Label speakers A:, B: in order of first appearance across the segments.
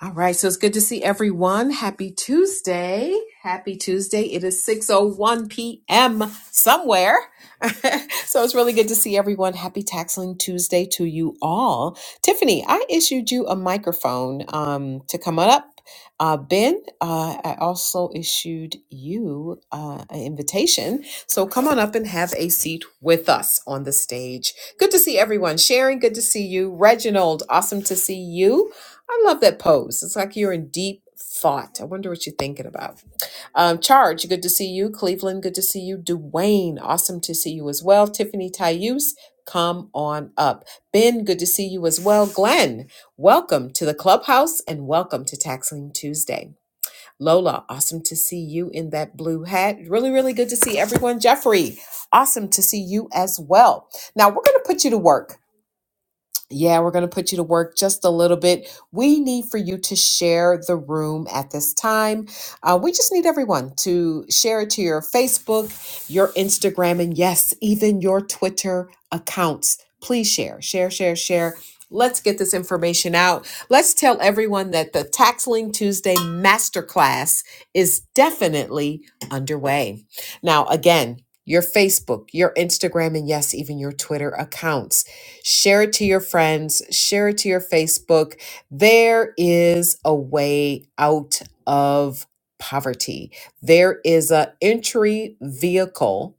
A: All right, so it's good to see everyone. Happy Tuesday. Happy Tuesday. It is 6:01 p.m. somewhere. so it's really good to see everyone. Happy Taxling Tuesday to you all. Tiffany, I issued you a microphone um, to come on up. Uh, ben, uh, I also issued you uh, an invitation. So come on up and have a seat with us on the stage. Good to see everyone. Sharon, good to see you. Reginald, awesome to see you. I love that pose. It's like you're in deep thought. I wonder what you're thinking about. Um, Charge, good to see you. Cleveland, good to see you. Dwayne, awesome to see you as well. Tiffany Tayus, come on up. Ben, good to see you as well. Glenn, welcome to the clubhouse and welcome to Taxling Tuesday. Lola, awesome to see you in that blue hat. Really, really good to see everyone. Jeffrey, awesome to see you as well. Now, we're going to put you to work yeah, we're going to put you to work just a little bit. We need for you to share the room at this time. Uh, we just need everyone to share it to your Facebook, your Instagram, and yes, even your Twitter accounts. Please share, share, share, share. Let's get this information out. Let's tell everyone that the Taxling Tuesday Masterclass is definitely underway. Now, again, your Facebook, your Instagram, and yes, even your Twitter accounts Share it to your friends, share it to your Facebook. There is a way out of poverty. There is an entry vehicle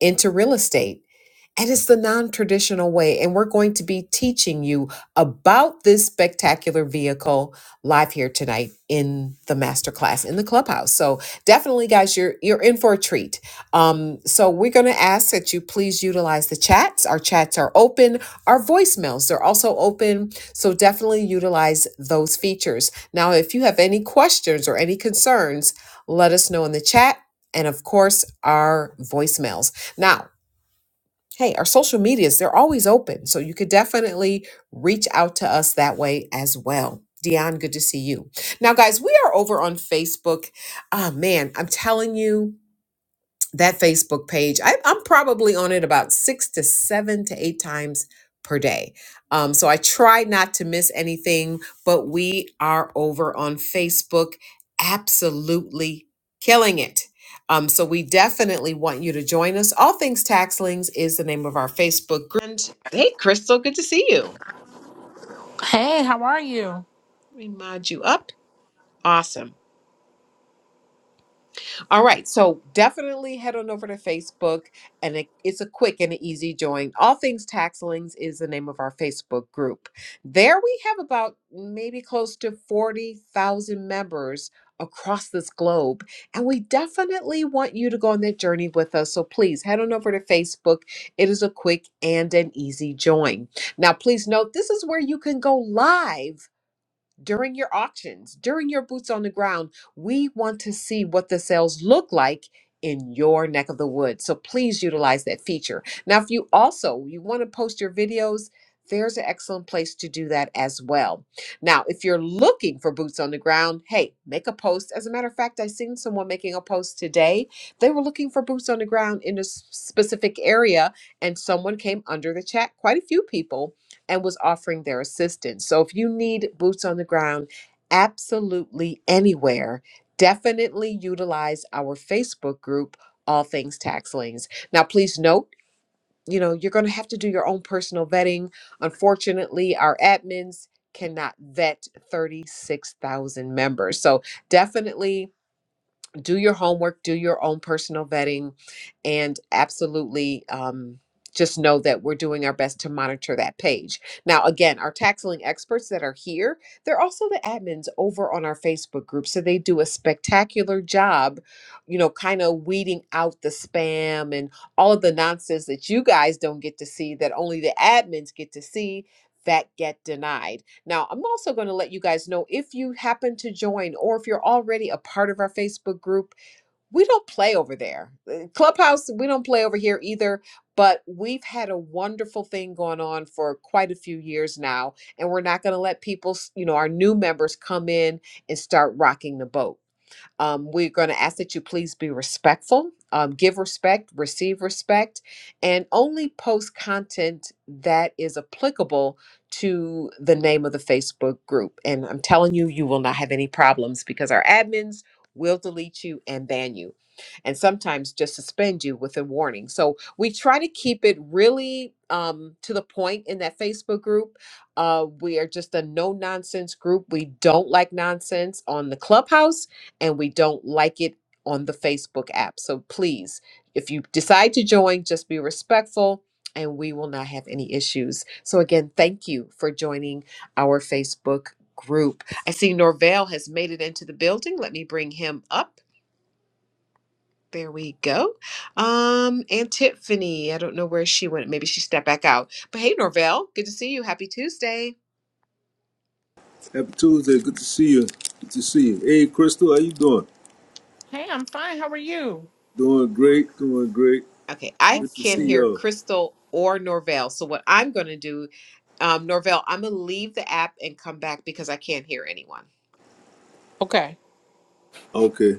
A: into real estate. And it's the non traditional way. And we're going to be teaching you about this spectacular vehicle live here tonight in the masterclass in the clubhouse. So definitely, guys, you're you're in for a treat. Um, so we're going to ask that you please utilize the chats. Our chats are open. Our voicemails they're also open. So definitely utilize those features. Now, if you have any questions or any concerns, let us know in the chat. And of course, our voicemails. Now, hey, our social medias, they're always open. So you could definitely reach out to us that way as well. Dion, good to see you. Now, guys, we are over on Facebook. Ah, man, I'm telling you that Facebook page. I, I'm probably on it about six to seven to eight times per day. Um, so I try not to miss anything, but we are over on Facebook, absolutely killing it. Um, so we definitely want you to join us. All Things Taxlings is the name of our Facebook group. And hey, Crystal, good to see you.
B: Hey, how are you?
A: Let me mod you up. Awesome. All right. So definitely head on over to Facebook and it, it's a quick and an easy join. All Things Taxlings is the name of our Facebook group. There we have about maybe close to 40,000 members across this globe. And we definitely want you to go on that journey with us. So please head on over to Facebook. It is a quick and an easy join. Now, please note this is where you can go live during your auctions, during your boots on the ground. We want to see what the sales look like in your neck of the woods. So please utilize that feature. Now, if you also you want to post your videos, there's an excellent place to do that as well. Now, if you're looking for boots on the ground, hey, make a post. As a matter of fact, I seen someone making a post today. They were looking for boots on the ground in a s- specific area, and someone came under the chat. Quite a few people and was offering their assistance. So if you need boots on the ground absolutely anywhere, definitely utilize our Facebook group, All Things Tax Liens. Now, please note, you know, you're going to have to do your own personal vetting. Unfortunately, our admins cannot vet 36,000 members. So definitely do your homework, do your own personal vetting, and absolutely um, just know that we're doing our best to monitor that page. Now, again, our tax lien experts that are here, they're also the admins over on our Facebook group. So they do a spectacular job, you know, kind of weeding out the spam and all of the nonsense that you guys don't get to see, that only the admins get to see that get denied. Now, I'm also going to let you guys know if you happen to join or if you're already a part of our Facebook group, we don't play over there. Uh, Clubhouse, we don't play over here either, but we've had a wonderful thing going on for quite a few years now, and we're not going to let people, you know, our new members come in and start rocking the boat. Um, we're going to ask that you please be respectful, um, give respect, receive respect, and only post content that is applicable to the name of the Facebook group. And I'm telling you, you will not have any problems because our admins will delete you and ban you, and sometimes just suspend you with a warning. So we try to keep it really um, to the point in that Facebook group. Uh, we are just a no nonsense group. We don't like nonsense on the clubhouse and we don't like it on the Facebook app. So please, if you decide to join, just be respectful and we will not have any issues. So again, thank you for joining our Facebook group. I see Norvell has made it into the building. Let me bring him up. There we go. Um, and Tiffany, I don't know where she went. Maybe she stepped back out. But hey, Norvell, good to see you. Happy Tuesday.
C: Happy Tuesday. Good to see you. Good to see you. Hey, Crystal, how you doing?
B: Hey, I'm fine. How are you?
C: Doing great. Doing great.
A: Okay, I
C: Good
B: That's
C: to
A: can't
C: see
A: hear
B: good.
C: y'all.
A: Crystal or Norvell. So what I'm going to do, um, Norvell, I'm going to leave the app and come back because I can't hear anyone.
B: Okay.
C: Okay.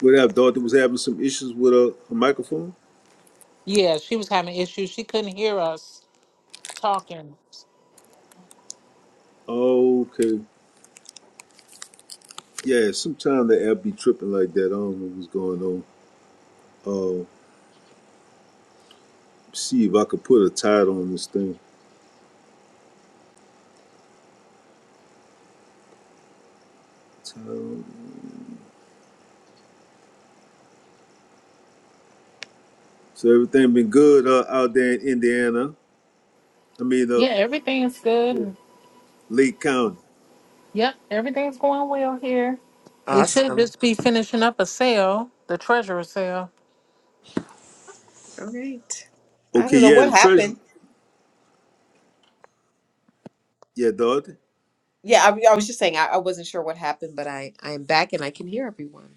C: What up? daughter? was having some issues with a, a microphone.
B: Yeah, she was having issues. She couldn't hear us talking.
C: Okay. Yeah, sometimes the app be tripping like that. I don't know what's going on. Uh, see if I could put a title on this thing. Title. So everything been good uh, out there in Indiana. I mean, uh,
B: Yeah, everything's
C: yeah.
B: good.
C: Lake County.
B: Yep, everything's going well here. It should
A: Awesome.
B: just be finishing up a sale, the treasurer sale.
A: All right. I
C: Okay.
A: don't know
C: Yeah,
A: what
C: the treasury.
A: happened.
C: Yeah, daughter.
A: Yeah, I, I was just saying I, I wasn't sure what happened, but I I am back and I can hear everyone.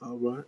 C: All right.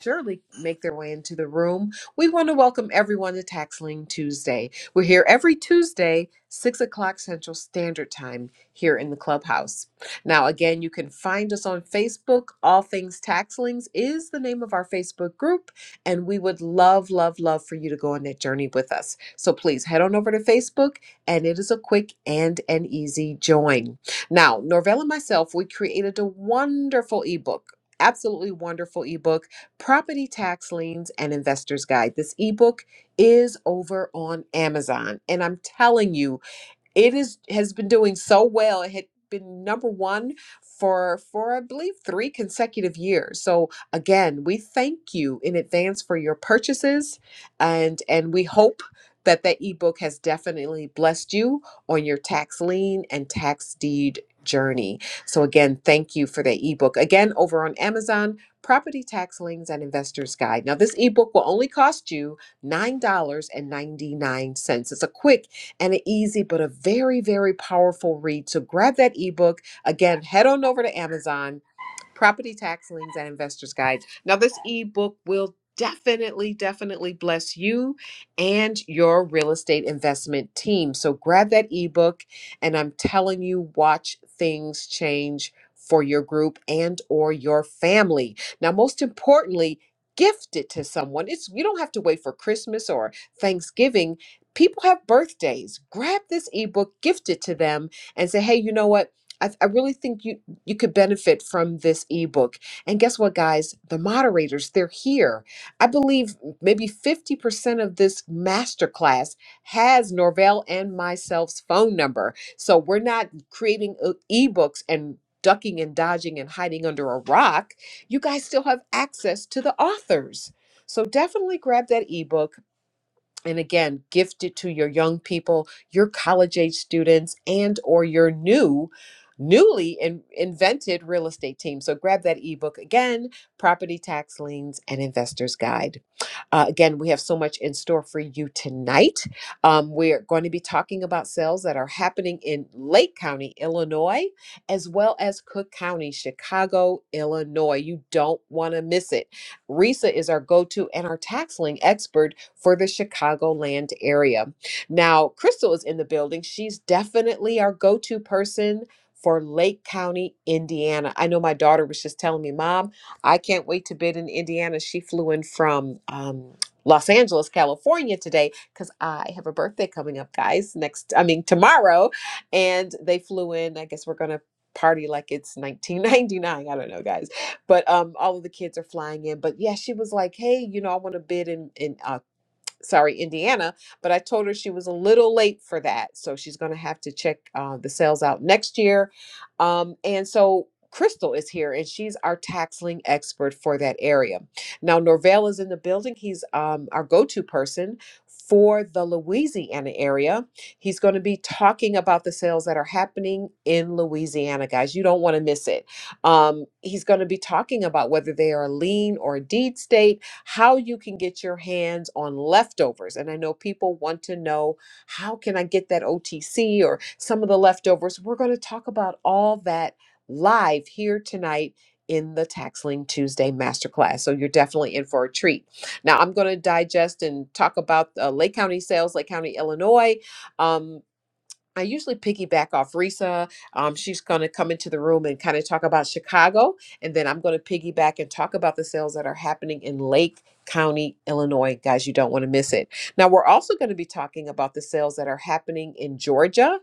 A: surely make their way into the room. We want to welcome everyone to Taxling Tuesday. We're here every Tuesday, 6 o'clock Central Standard Time, here in the clubhouse. Now, again, you can find us on Facebook. All Things Taxlings is the name of our Facebook group, and we would love, love, love for you to go on that journey with us. So please head on over to Facebook, and it is a quick and an easy join. Now, Norvell and myself, we created a wonderful ebook. Absolutely wonderful ebook Property Tax Liens and Investor's Guide. This ebook is over on Amazon. And I'm telling you, it is has been doing so well. It had been number one for for I believe three consecutive years. So again, we thank you in advance for your purchases, and and we hope that that ebook has definitely blessed you on your tax lien and tax deed journey. So again, thank you for the ebook. Again, over on Amazon, Property Tax Liens and Investors Guide. Now, this ebook will only cost you $9.99. It's a quick and an easy but a very, very powerful read. So grab that ebook. Again, head on over to Amazon Property Tax Liens and Investors Guides. Now, this ebook will definitely, definitely bless you and your real estate investment team. So grab that ebook, and I'm telling you, watch things change for your group and or your family. Now, most importantly, gift it to someone. It's you don't have to wait for Christmas or Thanksgiving. People have birthdays. Grab this ebook, gift it to them, and say, hey, you know what? I, I really think you you could benefit from this ebook. And guess what, guys? The moderators, they're here. I believe maybe 50% of this masterclass has Norvell and myself's phone number. So we're not creating uh, ebooks and ducking and dodging and hiding under a rock. You guys still have access to the authors. So definitely grab that ebook and again gift it to your young people your college age students and or your new newly in, invented real estate team so grab that ebook again property tax liens and investors guide Uh, again we have so much in store for you tonight um, we're going to be talking about sales that are happening in lake county illinois as well as cook county chicago illinois you don't want to miss it risa is our go-to and our tax lien expert for the Chicagoland area. Now, Crystal is in the building. She's definitely our go to person for Lake County, Indiana. I know my daughter was just telling me, Mom, I can't wait to bid in Indiana. She flew in from um, Los Angeles, California today because I have a birthday coming up, guys, next, I mean, tomorrow. And they flew in. I guess we're going to party like it's 1999 i don't know guys but um all of the kids are flying in but yeah she was like hey you know i want to bid in in uh, sorry, Indiana, but I told her she was a little late for that. So she's going to have to check uh, the sales out next year. Um, and so Crystal is here and she's our taxling expert for that area. Now, Norvell is in the building. He's um, our go to person for the Louisiana area. He's going to be talking about the sales that are happening in Louisiana, guys. You don't want to miss it. Um, he's going to be talking about whether they are a lean or a deed state how you can get your hands on leftovers. And I know people want to know how can I get that OTC or some of the leftovers. We're going to talk about all that live here tonight in the Tax Lien Tuesday Masterclass. So you're definitely in for a treat. Now I'm going to digest and talk about uh, Lake County sales, Lake County, Illinois. Um, I usually piggyback off Risa. Um, she's going to come into the room and kind of talk about Chicago. And then I'm going to piggyback and talk about the sales that are happening in Lake County, Illinois. Guys, you don't want to miss it. Now, we're also going to be talking about the sales that are happening in Georgia.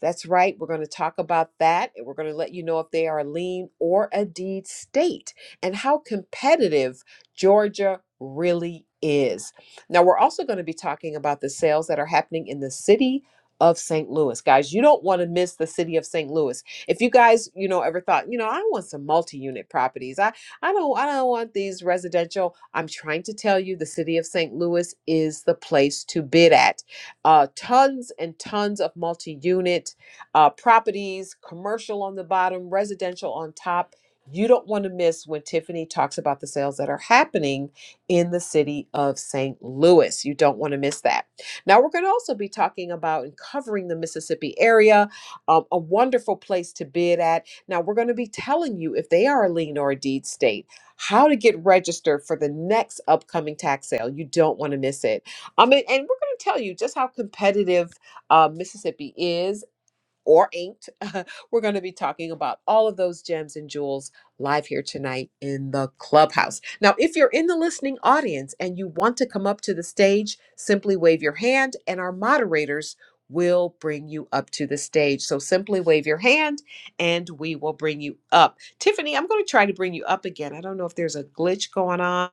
A: That's right. We're going to talk about that. And we're going to let you know if they are a lean or a deed state and how competitive Georgia really is. Now, we're also going to be talking about the sales that are happening in the city of St. Louis. Guys, you don't want to miss the city of St. Louis. If you guys, you know, ever thought, you know, I want some multi-unit properties. I I don't I don't want these residential. I'm trying to tell you the city of St. Louis is the place to bid at. Uh tons and tons of multi-unit uh properties, commercial on the bottom, residential on top. You don't want to miss when Tiffany talks about the sales that are happening in the city of St. Louis. You don't want to miss that. Now, we're going to also be talking about and covering the Mississippi area, um, a wonderful place to bid at. Now, we're going to be telling you if they are a lien or a deed state, how to get registered for the next upcoming tax sale. You don't want to miss it. Um, and, and we're going to tell you just how competitive uh, Mississippi is or inked. We're going to be talking about all of those gems and jewels live here tonight in the clubhouse. Now, if you're in the listening audience and you want to come up to the stage, simply wave your hand and our moderators will bring you up to the stage. So simply wave your hand and we will bring you up. Tiffany, I'm going to try to bring you up again. I don't know if there's a glitch going on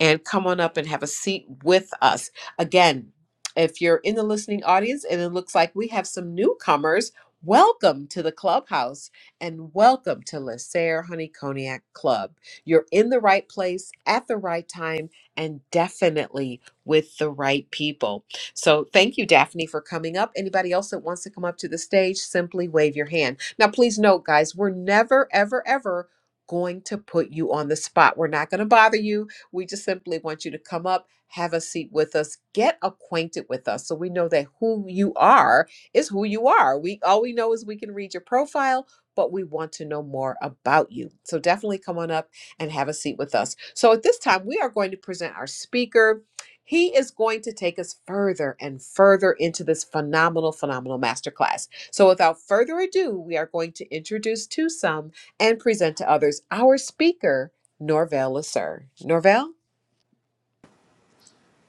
A: and come on up and have a seat with us. Again, if you're in the listening audience and it looks like we have some newcomers, welcome to the clubhouse and welcome to Lacer Honey Cognac Club. You're in the right place at the right time and definitely with the right people. So thank you, Daphne, for coming up. Anybody else that wants to come up to the stage, simply wave your hand. Now, please note, guys, we're never, ever, ever going to put you on the spot. We're not going to bother you. We just simply want you to come up, have a seat with us, get acquainted with us so we know that who you are is who you are. We all we know is we can read your profile, but we want to know more about you. So definitely come on up and have a seat with us. So at this time, we are going to present our speaker. He is going to take us further and further into this phenomenal, phenomenal masterclass. So, without further ado, we are going to introduce to some and present to others our speaker, Norvell Lasser. Norvell?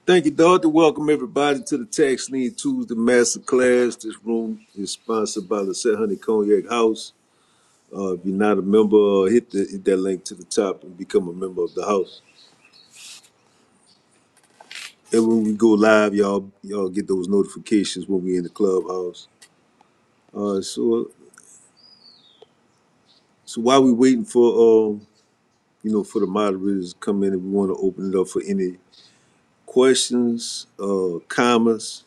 C: Thank you, Doctor. Welcome everybody to the Tax Lean Tuesday Master This room is sponsored by the Set Honey Cognac House. Uh, if you're not a member, uh, hit, the, hit that link to the top and become a member of the house. And when we go live, y'all y'all get those notifications when we in the clubhouse. Uh, so so while we waiting for um you know for the moderators to come in, if we want to open it up for any questions, uh, comments,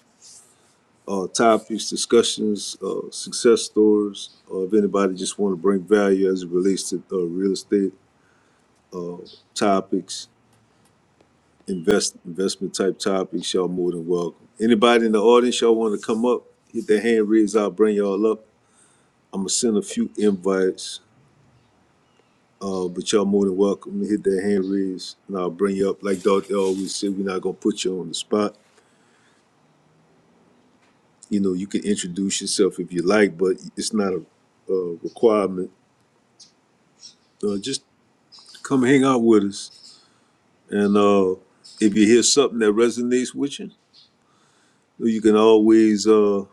C: uh, topics, discussions, uh, success stories, or if anybody just want to bring value as it relates to uh, real estate uh, topics, invest investment type topics, y'all more than welcome. Anybody in the audience, y'all want to come up, hit their hand raised, I'll bring y'all up. I'm gonna send a few invites, uh, but y'all more than welcome to hit that hand raise, and I'll bring you up. Like Doctor always said, we're not gonna put you on the spot. You know, you can introduce yourself if you like, but it's not a a requirement. uh, Just Come hang out with us. And uh, if you hear something that resonates with you, you can always uh,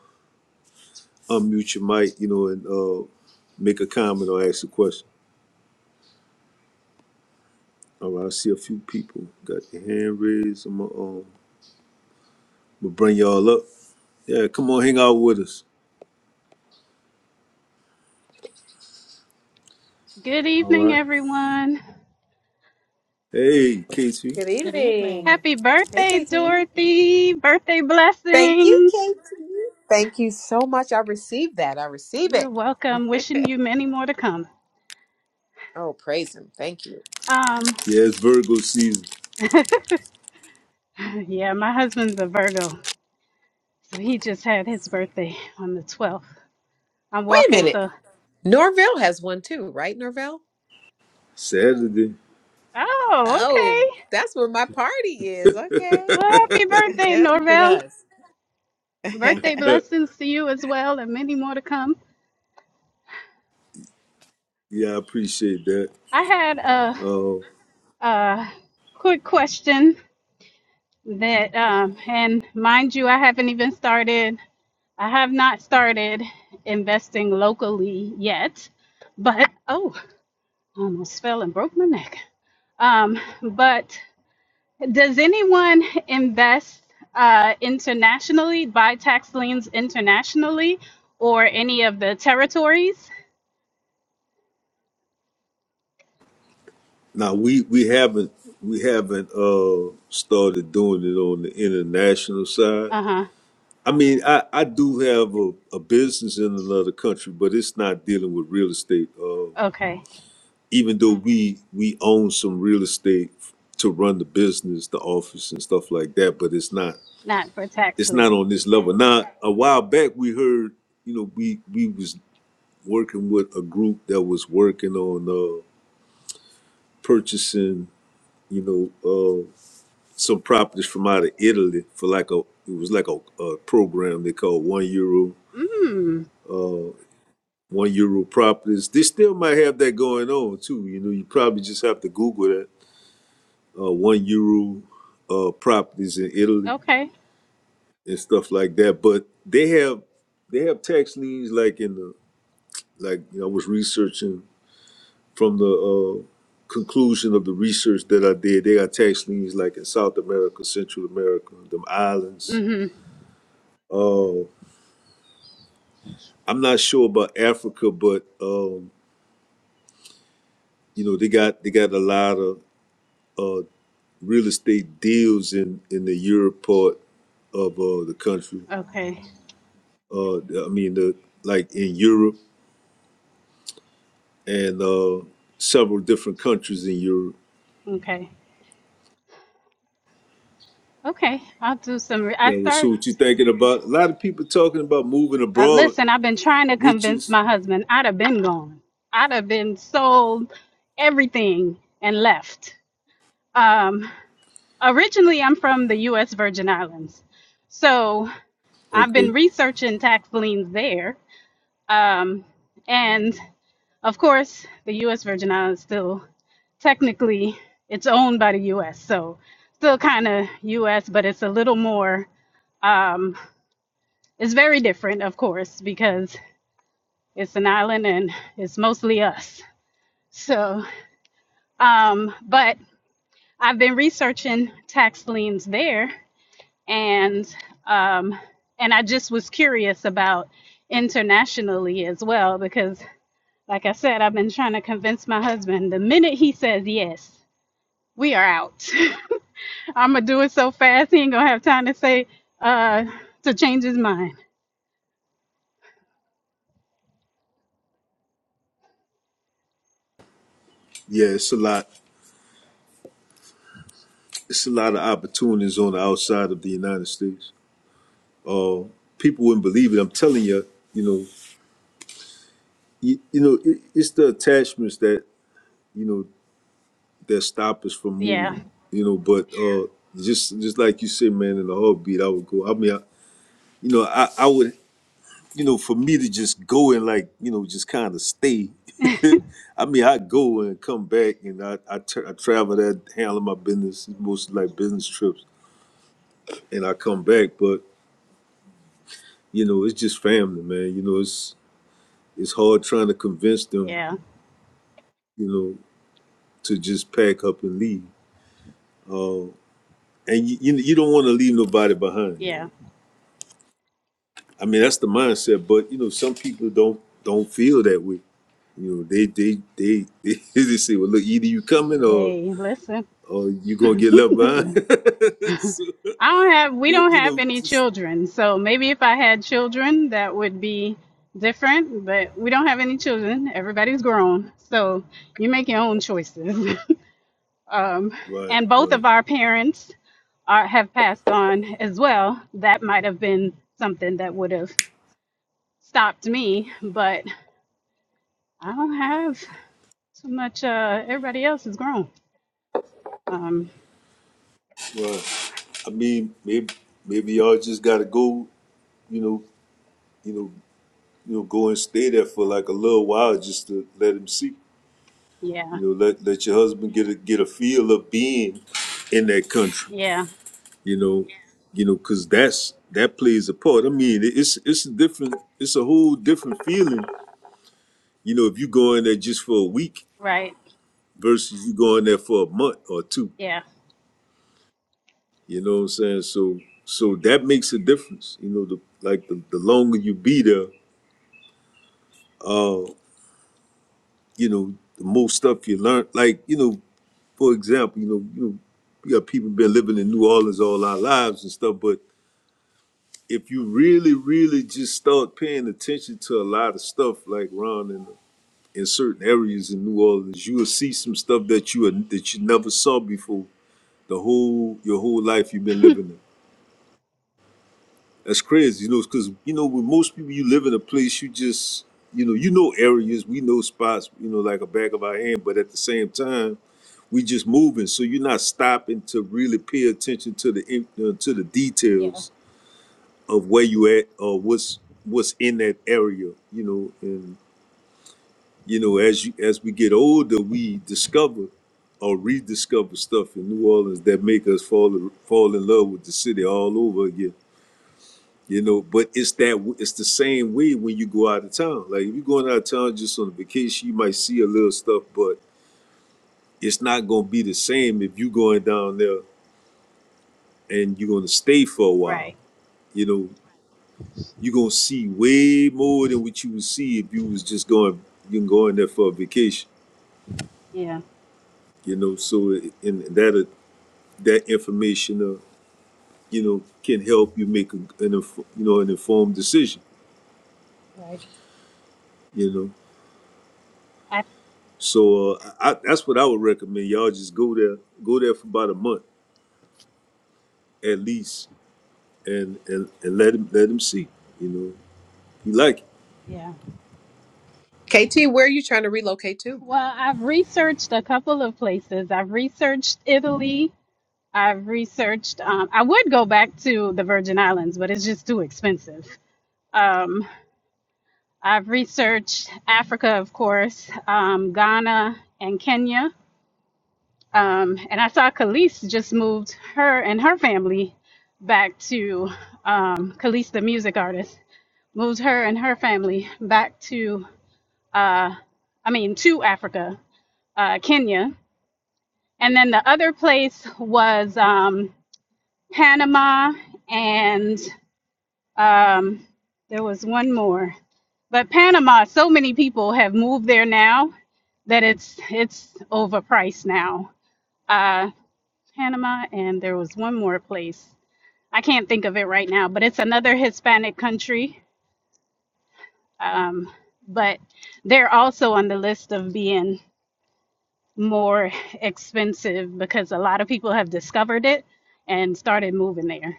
C: unmute your mic, you know, and uh, make a comment or ask a question. All right, I see a few people got their hand raised. I'm gonna, um, gonna bring y'all up. Yeah, come on, hang out with us.
D: Good
C: All
D: evening,
C: right.
D: everyone.
C: Hey, Casey.
A: Good
B: Good evening.
A: evening.
D: Happy
A: Hey,
D: birthday,
A: KT.
D: Dorothy. Birthday
A: Thank you,
D: blessings.
A: KT. Thank you so much. I received that. I receive
D: You're welcome.
A: it.
D: Wishing you many more to come.
A: oh, praise him. Thank you.
D: Um,
C: Yeah, it's Virgo season.
D: yeah, my husband's a Virgo, so he just had his birthday on the 12th. I'm
A: Wait a
D: walking,
A: minute.
D: so
A: Norvell has one too, right, Norvell?
C: Saturday.
D: oh,
A: Oh,
D: okay.
A: that's where my party is. Okay.
D: Well, happy birthday,
A: Look at
D: Norvell.
A: us.
D: Birthday
C: yeah,
D: blessings to you as well, and many more to come.
C: I appreciate that.
D: I had a,
C: Uh,
D: a quick question that, um, and mind you, I haven't even started I have not started investing locally yet, but oh, almost fell and broke my neck. Um, but does anyone invest uh, internationally, buy tax liens internationally, or any of the territories?
C: Now we we haven't we haven't uh started doing it on the international side.
D: Uh huh.
C: I mean, I I do have a, a business in another country, but it's not dealing with real estate. Uh,
D: Okay,
C: even though we we own some real estate to run the business, the office and stuff like that, but it's not
D: not for tax
C: it's
D: lien.
C: not on this level. Now, a while back we heard, you know, we we was working with a group that was working on uh purchasing, you know, uh, some properties from out of Italy for like a it was like a, a program they called one euro
D: Mm.
C: one euro properties. They still might have that going on too. You know, you probably just have to Google that uh, one euro uh, properties in Italy
D: Okay.
C: and stuff like that. But they have they have tax liens like in the like you know, I was researching from the uh, conclusion of the research that I did. They got tax liens like in South America, Central America, them islands.
D: Mm-hmm.
C: Uh, I'm not sure about Africa, but um, you know they got they got a lot of uh, real estate deals in in the Europe part of uh, the country.
D: Okay.
C: Uh, I mean, the, like in Europe and uh, several different countries in Europe.
D: Okay. Okay. I'll do some. Re- I
C: Yeah, well, so
D: start.
C: what you thinking about? A lot of people talking about moving
D: Uh,
C: abroad,
D: listen, I've been trying to
C: which
D: convince
C: is
D: my husband. I'd have been gone. I'd have been sold everything and left. Um, originally, I'm from the U.S. Virgin Islands, so I've
C: okay.
D: been researching tax liens there. Um, and of course, the U.S. Virgin Islands still technically it's owned by the U.S., so still kind of U.S., but it's a little more. Um, it's very different, of course, because It's an island and it's mostly us. So, um, but I've been researching tax liens there, and um, and I just was curious about internationally as well because, like I said, I've been trying to convince my husband. The minute he says yes, we are out. I'm gonna do it so fast he ain't gonna have time to say uh to change his mind.
C: Yeah, it's a lot. It's a lot of opportunities on the outside of the United States. Uh, people wouldn't believe it. I'm telling you, you know, you, you know it, it's the attachments that you know that stop us from
D: Yeah,
C: moving you know but uh just just like you said man in the heartbeat i would go i mean I, you know i i would you know for me to just go and like you know just kind of stay i mean i go and come back and i I tra- I travel that handling my business mostly like business trips and i come back but you know it's just family man you know it's it's hard trying to convince them
D: yeah,
C: you know to just pack up and leave uh, and you you, you don't want to leave nobody behind. You
D: yeah.
C: know, I mean that's the mindset. But you know, some people don't don't feel that way. You know, they they they they, just say, well, look, either you coming or
D: Hey, listen.
C: or you gonna get left behind. so,
D: I don't have, we
C: but
D: don't
C: you
D: have
C: know,
D: any
C: just
D: children. So maybe if I had children, that would be different, but we don't have any children. Everybody's grown. So you make your own choices. um,
C: right
D: and both
C: right
D: of our parents are, have passed on as well. That might have been something that would have stopped me, but I don't have too much. Uh, everybody else is grown. Um,
C: right. I mean, maybe maybe y'all just gotta go. You know, you know, you know, go and stay there for like a little while just to let him see.
D: yeah,
C: You know, let let your husband get a get a feel of being in that country
D: yeah,
C: you know you know because that's that plays a part i mean it- it's it's a different it's a whole different feeling you know if you go in there just for a week
D: right.
C: versus you go in there for a month or two
D: Yeah,
C: you know what i'm saying so so that makes a difference you know the like the, the longer you be there uh you know the more stuff you learn like you know for example you know you know we got people been living in new orleans all our lives and stuff but if you really really just start paying attention to a lot of stuff like ron and in certain areas in New Orleans, you will see some stuff that you that you never saw before. The whole your whole life you've been living in. That's crazy, you know, because you know with most people you live in a place you just you know you know areas we know spots you know like a back of our hand, but at the same time we just moving, so you're not stopping to really pay attention to the in- uh, to the
D: yeah,
C: details of where you at or what's what's in that area, you know, You know, as you as we get older, we discover or rediscover stuff in New Orleans that make us fall fall in love with the city all over again. You know, but it's that it's the same way when you go out of town. Like if you're going out of town just on a vacation, you might see a little stuff, but it's not gonna be the same if you going down there and you're gonna stay for a while.
D: right.
C: You know, you're gonna see way more than what you would see if you was just going you can go in there for a vacation.
D: Yeah,
C: You know, so in, in that that information, uh, you know, can help you make a, an inf- you know an informed decision.
D: right.
C: You know,
D: I.
C: so uh, I, that's what I would recommend. Y'all just go there, go there for about a month at least, and and, and let him let him see. You know, if you like it.
D: Yeah.
A: KT, where are you trying to relocate to?
D: Well, I've researched a couple of places. I've researched Italy. I've researched, um, I would go back to the Virgin Islands, but it's just too expensive. Um, I've researched Africa, of course, um, Ghana and Kenya. Um, and I saw Khalees just moved her and her family back to um, Khalees, the music artist, moved her and her family back to, uh, I mean, to Africa, uh, Kenya And then the other place was um, Panama, and um, there was one more. But Panama, so many people have moved there now that it's it's overpriced now. Uh, Panama, and there was one more place. I can't think of it right now, but it's another Hispanic country. Um, but they're also on the list of being more expensive because a lot of people have discovered it and started moving there.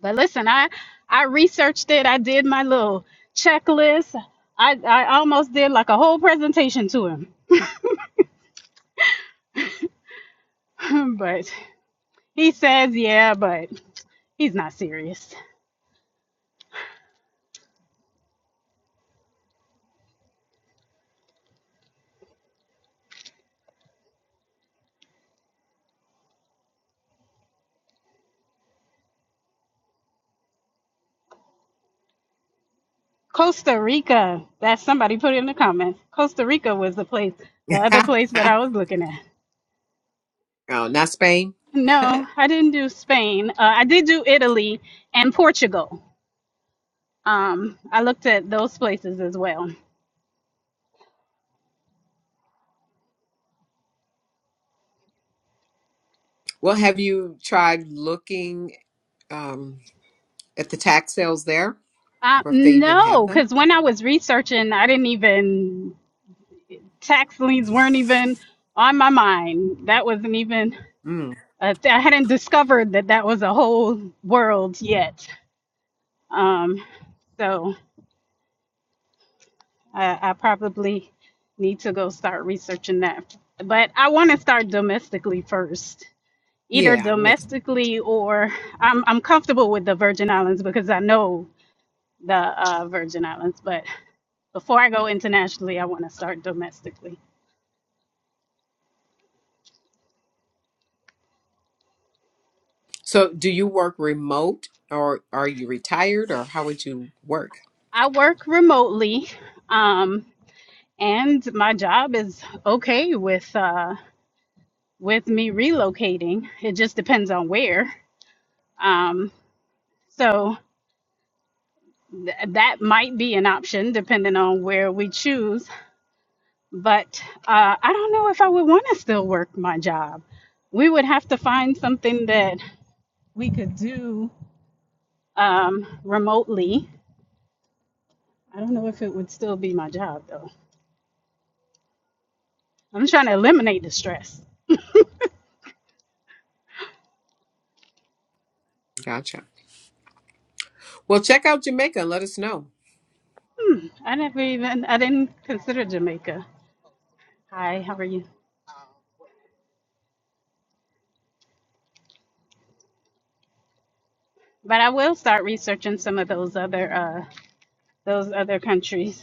D: But listen, I I researched it. I did my little checklist. I I almost did like a whole presentation to him. but he says, yeah, but he's not serious. Costa Rica. That somebody put in the comments. Costa Rica was the place, the other place that I
A: oh,
D: was looking at.
A: not Spain.
D: No, I didn't do Spain. Uh, I did do Italy and Portugal. Um, I looked at those places as well.
A: well, have you tried looking um, at the tax sales there?
D: Uh,
A: or if they even have
D: no,
A: them.
D: because when I was researching, I didn't even tax liens weren't even on my mind. That wasn't even,
A: Mm.
D: a th- I hadn't discovered that that was a whole world yet. Um, so I, I probably need to go start researching that. But I want to start domestically first, either
A: Yeah, makes.
D: domestically or I'm, I'm comfortable with the Virgin Islands because I know the uh, Virgin Islands. But before I go internationally, I want to start domestically.
A: So, do you work remote, or are you retired, or how would you work?
D: I work remotely. Um, and my job is okay with uh with me relocating it just depends on where um so th- that might be an option depending on where we choose but uh i don't know if i would want to still work my job we would have to find something that we could do um remotely i don't know if it would still be my job though i'm trying to eliminate the stress
A: Gotcha. Well, check out Jamaica and let us know.
D: i never even i didn't consider jamaica hi how are you But I will start researching some of those other uh those other countries.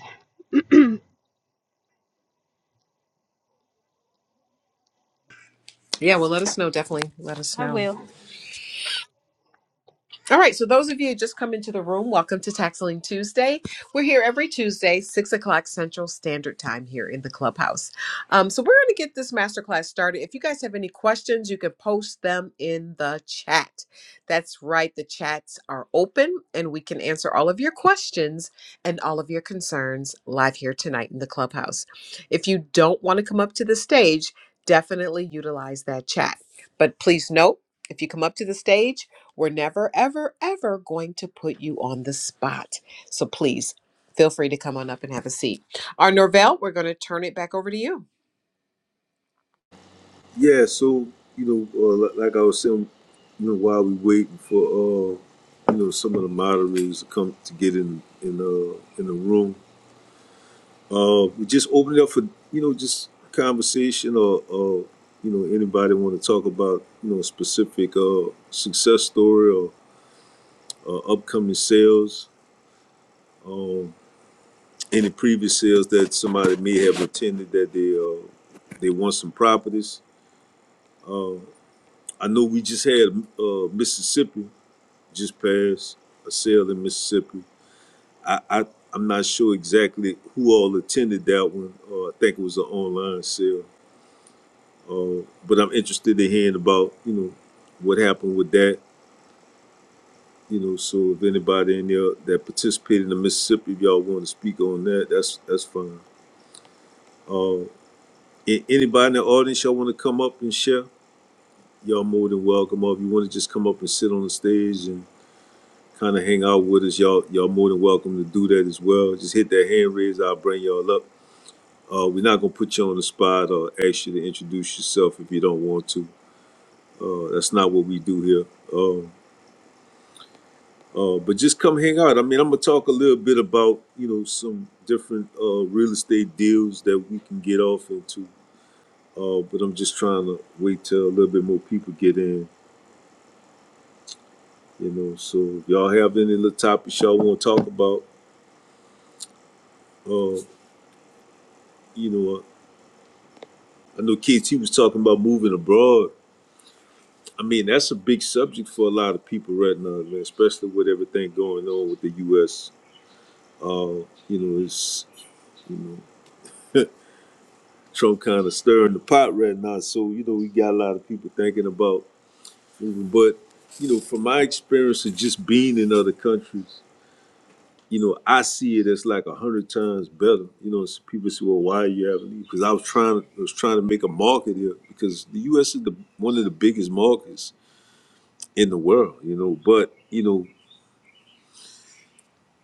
A: Yeah, well, let us know. Definitely let us
D: I
A: know.
D: will.
A: All right, so those of you who just come into the room, welcome to Taxling Tuesday. We're here every Tuesday, 6 o'clock Central Standard Time here in the clubhouse. Um, so we're going to get this masterclass started. If you guys have any questions, you can post them in the chat. That's right, the chats are open and we can answer all of your questions and all of your concerns live here tonight in the clubhouse. If you don't want to come up to the stage, definitely utilize that chat. But please note, if you come up to the stage, we're never, ever, ever going to put you on the spot. So please feel free to come on up and have a seat. Our Norvell, we're going to turn it back over to you.
C: Yeah. So you know, uh, li- like I was saying, you know, while we waiting for uh, you know, some of the moderators to come to get in in uh in the room. Uh, we just open it up for you know just conversation or, or you know anybody want to talk about you know a specific uh, success story or uh, upcoming sales, um, any previous sales that somebody may have attended that they uh, they want some properties. Uh, I know we just had uh, Mississippi just passed a sale in Mississippi. I, I I'm not sure exactly who all attended that one. Uh, I think it was an online sale Uh, but I'm interested in hearing about, you know, what happened with that. You know, so if anybody in there that participated in the Mississippi, if y'all want to speak on that, that's that's fine. Uh, a- anybody in the audience y'all want to come up and share, y'all more than welcome. Or if you want to just come up and sit on the stage and kind of hang out with us, y'all y'all more than welcome to do that as well. Just hit that hand raise, I'll bring y'all up. Uh, we're not gonna put you on the spot or ask you to introduce yourself if you don't want to. Uh, that's not what we do here. Um, Uh, but just come hang out. I mean, I'm gonna talk a little bit about you know some different uh, real estate deals that we can get off into. Uh, but I'm just trying to wait till a little bit more people get in. You know, so if y'all have any little topics y'all want to talk about, uh, you know, I know KT was talking about moving abroad. I mean, that's a big subject for a lot of people right now, man, especially with everything going on with the U.S. Uh, you know, it's you know. Trump kind of stirring the pot right now. So, you know, we got a lot of people thinking about moving. But, you know, from my experience of just being in other countries, you know, I see it as like a hundred times better. You know, so people say, "Well, why are you having?" these? Because I was trying, to I was trying to make a market here because the U.S. is the one of the biggest markets in the world. You know, but you know,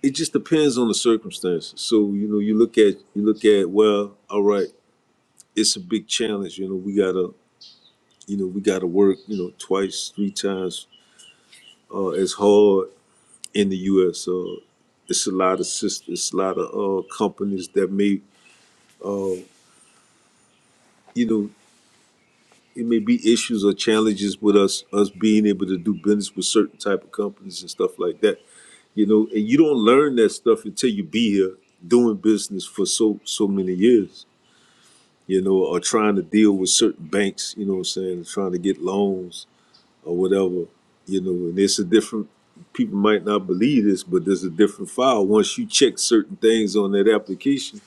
C: it just depends on the circumstances. So you know, you look at you look at well, all right, it's a big challenge. You know, we gotta you know, we got to work, you know, twice, three times uh, as hard in the U.S. Uh, it's a lot of sisters, a lot of uh, companies that may, uh, you know, it may be issues or challenges with us us being able to do business with certain type of companies and stuff like that. You know, and you don't learn that stuff until you be here doing business for so so many years. You know, or trying to deal with certain banks. You know, what I'm saying, trying to get loans or whatever, you know, and it's a different people might not believe this, but there's a different file. Once you check certain things on that application,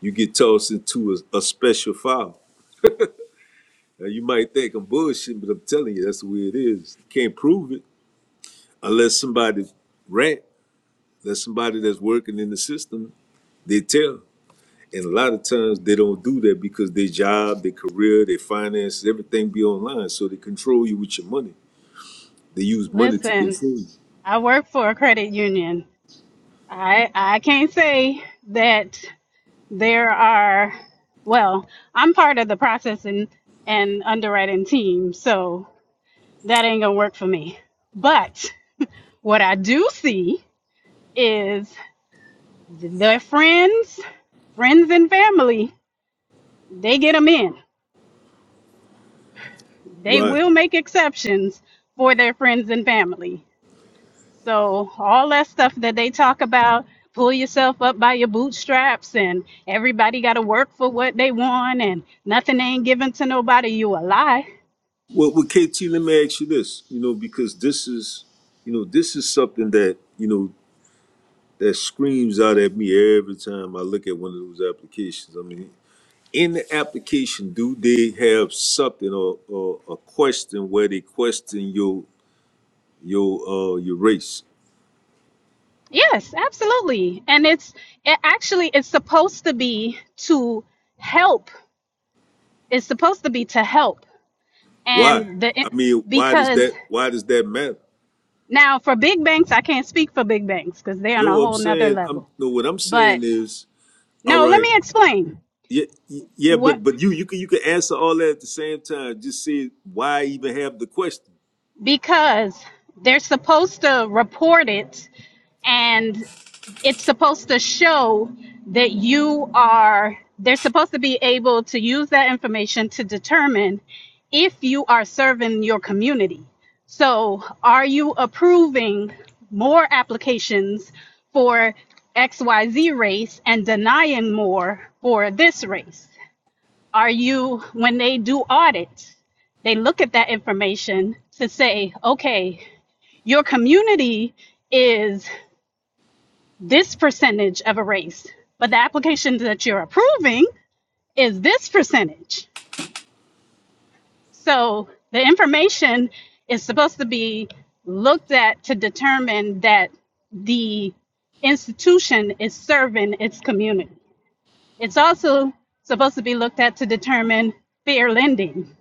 C: you get tossed into a, a special file. Now you might think I'm bullshit, but I'm telling you, that's the way it is. You can't prove it unless somebody rant, unless somebody that's working in the system, they tell. And a lot of times they don't do that because their job, their career, their finances, everything be online. So they control you with your money. They use money to
D: Listen,
C: control you.
D: I work for a credit union. I I can't say that there are well, I'm part of the processing and underwriting team, so that ain't gonna work for me. But what I do see is their friends, friends and family, they get them in. They
C: Right.
D: will make exceptions for their friends and family So all that stuff that they talk about, pull yourself up by your bootstraps and everybody got to work for what they want and nothing ain't given to nobody, you a lie.
C: Well, with KT, let me ask you this, you know, because this is, you know, this is something that, you know, that screams out at me every time I look at one of those applications. I mean, in the application, do they have something or, or a question where they question your your uh your race?
D: Yes, absolutely. And it's it actually it's supposed to be to help. It's supposed to be to help.
C: Why?
D: And the
C: I mean, why does
D: because
C: that why does that matter?
D: now for big banks, I can't speak for big banks because they're on a
C: No, I'm
D: whole nother
C: saying I'm
D: level.
C: no what I'm saying
D: But
C: is all
D: no, let
C: right.
D: me explain.
C: Yeah, yeah,
D: what.
C: but but you you can you can answer all that at the same time. Just say why even have the question.
D: because they're supposed to report it and it's supposed to show that you are they're supposed to be able to use that information to determine if you are serving your community so are you approving more applications for xyz race and denying more for this race are you, when they do audit, they look at that information to say, okay, your community is this percentage of a race, but the application that you're approving is this percentage. So the information is supposed to be looked at to determine that the institution is serving its community. It's also supposed to be looked at to determine fair lending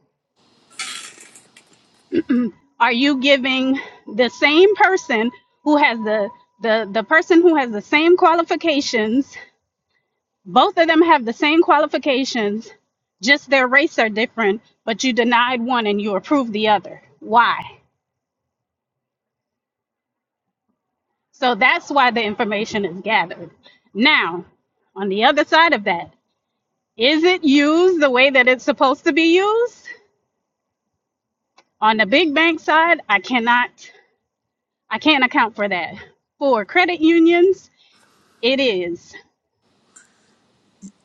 D: are you giving the same person who has the the the person who has the same qualifications both of them have the same qualifications just their race are different but you denied one and you approved the other why so that's why the information is gathered now on the other side of that is it used the way that it's supposed to be used on the big bank side i cannot i can't account for that for credit unions it is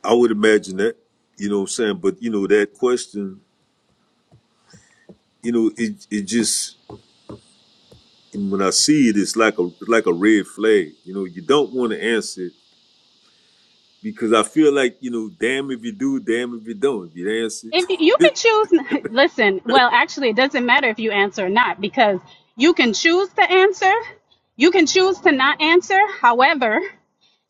C: I would imagine that, you know what I'm saying. But you know that question, you know it it just when I see it, it's like a it's like a red flag. You know you don't want to answer it because I feel like you know damn if you do, damn if you don't. If you answer, it.
D: If you you can choose, listen, well, actually, it doesn't matter if you answer or not because you can choose to answer, you can choose to not answer. However,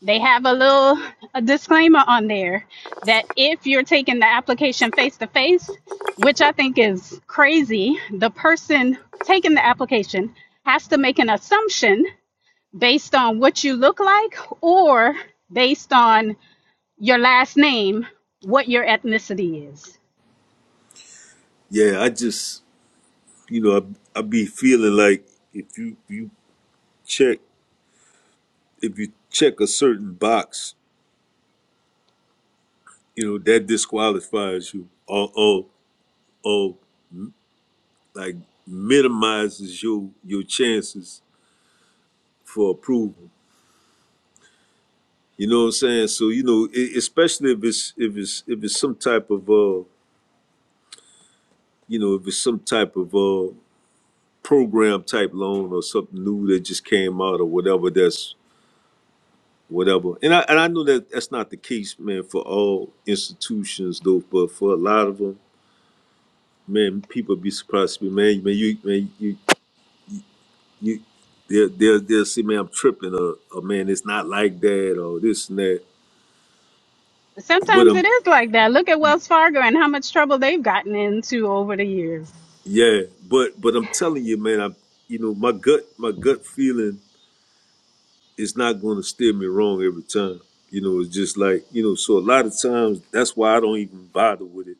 D: they have a little a disclaimer on there that if you're taking the application face to face, which I think is crazy, the person taking the application has to make an assumption based on what you look like or based on your last name, what your ethnicity is.
C: yeah, I just you know I I be feeling like if you you check if you check a certain box, you know that disqualifies you. Oh or like minimizes your your chances for approval. You know what I'm saying? So you know, e- especially if it's if it's if it's some type of uh you know if it's some type of uh program type loan or something new that just came out or whatever that's whatever. And I and I know that that's not the case, man, for all institutions though, but for a lot of them, man, people be surprised to be man, man, you man, you you they'll they'll, they'll see me I'm tripping or, or man it's not like that or this and that. But
D: Sometimes
C: I'm
D: it is like that. Look at Wells Fargo and how much trouble they've gotten into over the years.
C: yeah, but but I'm telling you, man, I'm you know my gut my gut feeling is not going to steer me wrong every time. You know, it's just like you know. So a lot of times that's why I don't even bother with it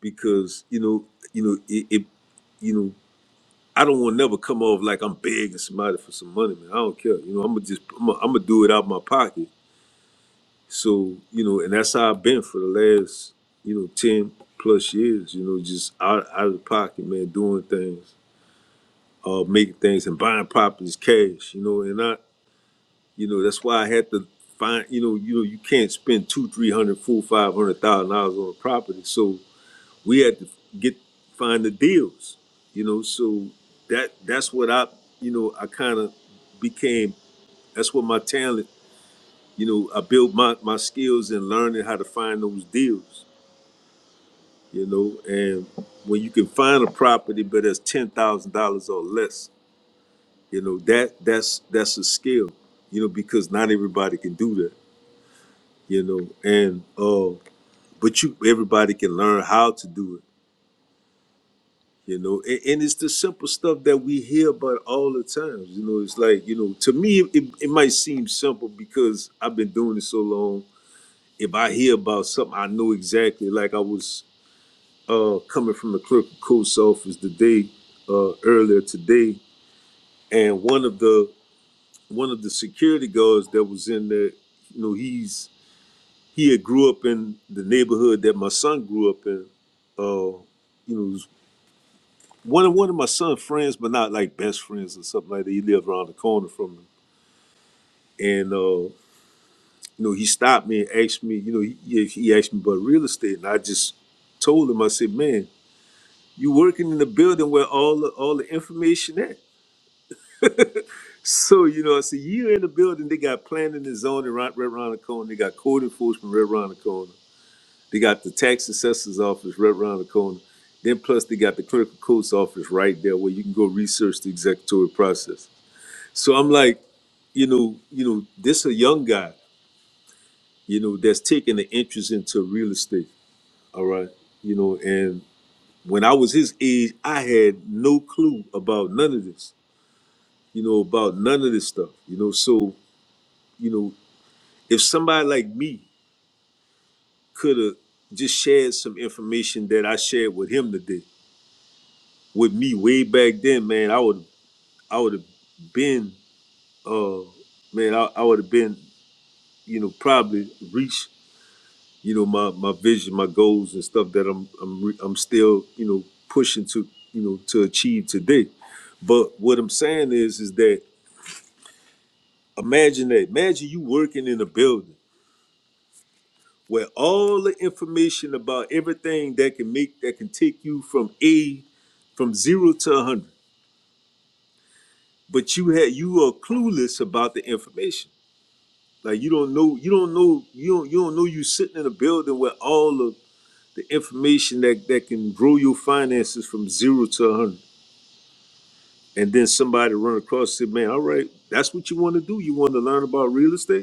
C: because you know you know it. it you know, I don't want to never come off like I'm begging somebody for some money, man. I don't care. You know, I'm gonna just, I'm gonna do it out my pocket. So, you know, and that's how I've been for the last, you know, 10 plus years, you know, just out, out of the pocket, man, doing things, uh, making things and buying properties cash, you know, and I, you know, that's why I had to find, you know, you know, you can't spend two, three hundred, four, five hundred thousand dollars on a property. So we had to get, find the deals, you know, so that, that's what I, you know, I kind of became, that's what my talent, you know, I built my, my skills in learning how to find those deals you know, and when you can find a property but it's ten thousand dollars or less, you know, that that's that's a skill, you know, because not everybody can do that, you know, and uh but you everybody can learn how to do it, you know, and, and it's the simple stuff that we hear about all the time, you know, it's like, you know, to me it, it might seem simple because I've been doing it so long. If I hear about something, I know exactly. Like I was uh, coming from the clerk of Coos office today, uh, earlier today, and one of the one of the security guards that was in there, you know, he's he had grew up in the neighborhood that my son grew up in. Uh, you know, was one of one of my son's friends, but not like best friends or something like that. He lived around the corner from him, and uh, you know, he stopped me and asked me, you know, he, yeah, he asked me about real estate, and I just told him, I said, man, you working in a building where all the, all the information at. So, you know, I said, you in the building, they got planning and zoning right, right around the corner. They got code enforcement right around the corner. They got the tax assessor's office right around the corner. Then plus they got the clerical courts office right there where you can go research the executory process. So I'm like, you know, you know, this a young guy, you know, that's taking an interest into real estate. All right. You know, and when I was his age, I had no clue about none of this, you know, about none of this stuff. You know, so, you know. if somebody like me could have just shared some information that I shared with him today, with me way back then, man, I would I would have been uh man, I, I would have been, you know, probably reached, you know, my my vision, my goals and stuff that I'm I'm re- I'm still, you know, pushing to, you know, to achieve today. But what I'm saying is is that imagine that. Imagine you working in a building where all the information about everything that can make that can take you from A from zero to a hundred. But you had you are clueless about the information. Like you don't know you don't know you don't you don't know you sitting in a building where all of the information that that can grow your finances from zero to a hundred. And then somebody run across and say, man, all right, that's what you want to do. You want to learn about real estate?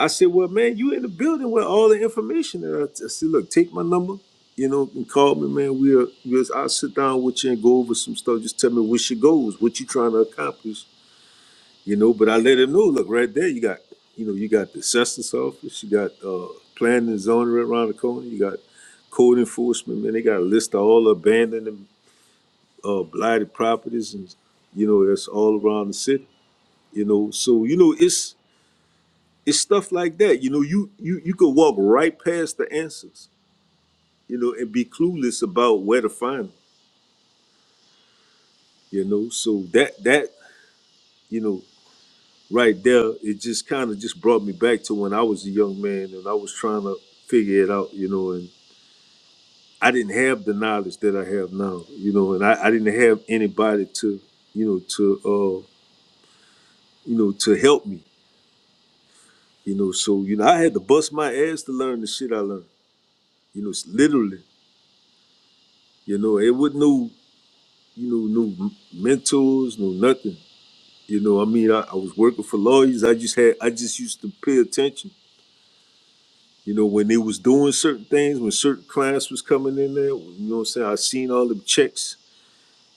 C: I said, well, man, you in the building with all the information. And I, I said, look, take my number, you know, and call me, man. We'll, we'll, I'll sit down with you and go over some stuff. Just tell me what's your goals, what you trying to accomplish, you know. But I let him know, look, right there, you got, you know, you got the assessment's office, you got uh, planning and zoning right around the corner, you got code enforcement, man. They got a list of all the abandoned and uh, blighted properties, and you know, that's all around the city, you know. So you know, it's it's stuff like that you know you you you could walk right past the answers you know and be clueless about where to find them you know so that that you know right there it just kind of just brought me back to when i was a young man and i was trying to figure it out you know and i didn't have the knowledge that i have now you know and i, I didn't have anybody to you know to uh you know to help me you know so you know i had to bust my ass to learn the shit i learned you know it's literally you know it wasn't no you know, no mentors, no nothing. You know, I mean, I, I was working for lawyers. I just had, I just used to pay attention. You know, when they was doing certain things, when certain clients was coming in there, you know what I'm saying? I seen all them checks.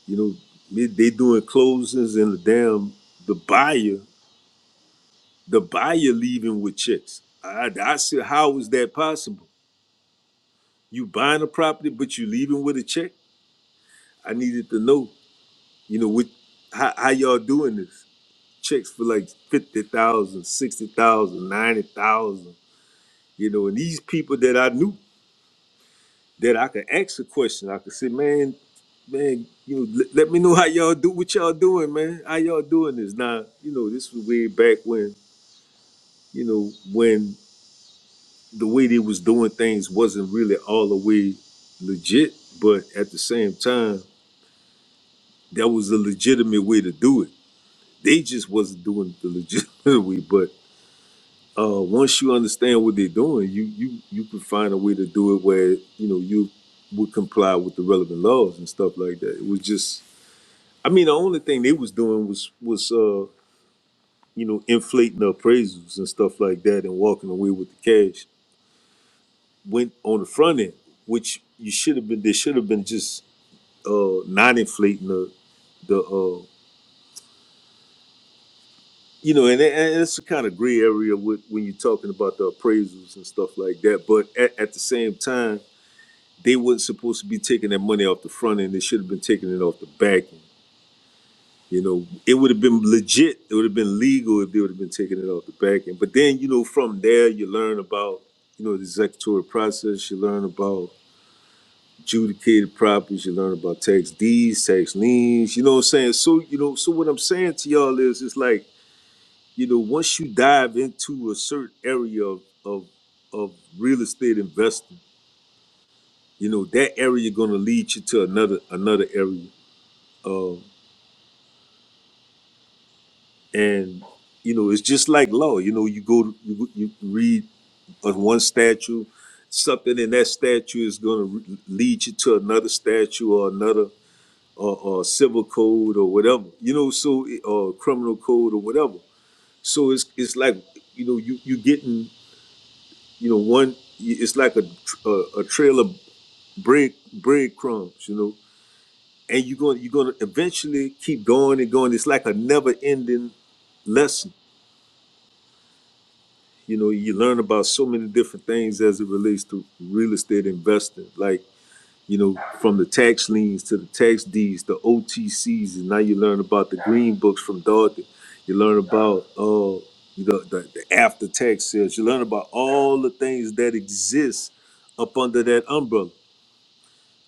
C: You know, they, they doing closings and the damn the buyer, the buyer leaving with checks. I, I said, how is that possible? You buying a property, but you leaving with a check? I needed to know, you know, what how, how y'all doing this? checks for like 50,000, 60,000, 90,000. you know, and these people that I knew that I could ask a question, I could say, man, man, you know, let, let me know how y'all do what y'all doing, man. How y'all doing this? Now, you know, this was way back when, you know, when the way they was doing things wasn't really all the way legit, but at the same time, that was a legitimate way to do it. They just wasn't doing it the legitimate way, uh, once you understand what they're doing, you you you can find a way to do it where you know you would comply with the relevant laws and stuff like that. It was just, I mean, the only thing they was doing was was uh, you know inflating the appraisals and stuff like that and walking away with the cash. Went on the front end, which you should have been. They should have been just uh, not inflating the the uh, you know, and, and it's a kind of gray area with when you're talking about the appraisals and stuff like that. But at, at the same time They weren't supposed to be taking that money off the front end. They should have been taking it off the back end. You know, it would have been legit. It would have been legal if they would have been taking it off the back end. But then, you know, from there, you learn about, you know, the executory process. You learn about adjudicated properties. You learn about tax deeds, tax liens. You know what I'm saying? So, you know, so what I'm saying to y'all is, it's like, you know, once you dive into a certain area of of, of real estate investing, you know, that area going to lead you to another another area. Uh, and you know, it's just like law. You know, you go you, you read on one statue, something in that statue is going to re- lead you to another statue or another or, or civil code or whatever. You know, so it- or criminal code or whatever. So it's it's like you know you you getting you know one. It's like a tr- a, a trail of bread breadcrumbs, you know, and you're going to you're going to eventually keep going and going. It's like a never ending lesson you know you learn about so many different things as it relates to real estate investing like you know from the tax liens to the tax deeds the otcs and now you learn about the green books from dorothy you learn about uh you know the, the after tax sales you learn about all the things that exist up under that umbrella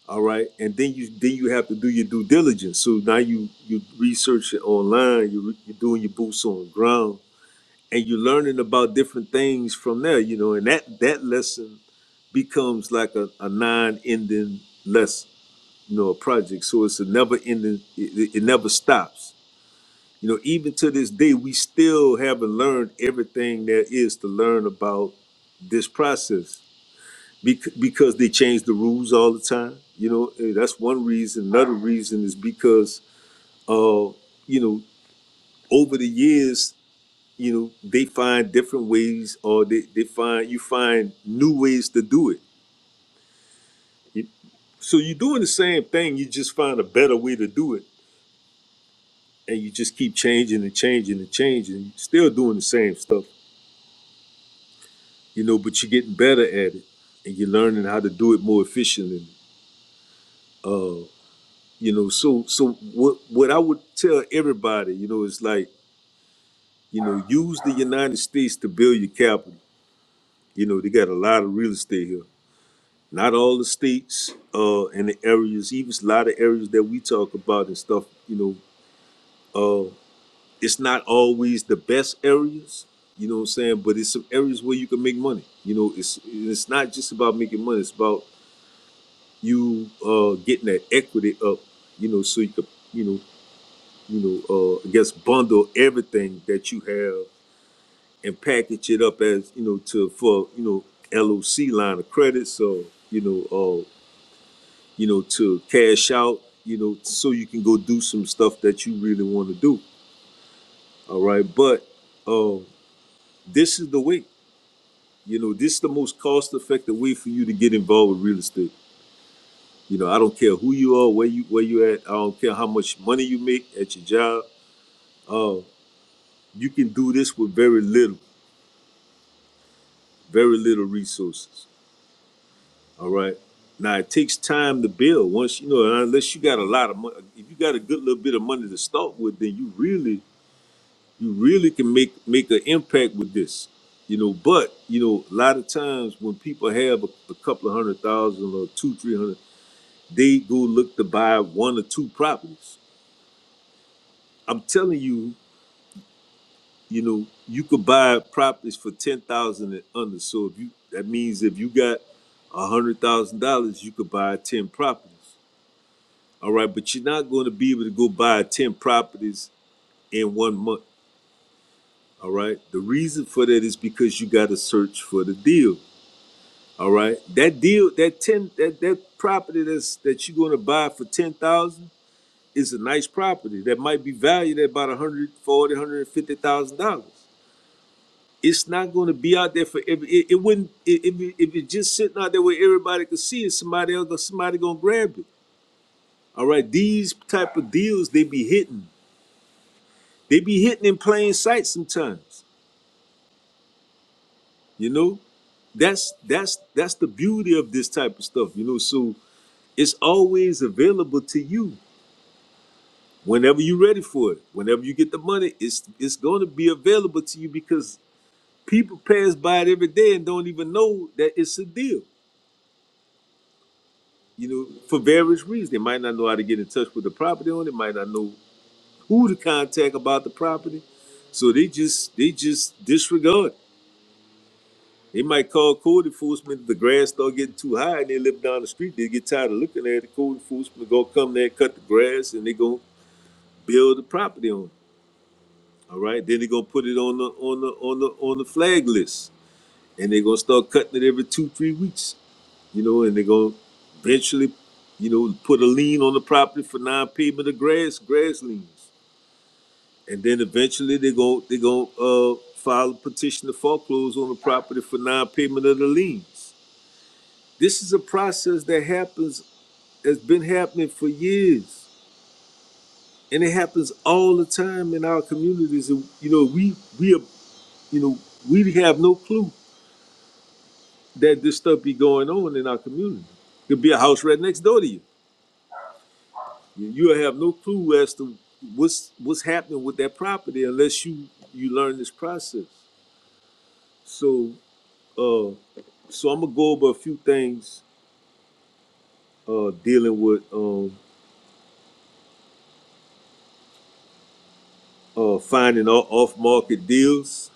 C: all right and then you then you have to do your due diligence so now you you research it online you, re- you're doing your boots on the ground and you're learning about different things from there, you know, and that that lesson becomes like a, a non-ending lesson, you know, a project. So it's a never-ending. It, it never stops. You know, even to this day, we still haven't learned everything there is to learn about this process Bec- because they change the rules all the time. You know, and that's one reason. Another reason is because, uh, you know, over the years you know they find different ways or they, they find you find new ways to do it You- so you're doing the same thing you just find a better way to do it and you just keep changing and changing and changing you're still doing the same stuff you know but you're getting better at it and you're learning how to do it more efficiently uh, you know so so what what i would tell everybody you know is like you know use the united states to build your capital you know they got a lot of real estate here Not all the states uh, and the areas, even a lot of areas that we talk about and stuff, you know, uh, it's not always the best areas, you know what I'm saying? But it's some areas where you can make money. You know, it's it's not just about making money, it's about you uh, getting that equity up, you know, so you can, you know, you know, uh, I guess bundle everything that you have and package it up as, you know, to for, you know, LOC line of credits or, you know, uh, you know, to cash out, you know, so you can go do some stuff that you really want to do. All right. But uh, this is the way, you know, this is the most cost effective way for you to get involved with real estate. You know, I don't care who you are, where you where you at. I don't care how much money you make at your job. Uh, you can do this with very little, very little resources. All right. Now it takes time to build. Once you know, unless you got a lot of money, if you got a good little bit of money to start with, then you really you really can make make an impact with this you know but you know a lot of times when people have a, a couple of hundred thousand or two three hundred they go look to buy one or two properties i'm telling you you know you could buy properties for ten thousand and under so if you that means if you got a hundred thousand dollars you could buy ten properties all right but you're not going to be able to go buy ten properties in one month all right the reason for that is because you got to search for the deal All right. That deal, that ten, that that property that's that you're gonna buy for ten thousand is a nice property that might be valued at about a hundred forty, hundred fifty thousand dollars. It's not gonna be out there for every. It, it wouldn't. It, if it, if it's just sitting out there where everybody could see it, somebody else, somebody gonna grab it. All right. These type of deals, they be hitting. They be hitting in plain sight sometimes. You know that's that's that's the beauty of this type of stuff you know so it's always available to you whenever you're ready for it, whenever you get the money, it's it's going to be available to you because people pass by it every day and don't even know that it's a deal. You know, for various reasons, they might not know how to get in touch with the property owner, they might not know who to contact about the property, so they just they just disregard. it. They might call code enforcement if the grass start getting too high and they live down the street. They get tired of looking at it. Code enforcement gonna come there, cut the grass, and they gonna build the property on. it. All right, then they're gonna put it on the on the on the on the flag list, and they're gonna start cutting it every two three weeks, you know, and they're gonna eventually, you know, put a lien on the property for non-payment of grass grass liens, and then eventually they're gonna they're gonna uh, file a petition to foreclose on the property for non-payment of the liens. This is a process that happens has been happening for years, and it happens all the time in our communities. And you know, we we are, you know we have no clue that this stuff be going on in our community. Could be a house right next door to you. You- You'll have no clue as to what's what's happening with that property unless you you learn this process. So, uh, so I'm gonna go over a few things uh, dealing with um, uh, finding off market deals.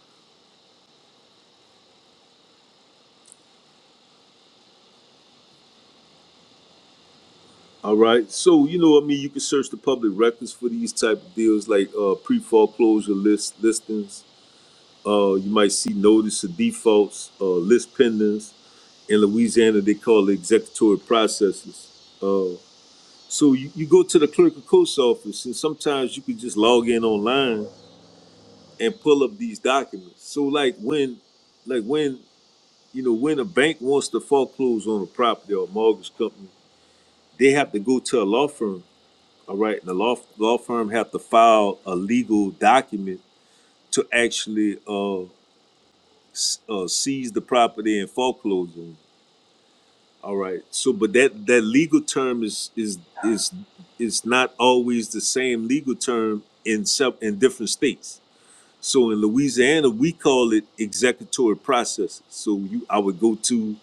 C: All right. So you know, I mean, you can search the public records for these type of deals, like uh, pre foreclosure list listings. Uh, you might see notice of defaults, uh, list pendants in Louisiana, they call it executory processes. Uh, so you, you go to the clerk of court's office, and sometimes you can just log in online and pull up these documents. So like when, like when you know when a bank wants to foreclose on a property or a mortgage company, they have to go to a law firm. All right, and the law law firm have to file a legal document to actually uh, uh, seize the property and foreclose on. it. All right. So, but that that legal term is is is is not always the same legal term in some in different states. So in Louisiana, we call it executory processes. So you, I would go to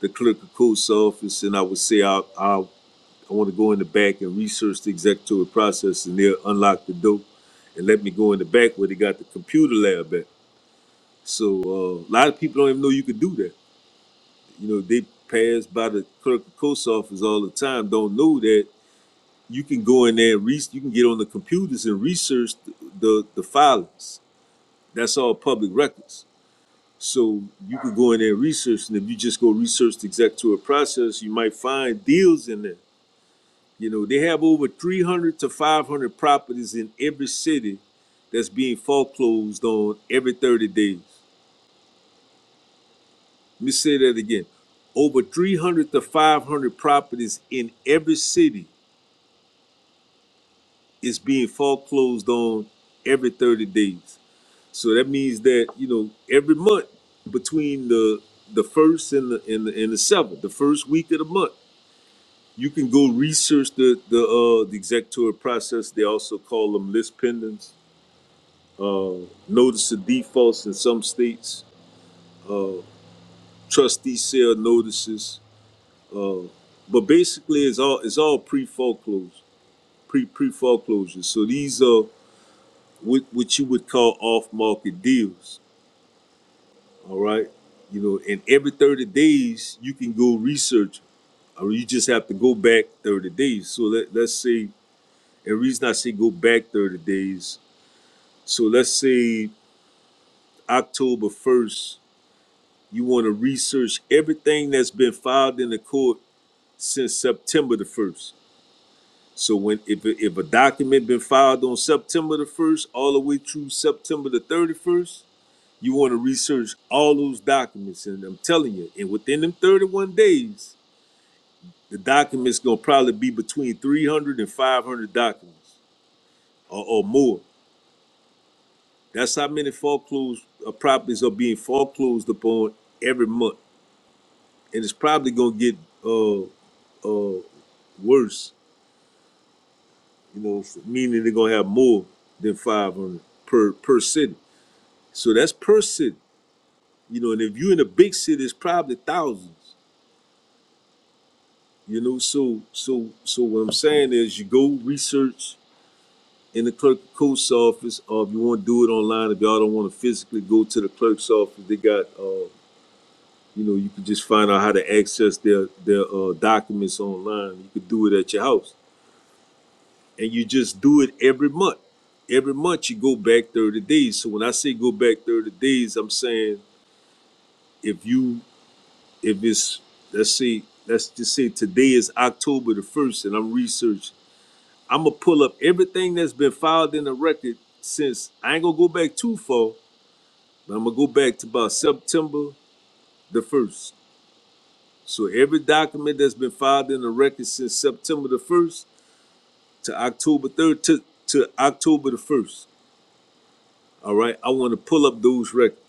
C: the clerk of court's office and I would say I I, I want to go in the back and research the executory process, and they'll unlock the door and let me go in the back where they got the computer lab at. So uh, a lot of people don't even know you could do that you know, they pass by the clerk of coast office all the time, don't know that you can go in there and re- you can get on the computers and research the, the, the filings. That's all public records. So you can go in there and research, and if you just go research the executory process, you might find deals in there. You know, they have over 300 to 500 properties in every city that's being foreclosed on every 30 days. Let me say that again. Over 300 to 500 properties in every city it's being foreclosed on every 30 days. So that means that, you know, every month between the the first and the and the, and the seventh, the first week of the month, you can go research the the uh the executory process. They also call them list pendants, uh notice of defaults in some states, uh trustee sale notices, uh but basically it's all it's all pre foreclosure, pre pre foreclosure. So these uh what what you would call off market deals. All right, you know, and every thirty days you can go research, or you just have to go back thirty days. So let let's say, and the reason I say go back thirty days, so let's say October first, you want to research everything that's been filed in the court since September the first. So when if a- if a document been filed on September the first, all the way through September the thirty first You want to research all those documents, and I'm telling you, and within them 31 days, the documents gonna probably be between 300 and 500 documents or, or more. That's how many foreclosed uh, properties are being foreclosed upon every month, and it's probably gonna get uh uh worse. You know, meaning they're gonna have more than 500 per per city. So that's per city. You know, and if you're in a big city, it's probably thousands. You know, so so so what I'm saying is you go research in the clerk of court's office, or if you want to do it online, if y'all don't want to physically go to the clerk's office, they got uh, you know, you can just find out how to access their their uh, documents online. You could do it at your house. And you just do it every month. Every month you go back 30 days. So when I say go back 30 days, I'm saying if you if it's let's say let's just say today is October the first and I'm researching I'm gonna pull up everything that's been filed in the record since I ain't gonna go back too far, but I'm gonna go back to about September the first. So every document that's been filed in the record since September the first to October third to, to October the first. All right, I want to pull up those records,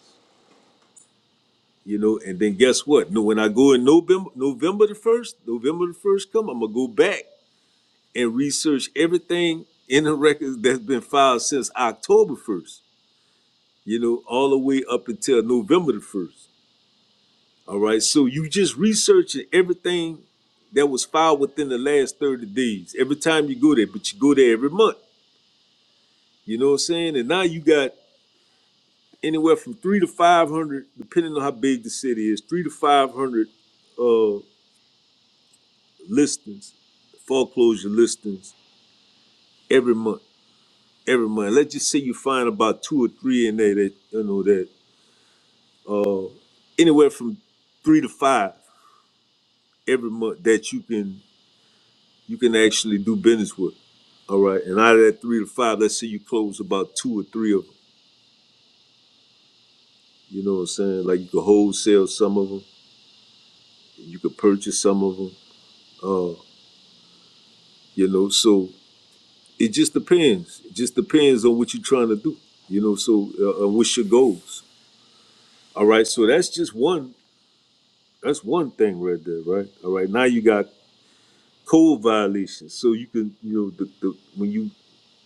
C: you know, and then guess what? No, when I go in November, November the first, November the first come, I'm gonna go back and research everything in the records that's been filed since October first. you know, all the way up until November the 1st. All right. So you just researching everything that was filed within the last 30 days every time you go there, but you go there every month. You know what I'm saying? And now you got anywhere from three to 500, depending on how big the city is, three to 500 uh, listings, foreclosure listings every month. Every month, let's just say you find about two or three in there that you know that uh, anywhere from three to five every month that you can you can actually do business with. All right. And out of that three to five, let's say you close about two or three of them. You know what I'm saying? Like you could wholesale some of them, you could purchase some of them. Uh, you know, so it just depends. It just depends on what you're trying to do. You know, so uh, uh, what's your goals? All right. So that's just one. That's one thing right there, right? All right. Now you got code violations. So you can, you know, the, the when you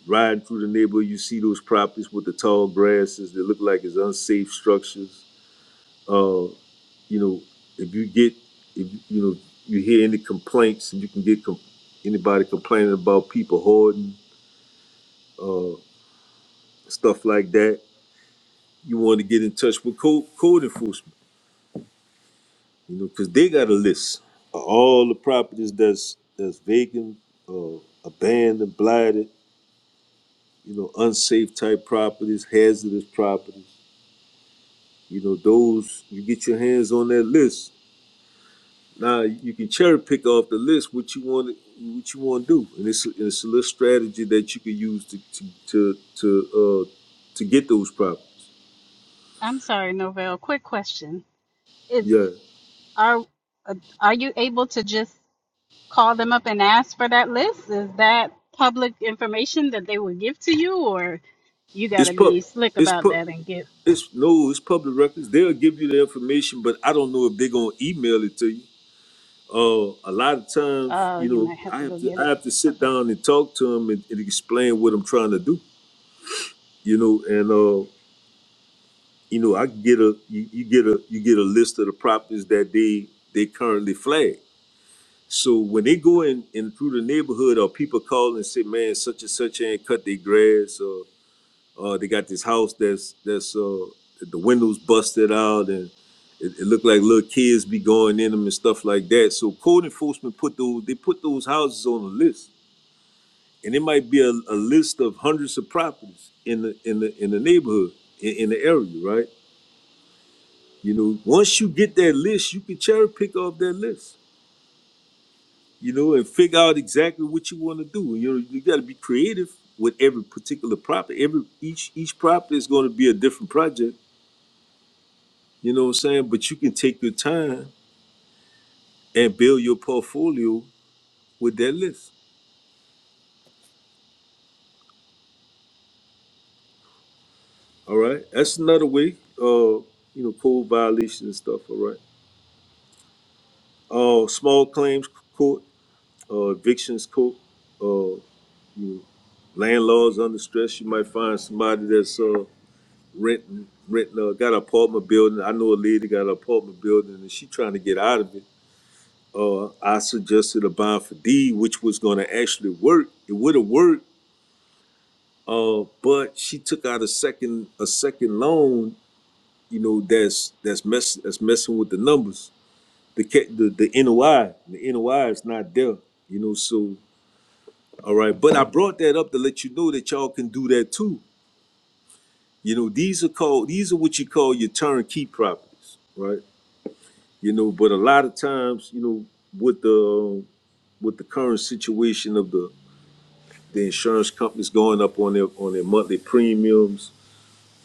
C: Riding through the neighborhood, you see those properties with the tall grasses that look like it's unsafe structures. Uh, you know, if you get, if you know, you hear any complaints, if you can get com- anybody complaining about people hoarding stuff like that, you want to get in touch with code, code enforcement. You know, because they got a list of all the properties that's that's vacant, uh, abandoned, blighted. You know, unsafe type properties, hazardous properties. You know, those you get your hands on that list Now you can cherry pick off the list what you want what you want to do, and it's it's a little strategy that you can use to to to to, uh, to get those problems.
D: I'm sorry, Novell. Quick question: Is
C: Yeah,
D: are uh, are you able to just call them up and ask for that list? Is that public information that they will give to you, or you got
C: it's
D: to
C: pub,
D: be slick
C: it's
D: about
C: pub,
D: that and get?
C: it's no, it's public records. They'll give you the information, but I don't know if they're gonna email it to you. Uh, a lot of times,
D: Oh,
C: you
D: you
C: know,
D: might have
C: I
D: to go
C: have to
D: get
C: I
D: it.
C: have to sit
D: Okay.
C: down and talk to them and, and explain what I'm trying to do. You know, and uh, You know, I get a you, you get a you get a list of the properties that they they currently flag. So when they go in, in through the neighborhood or people call and say, man, such and such ain't cut their grass or uh, they got this house that's that's uh, the windows busted out and it, it looked like little kids be going in them and stuff like that. So code enforcement put those they put those houses on a list, and it might be a, a list of hundreds of properties in the in the in the neighborhood in, in the area, right? You know, once you get that list, you can cherry pick off that list, you know, and figure out exactly what you want to do. You know, you got to be creative with every particular property. Every each each property is going to be a different project. You know what I'm saying? But you can take your time and build your portfolio with that list. All right, that's another way. Uh, you know, code violation and stuff. All right. Uh, small claims court. uh, evictions court. Uh, you landlords under stress. You might find somebody that's uh, renting, renting, uh, got an apartment building. I know a lady got an apartment building and she trying to get out of it. Uh, I suggested a bond for D, which was going to actually work. It would have worked, uh, but she took out a second a second loan. You know that's that's mess that's messing with the numbers. The ca- the the NOI the NOI is not there. You know so All right, but I brought that up to let you know that y'all can do that too. You know, these are called these are what you call your turnkey properties, right? You know, but a lot of times, you know, with the with the current situation of the the insurance companies going up on their on their monthly premiums,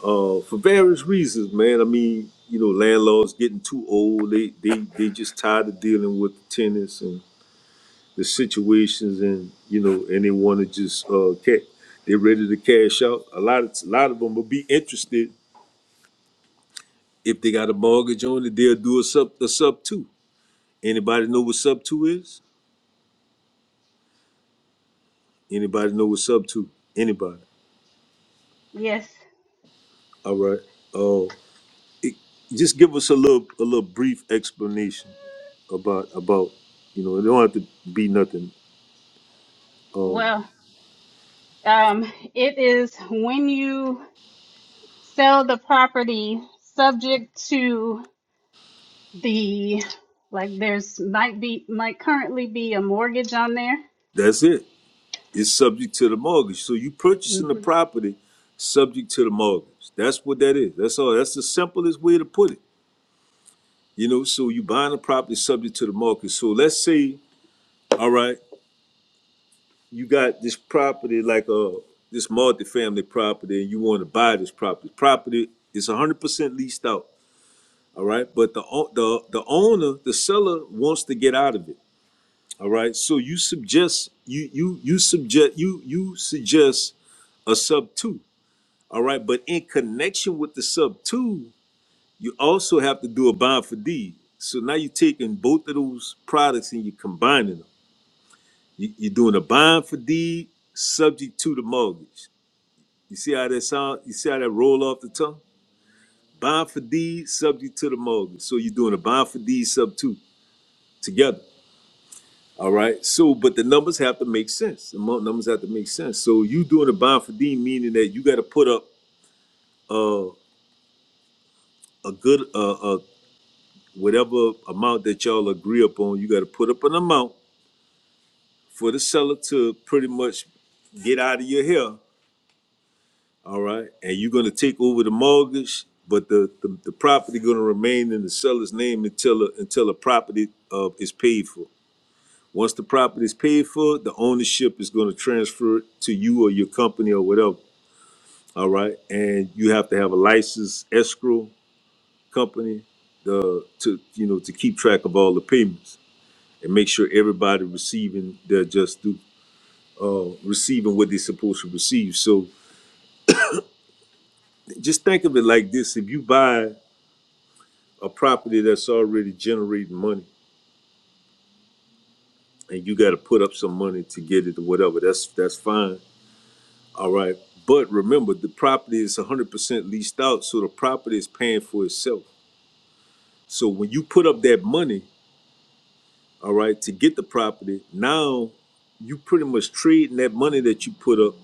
C: uh, for various reasons, man. I mean, you know, landlords getting too old. They they they just tired of dealing with the tenants and the situations and you know and they want to just uh cat they're ready to cash out a lot of a lot of them will be interested if they got a mortgage on it they'll do a sub a sub two anybody know what sub two is anybody know what sub two anybody
D: Yes.
C: all right uh just give us a little a little brief explanation about about you know it don't have to be nothing um
D: Well, um, it is when you sell the property subject to. the like there's might be might currently be a mortgage on there.
C: that's it is subject to the mortgage. So you purchasing the
D: Mhm.
C: property subject to the mortgage. That's what that is. That's all. That's the simplest way to put it. You know, so you buying the property subject to the mortgage. So let's say, all right, you got this property like a this multifamily property, and you want to buy this property. Property is 100% leased out. All right, but the o- the the owner, the seller wants to get out of it. All right, so you suggest you you you suggest you you suggest a sub two. All right, but in connection with the sub two, you also have to do a bond for deed. So now you're taking both of those products and you're combining them. You, you're doing a bond for deed subject to the mortgage. You see how that sound? You see how that roll off the tongue? Bond for deed subject to the mortgage. So you're doing a bond for deed sub two together. All right. So, but the numbers have to make sense. The mo- numbers have to make sense. So you doing a bond for deed meaning that you got to put up uh, a good uh, whatever amount that y'all agree upon, you gotta put up an amount for the seller to pretty much get out of your hair, all right? And you're gonna take over the mortgage, but the, the, the property gonna remain in the seller's name until, a- until the property, uh, is paid for. Once the property is paid for, the ownership is gonna transfer to you or your company or whatever, all right? And you have to have a licensed escrow company, uh, to, you know, to keep track of all the payments. and make sure everybody receiving their just due, uh, receiving what they're supposed to receive. So just think of it like this: if you buy a property that's already generating money, and you got to put up some money to get it or whatever, that's that's fine. All right, but remember the property is 100% leased out, so the property is paying for itself. So when you put up that money, all right, to get the property, now you pretty much trading that money that you put up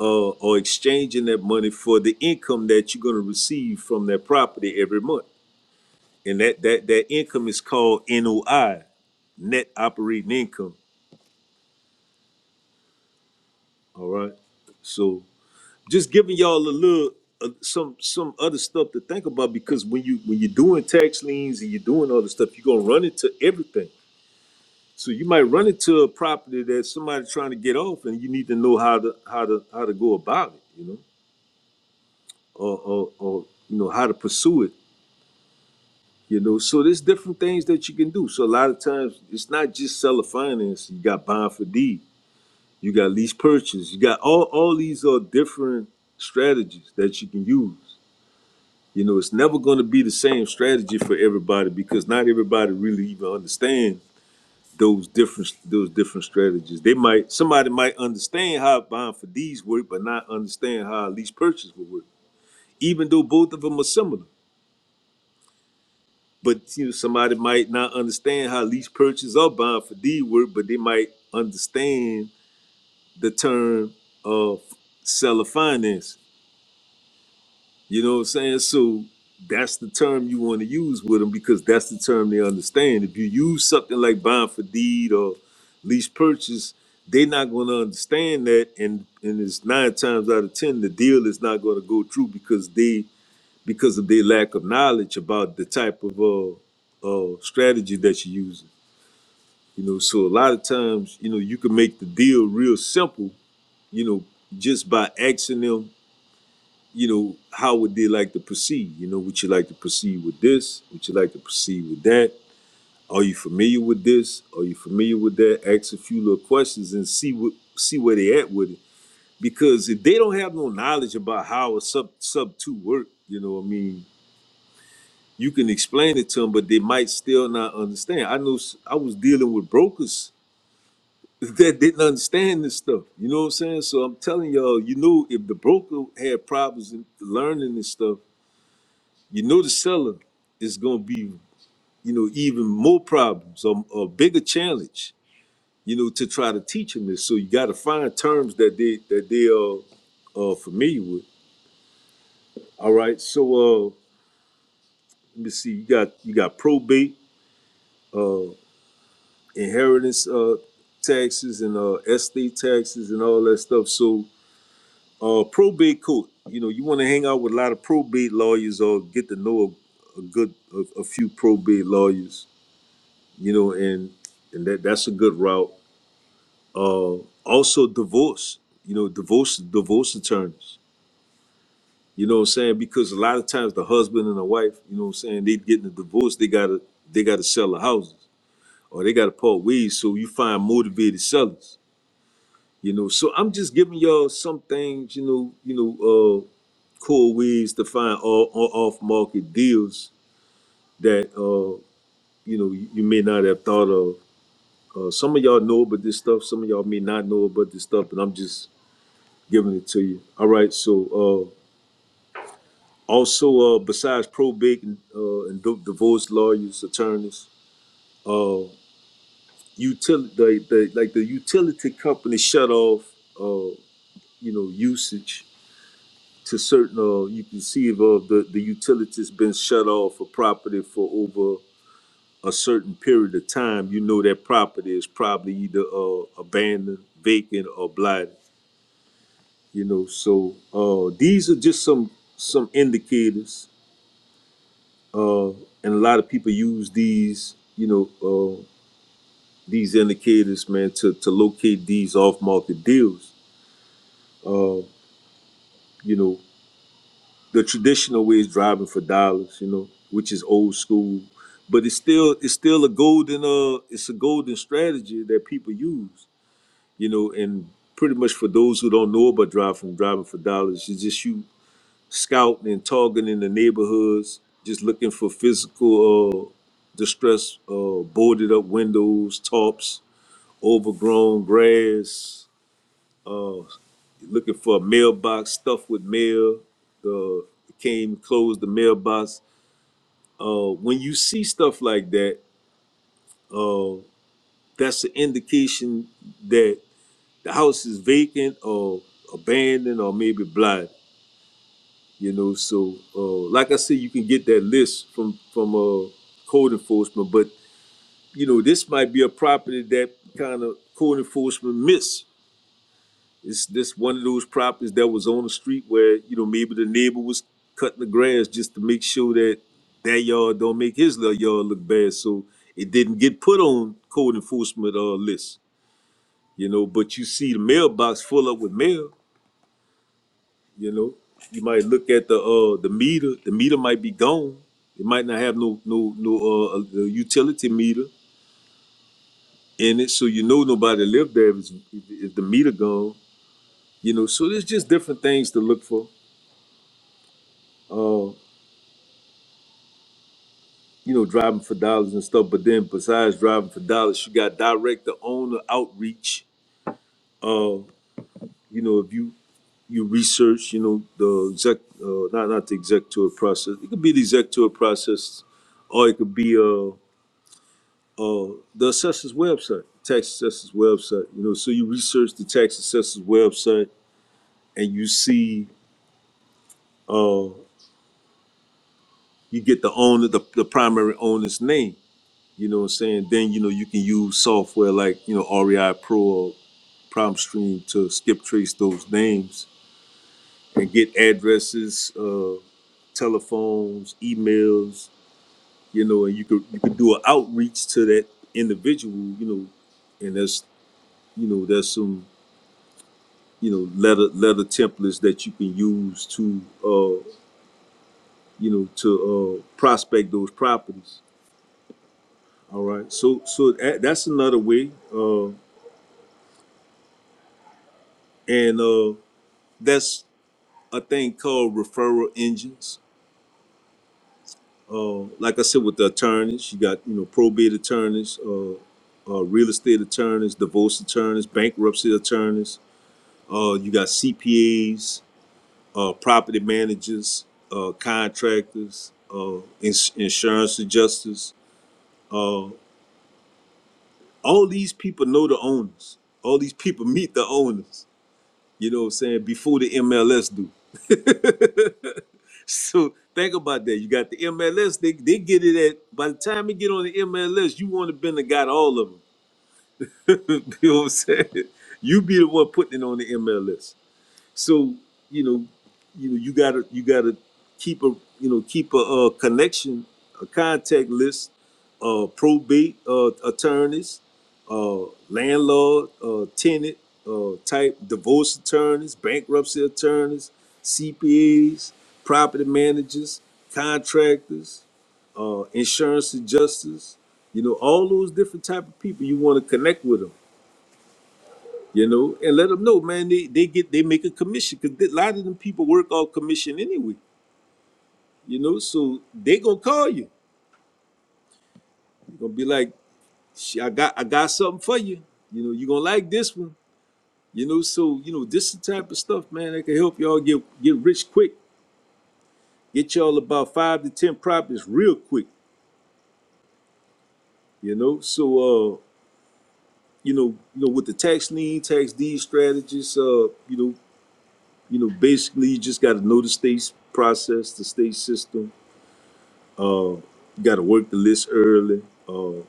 C: uh, or exchanging that money for the income that you're going to receive from that property every month. And that, that, that income is called NOI, net operating income. All right. So just giving y'all a little uh, some some other stuff to think about because when you when you're doing tax liens and you're doing all this stuff, you're gonna run into everything. So you might run into a property that somebody's trying to get off, and you need to know how to how to how to go about it, you know, or or, or you know how to pursue it You know, so there's different things that you can do. So a lot of times it's not just seller finance. You got bond for deed, you got lease purchase, you got all all these are different strategies that you can use. You know, it's never going to be the same strategy for everybody because not everybody really even understands those different those different strategies. They might somebody might understand how bond for deeds work, but not understand how lease purchase would work, even though both of them are similar. But you know, somebody might not understand how lease purchase or bond for deed work, but they might understand the term of seller finance. You know what I'm saying? So that's the term you want to use with them because that's the term they understand. If you use something like bond for deed or lease purchase, they're not going to understand that, and and it's nine times out of ten the deal is not going to go through because they because of their lack of knowledge about the type of uh, uh, strategy that you're using. You know, so a lot of times, you know, you can make the deal real simple, you know, just by asking them, you know, how would they like to proceed? You know, would you like to proceed with this? Would you like to proceed with that? Are you familiar with this? Are you familiar with that? Ask a few little questions and see what see where they at with it. Because if they don't have no knowledge about how a sub sub two work, you know, what I mean, you can explain it to them, but they might still not understand. I knew s- I was dealing with brokers that didn't understand this stuff. You know what I'm saying? So I'm telling y'all, you know, if the broker had problems in learning this stuff, you know, the seller is going to be, you know, even more problems or a bigger challenge, you know, to try to teach them this. So you got to find terms that they that they are uh, familiar with. All right. So uh, let me see. You got you got probate. Uh, inheritance uh, taxes and uh, estate taxes and all that stuff. So uh, probate court, you know, you want to hang out with a lot of probate lawyers or get to know a, a good a, a few probate lawyers, you know, and and that that's a good route. Uh, also divorce, you know, divorce divorce attorneys. You know what I'm saying? Because a lot of times the husband and the wife, you know what I'm saying, they getting a divorce, they gotta they gotta sell the houses or they gotta part ways. So you find motivated sellers You know, so I'm just giving y'all some things, you know, you know, uh, cool ways to find all, all off market deals that uh, you know you, you may not have thought of. Uh, some of y'all know about this stuff. Some of y'all may not know about this stuff, and I'm just giving it to you. All right. So uh, also, uh, besides probate and, uh, and di- divorce lawyers, attorneys, uh, utility, the, the, like the utility company shut off, uh, you know, usage to certain uh, you can see if uh, the the utility's been shut off for property for over a certain period of time, you know that property is probably either uh, abandoned, vacant, or blighted. You know, so uh, these are just some some indicators, uh, and a lot of people use these, you know, uh, these indicators, man, to to locate these off market deals. Uh, you know, the traditional way is driving for dollars, you know, which is old school, but it's still it's still a golden uh it's a golden strategy that people use, you know, and pretty much for those who don't know about driving driving for dollars, it's just you scouting and targeting the neighborhoods, just looking for physical uh distress, uh boarded up windows, tops, overgrown grass, uh looking for a mailbox stuffed with mail. The it came closed the mailbox. Uh, when you see stuff like that, uh, that's an indication that the house is vacant or abandoned or maybe blind. You know, so uh, like I said, you can get that list from from uh, code enforcement, but you know this might be a property that kind of code enforcement missed It's this one of those properties that was on the street where, you know, maybe the neighbor was cutting the grass just to make sure that their yard don't make his little yard look bad. So it didn't get put on code enforcement uh, list, you know, but you see the mailbox full up with mail, you know. You might look at the uh the meter, the meter might be gone. It might not have no no no uh a- utility meter in it, so you know nobody lived there if, it's, if the meter gone. You know, so there's just different things to look for. Uh, you know, driving for dollars and stuff. But then besides driving for dollars, you got direct to owner outreach. Uh, you know, if you you research, you know, the exec, uh, not not the executor process. It could be the executor process, or it could be uh, uh, the assessor's website, tax assessor's website. You know, so you research the tax assessor's website and you see, uh, you get the owner, the, the primary owner's name. You know what I'm saying? Then you know you can use software like you know REI Pro or prompt stream to skip trace those names and get addresses, uh, telephones, emails, you know, and you could you could do an outreach to that individual, you know, and that's you know there's some you know letter letter templates that you can use to uh, you know to uh, prospect those properties. All right, so so that, that's another way, uh, and uh, that's a thing called referral engines Uh, like I said, with the attorneys, you got you know probate attorneys, uh, uh, real estate attorneys, divorce attorneys, bankruptcy attorneys. Uh, you got CPAs, uh, property managers, uh, contractors, uh, ins- insurance adjusters. Uh, all these people know the owners. All these people meet the owners. You know what I'm saying? Before the MLS do. So think about that. You got the MLS. They they get it at by the time you get on the MLS, you want to been the got all of them. you know what I'm saying? You be the one putting it on the MLS. So you know, you know, you gotta you gotta keep a you know keep a, uh connection, a contact list, uh, probate uh, attorneys, uh, landlord, uh, tenant uh, type divorce attorneys, bankruptcy attorneys, CPAs, property managers, contractors, uh, insurance adjusters. You know, all those different type of people you want to connect with them you know, and let them know, man. They they get they make a commission because a lot of them people work off commission anyway, you know. So they gonna call you. You gonna be like, "Shit, I got I got something for you. You know, you gonna like this one. You know, so you know this is the type of stuff, man, that can help y'all get get rich quick. Get y'all about five to ten properties real quick. You know, so uh, you know, you know, with the tax lien, tax deed strategies, uh, you know, you know, basically you just got to know the state's process, the state system Uh, you got to work the list early. Uh,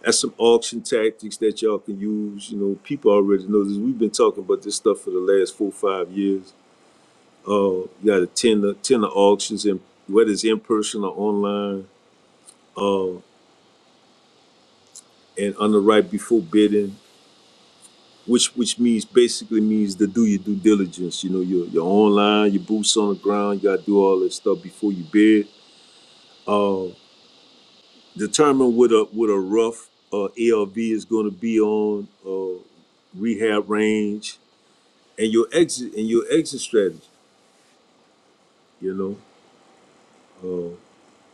C: that's some auction tactics that y'all can use. You know, people already know this. We've been talking about this stuff for the last four, five years. Uh, you got to tender, tender auctions, and whether it's in person or online, uh, and underwrite before bidding, which which means basically means to do your due diligence. You know, your your online, your boots on the ground. You got to do all this stuff before you bid. Uh, determine what a what a rough uh, ALV is going to be on uh, rehab range and your exit and your exit strategy. You know, uh,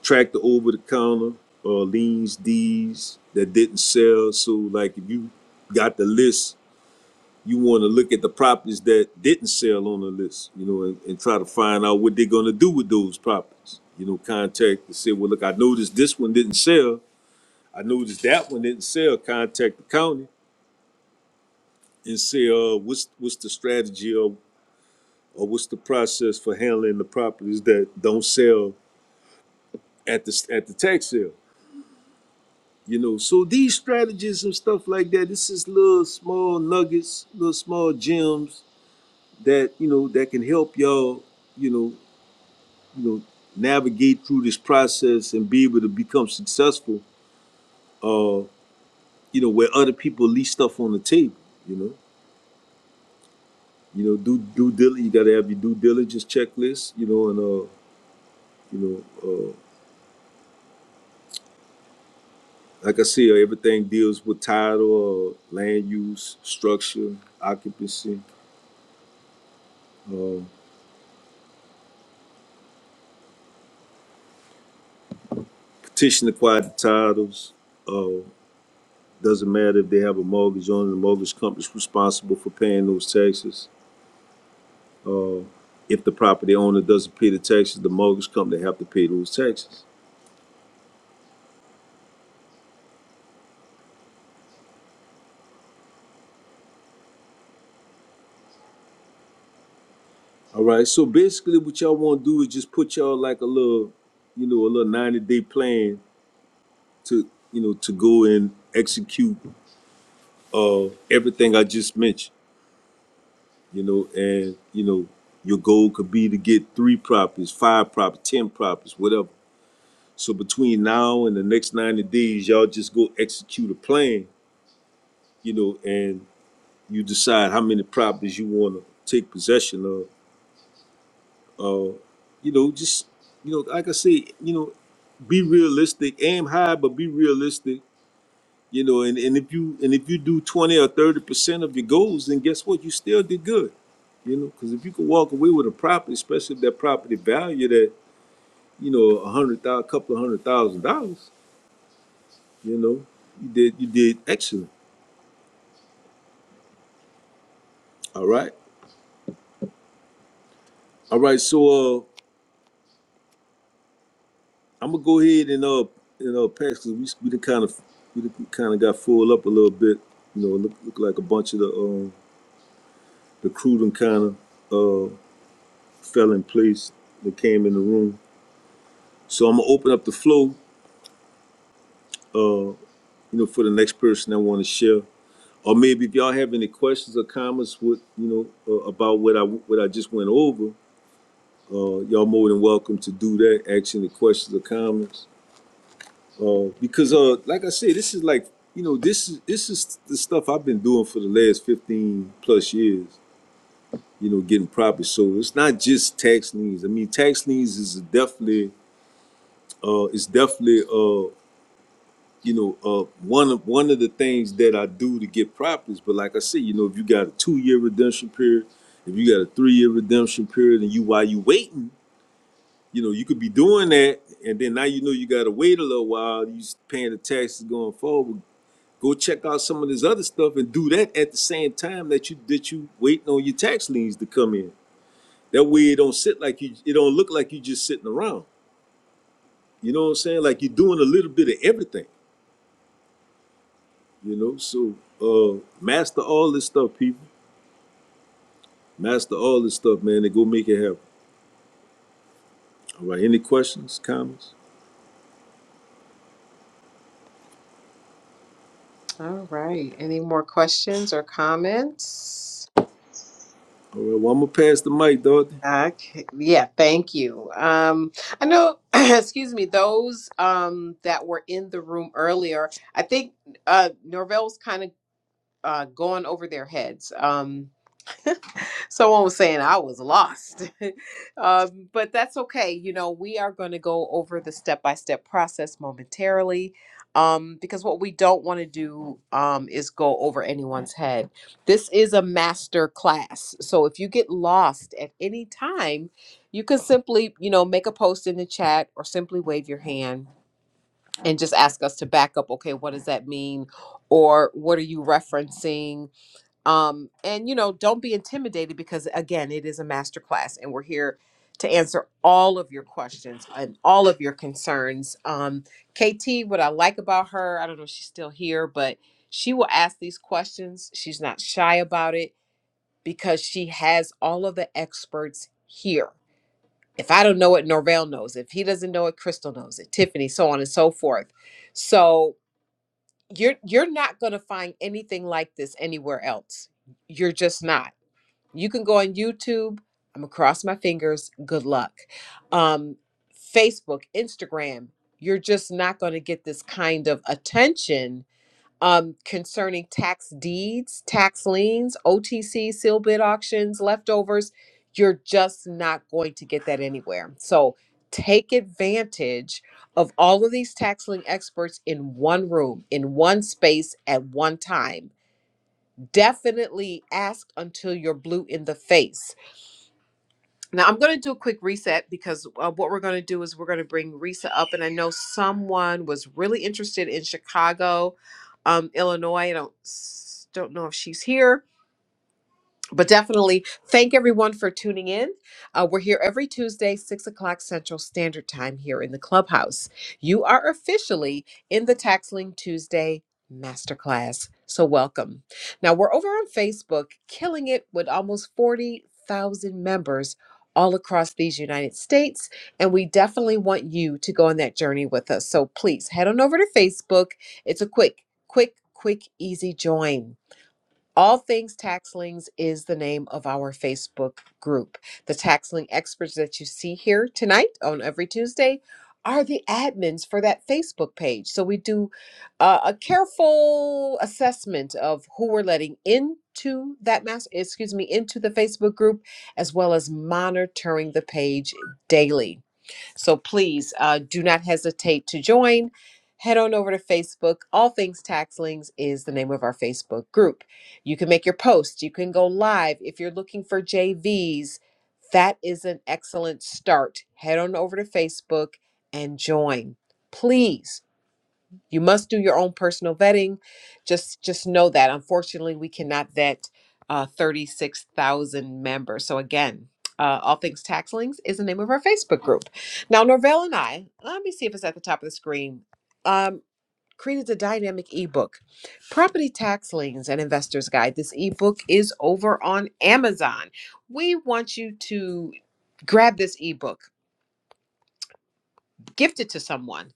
C: track the over the counter uh, liens, D's that didn't sell. So like if you got the list, you want to look at the properties that didn't sell on the list. You know, and, and try to find out what they're going to do with those properties. You know, contact and say, well, look, I noticed this one didn't sell. I noticed that one didn't sell. Contact the county and say, uh, what's what's the strategy or or what's the process for handling the properties that don't sell at the at the tax sale? You know, so these strategies and stuff like that. This is little small nuggets, little small gems that you know that can help y'all. You know, you know, navigate through this process and be able to become successful. Uh, you know, where other people leave stuff on the table. You know, you know, do due diligence. You got to have your due diligence checklist. You know, and uh, you know. uh. Like I see, everything deals with title, uh, land use, structure, occupancy, uh, petition acquired titles. Uh, doesn't matter if they have a mortgage on it, the mortgage company's responsible for paying those taxes. Uh, if the property owner doesn't pay the taxes, the mortgage company have to pay those taxes. All right, so basically what y'all wanna do is just put y'all like a little, you know, a little ninety day plan to, you know, to go and execute uh everything I just mentioned. you know, and you know, your goal could be to get three properties, five properties, ten properties, whatever. So between now and the next ninety days, y'all just go execute a plan, you know, and you decide how many properties you want to take possession of. Uh, you know, just you know, like I say, you know, be realistic, aim high, but be realistic. You know, and, and if you and if you do twenty or thirty percent of your goals, then guess what? You still did good You know, because if you could walk away with a property, especially if that property value that you know a hundred thousand, couple of hundred thousand dollars, you know, you did you did excellent. All right, all right. So uh, I'm gonna go ahead and uh you know pass because we we done kind of we done kind of got full up a little bit. You know, look look like a bunch of the um the crew done kind of uh fell in place that came in the room. So I'm gonna open up the flow uh you know for the next person that want to share. or maybe if y'all have any questions or comments with you know uh, about what I what I just went over, uh, y'all more than welcome to do that. Ask any questions or comments uh, because uh, like I said, this is like you know this is this is the stuff I've been doing for the last fifteen plus years. You know, getting property. So it's not just tax liens. I mean, tax liens is definitely uh, it's definitely uh, you know, uh, one of one of the things that I do to get properties. But like I said, you know, if you got a two year redemption period, if you got a three year redemption period, and you while you waiting, you know, you could be doing that, and then now you know you got to wait a little while. You s- paying the taxes going forward. Go check out some of this other stuff and do that at the same time that you that you waiting on your tax liens to come in. That way it don't sit like you it don't look like you just sitting around. You know what I'm saying? Like you're doing a little bit of everything. You know, so uh master all this stuff, people. Master all this stuff, man, and go make it happen. All right. Any questions, comments?
A: All right. Any more questions or comments?
C: All right, well I'm gonna pass the mic, Dorothy.
A: Ah, Okay. Yeah, thank you. Um, I know, excuse me, those um, that were in the room earlier, I think uh, Norvell's kind of uh, going over their heads. Um, someone was saying I was lost. um, but that's okay. You know, we are going to go over the step by step process momentarily um, because what we don't want to do um, is go over anyone's head. This is a master class. So if you get lost at any time, you can simply, you know, make a post in the chat or simply wave your hand and just ask us to back up. Okay, what does that mean? Or what are you referencing? um and you know don't be intimidated because again it is a masterclass, and we're here to answer all of your questions and all of your concerns um kt what i like about her i don't know if she's still here but she will ask these questions she's not shy about it because she has all of the experts here if i don't know it norvell knows if he doesn't know it crystal knows it tiffany so on and so forth so you're you're not going to find anything like this anywhere else you're just not you can go on YouTube. I'm gonna cross my fingers. Good luck. Um, Facebook, Instagram. You're just not going to get this kind of attention um, concerning tax deeds, tax liens, OTC, seal bid auctions, leftovers. You're just not going to get that anywhere. So take advantage of all of these tax lien experts in one room, in one space, at one time definitely ask until you're blue in the face now I'm going to do a quick reset because uh, what we're going to do is we're going to bring Risa up, and I know someone was really interested in Chicago, um, Illinois. I don't s- don't know if she's here, but definitely thank everyone for tuning in. Uh, we're here every Tuesday, six o'clock Central Standard Time here in the clubhouse. You are officially in the Taxling Tuesday Masterclass. So, welcome. Now, we're over on Facebook, killing it with almost 40,000 members all across these United States. And we definitely want you to go on that journey with us. So, please head on over to Facebook. It's a quick, quick, quick, easy join. All Things Taxlings is the name of our Facebook group. The taxling experts that you see here tonight on every Tuesday are the admins for that Facebook page. So we do uh, a careful assessment of who we're letting into that master, excuse me, into the Facebook group, as well as monitoring the page daily. So please uh, do not hesitate to join. Head on over to Facebook. All Things Taxlings is the name of our Facebook group. You can make your posts. You can go live if you're looking for JVs. That is an excellent start. Head on over to Facebook and join. Please you must do your own personal vetting just just know that unfortunately we cannot vet uh, 36000 members so again uh, all things tax links is the name of our facebook group now norvell and i let me see if it's at the top of the screen um, created a dynamic ebook property tax liens and investors guide this ebook is over on amazon we want you to grab this ebook gift it to someone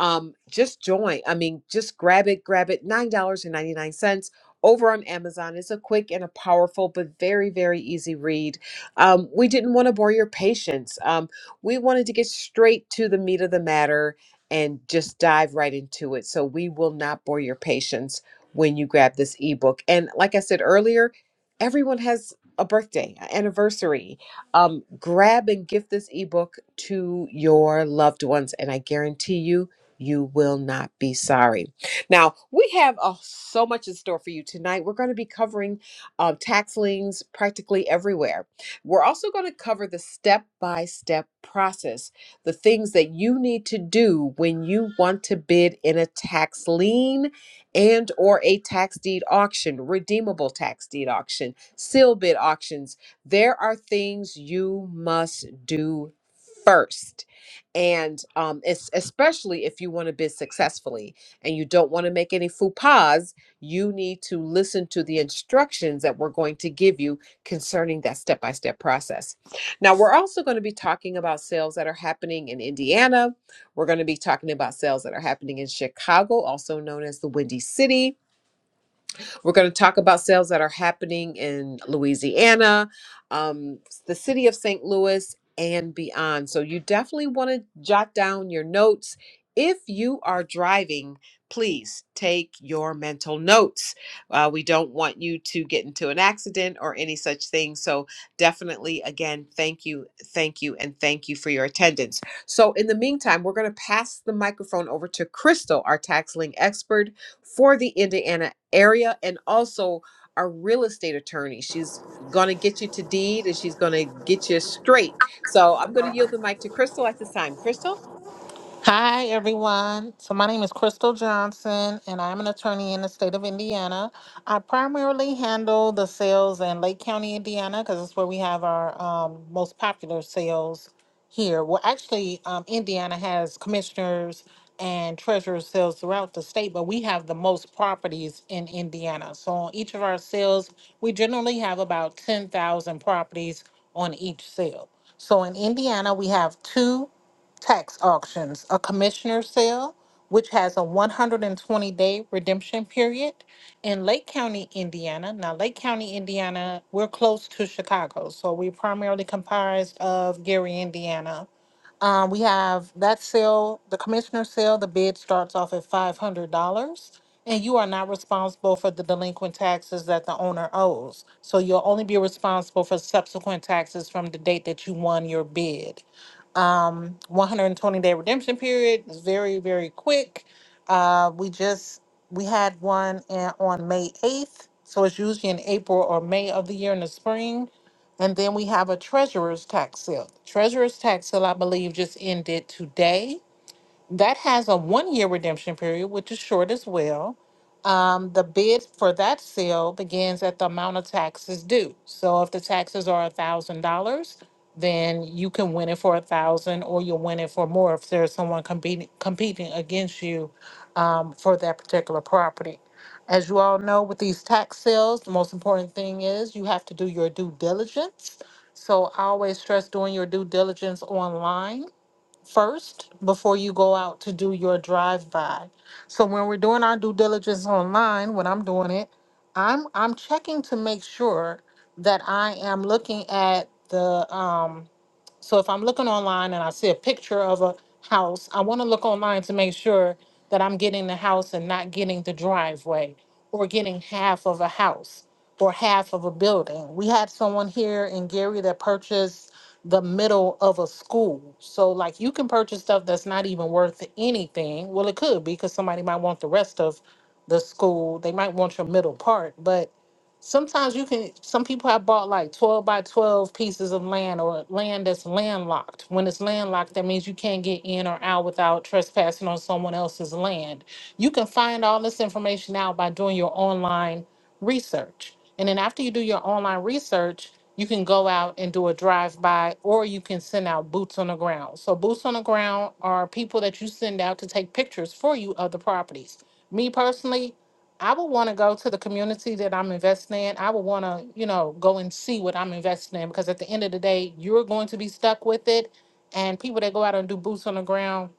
A: um, just join. I mean, just grab it, grab it. $9.99 over on Amazon. It's a quick and a powerful, but very, very easy read. Um, we didn't want to bore your patience. Um, we wanted to get straight to the meat of the matter and just dive right into it. So we will not bore your patience when you grab this ebook. And like I said earlier, everyone has a birthday, an anniversary. Um, grab and gift this ebook to your loved ones. And I guarantee you, you will not be sorry. Now, we have oh, so much in store for you tonight. We're going to be covering uh, tax liens practically everywhere. We're also going to cover the step by step process, the things that you need to do when you want to bid in a tax lien and or a tax deed auction, redeemable tax deed auction, seal bid auctions. There are things you must do first and um, it's especially if you want to bid successfully and you don't want to make any faux pas, you need to listen to the instructions that we're going to give you concerning that step by step process. Now, we're also going to be talking about sales that are happening in Indiana. We're going to be talking about sales that are happening in Chicago, also known as the Windy City. We're going to talk about sales that are happening in Louisiana, um, the city of St. Louis, and beyond. So you definitely want to jot down your notes. If you are driving, please take your mental notes. Uh, we don't want you to get into an accident or any such thing. So definitely, again, thank you, thank you, and thank you for your attendance. So in the meantime, we're going to pass the microphone over to Crystal, our tax lien expert for the Indiana area and also a real estate attorney. She's going to get you to deed and she's going to get you straight. So I'm going to yield the mic to Crystal at this time. Crystal?
B: Hi, everyone. So, my name is Crystal Johnson, and I'm an attorney in the state of Indiana. I primarily handle the sales in Lake County, Indiana, because that's where we have our um, most popular sales here. Well, actually, um, Indiana has commissioners and treasurer sales throughout the state, but we have the most properties in Indiana. So, on each of our sales, we generally have about 10,000 properties on each sale. So, in Indiana, we have two tax auctions, a commissioner's sale, which has a 120 day redemption period in Lake County, Indiana. Now, Lake County, Indiana, we're close to Chicago, so we primarily comprised of Gary, Indiana, um, we have that sale, the commissioner sale, the bid starts off at five hundred dollars. And you are not responsible for the delinquent taxes that the owner owes. So you'll only be responsible for subsequent taxes from the date that you won your bid. Um, one hundred and twenty day redemption period is very, very quick. Uh, we just, we had one in, on May eighth. So it's usually in April or May of the year in the spring. And then we have a treasurer's tax sale. Treasurer's tax sale, I believe, just ended today. That has a one year redemption period, which is short as well. Um, the bid for that sale begins at the amount of taxes due. So if the taxes are $1,000, then you can win it for a thousand or you'll win it for more if there's someone competing competing against you um, for that particular property. As you all know, with these tax sales, the most important thing is you have to do your due diligence. So I always stress doing your due diligence online first before you go out to do your drive by. So when we're doing our due diligence online, when I'm doing it, I'm I'm checking to make sure that I am looking at the um so if I'm looking online and I see a picture of a house, I want to look online to make sure that I'm getting the house and not getting the driveway or getting half of a house or half of a building. We had someone here in Gary that purchased the middle of a school. So like you can purchase stuff that's not even worth anything. Well, it could be because somebody might want the rest of the school. They might want your middle part, but Sometimes you can, some people have bought like 12 by 12 pieces of land or land that's landlocked. When it's landlocked, that means you can't get in or out without trespassing on someone else's land. You can find all this information out by doing your online research. And then after you do your online research, you can go out and do a drive by or you can send out boots on the ground. So, boots on the ground are people that you send out to take pictures for you of the properties. Me personally, I would want to go to the community that I'm investing in. I would want to, you know, go and see what I'm investing in because at the end of the day, you're going to be stuck with it. And people that go out and do boots on the ground,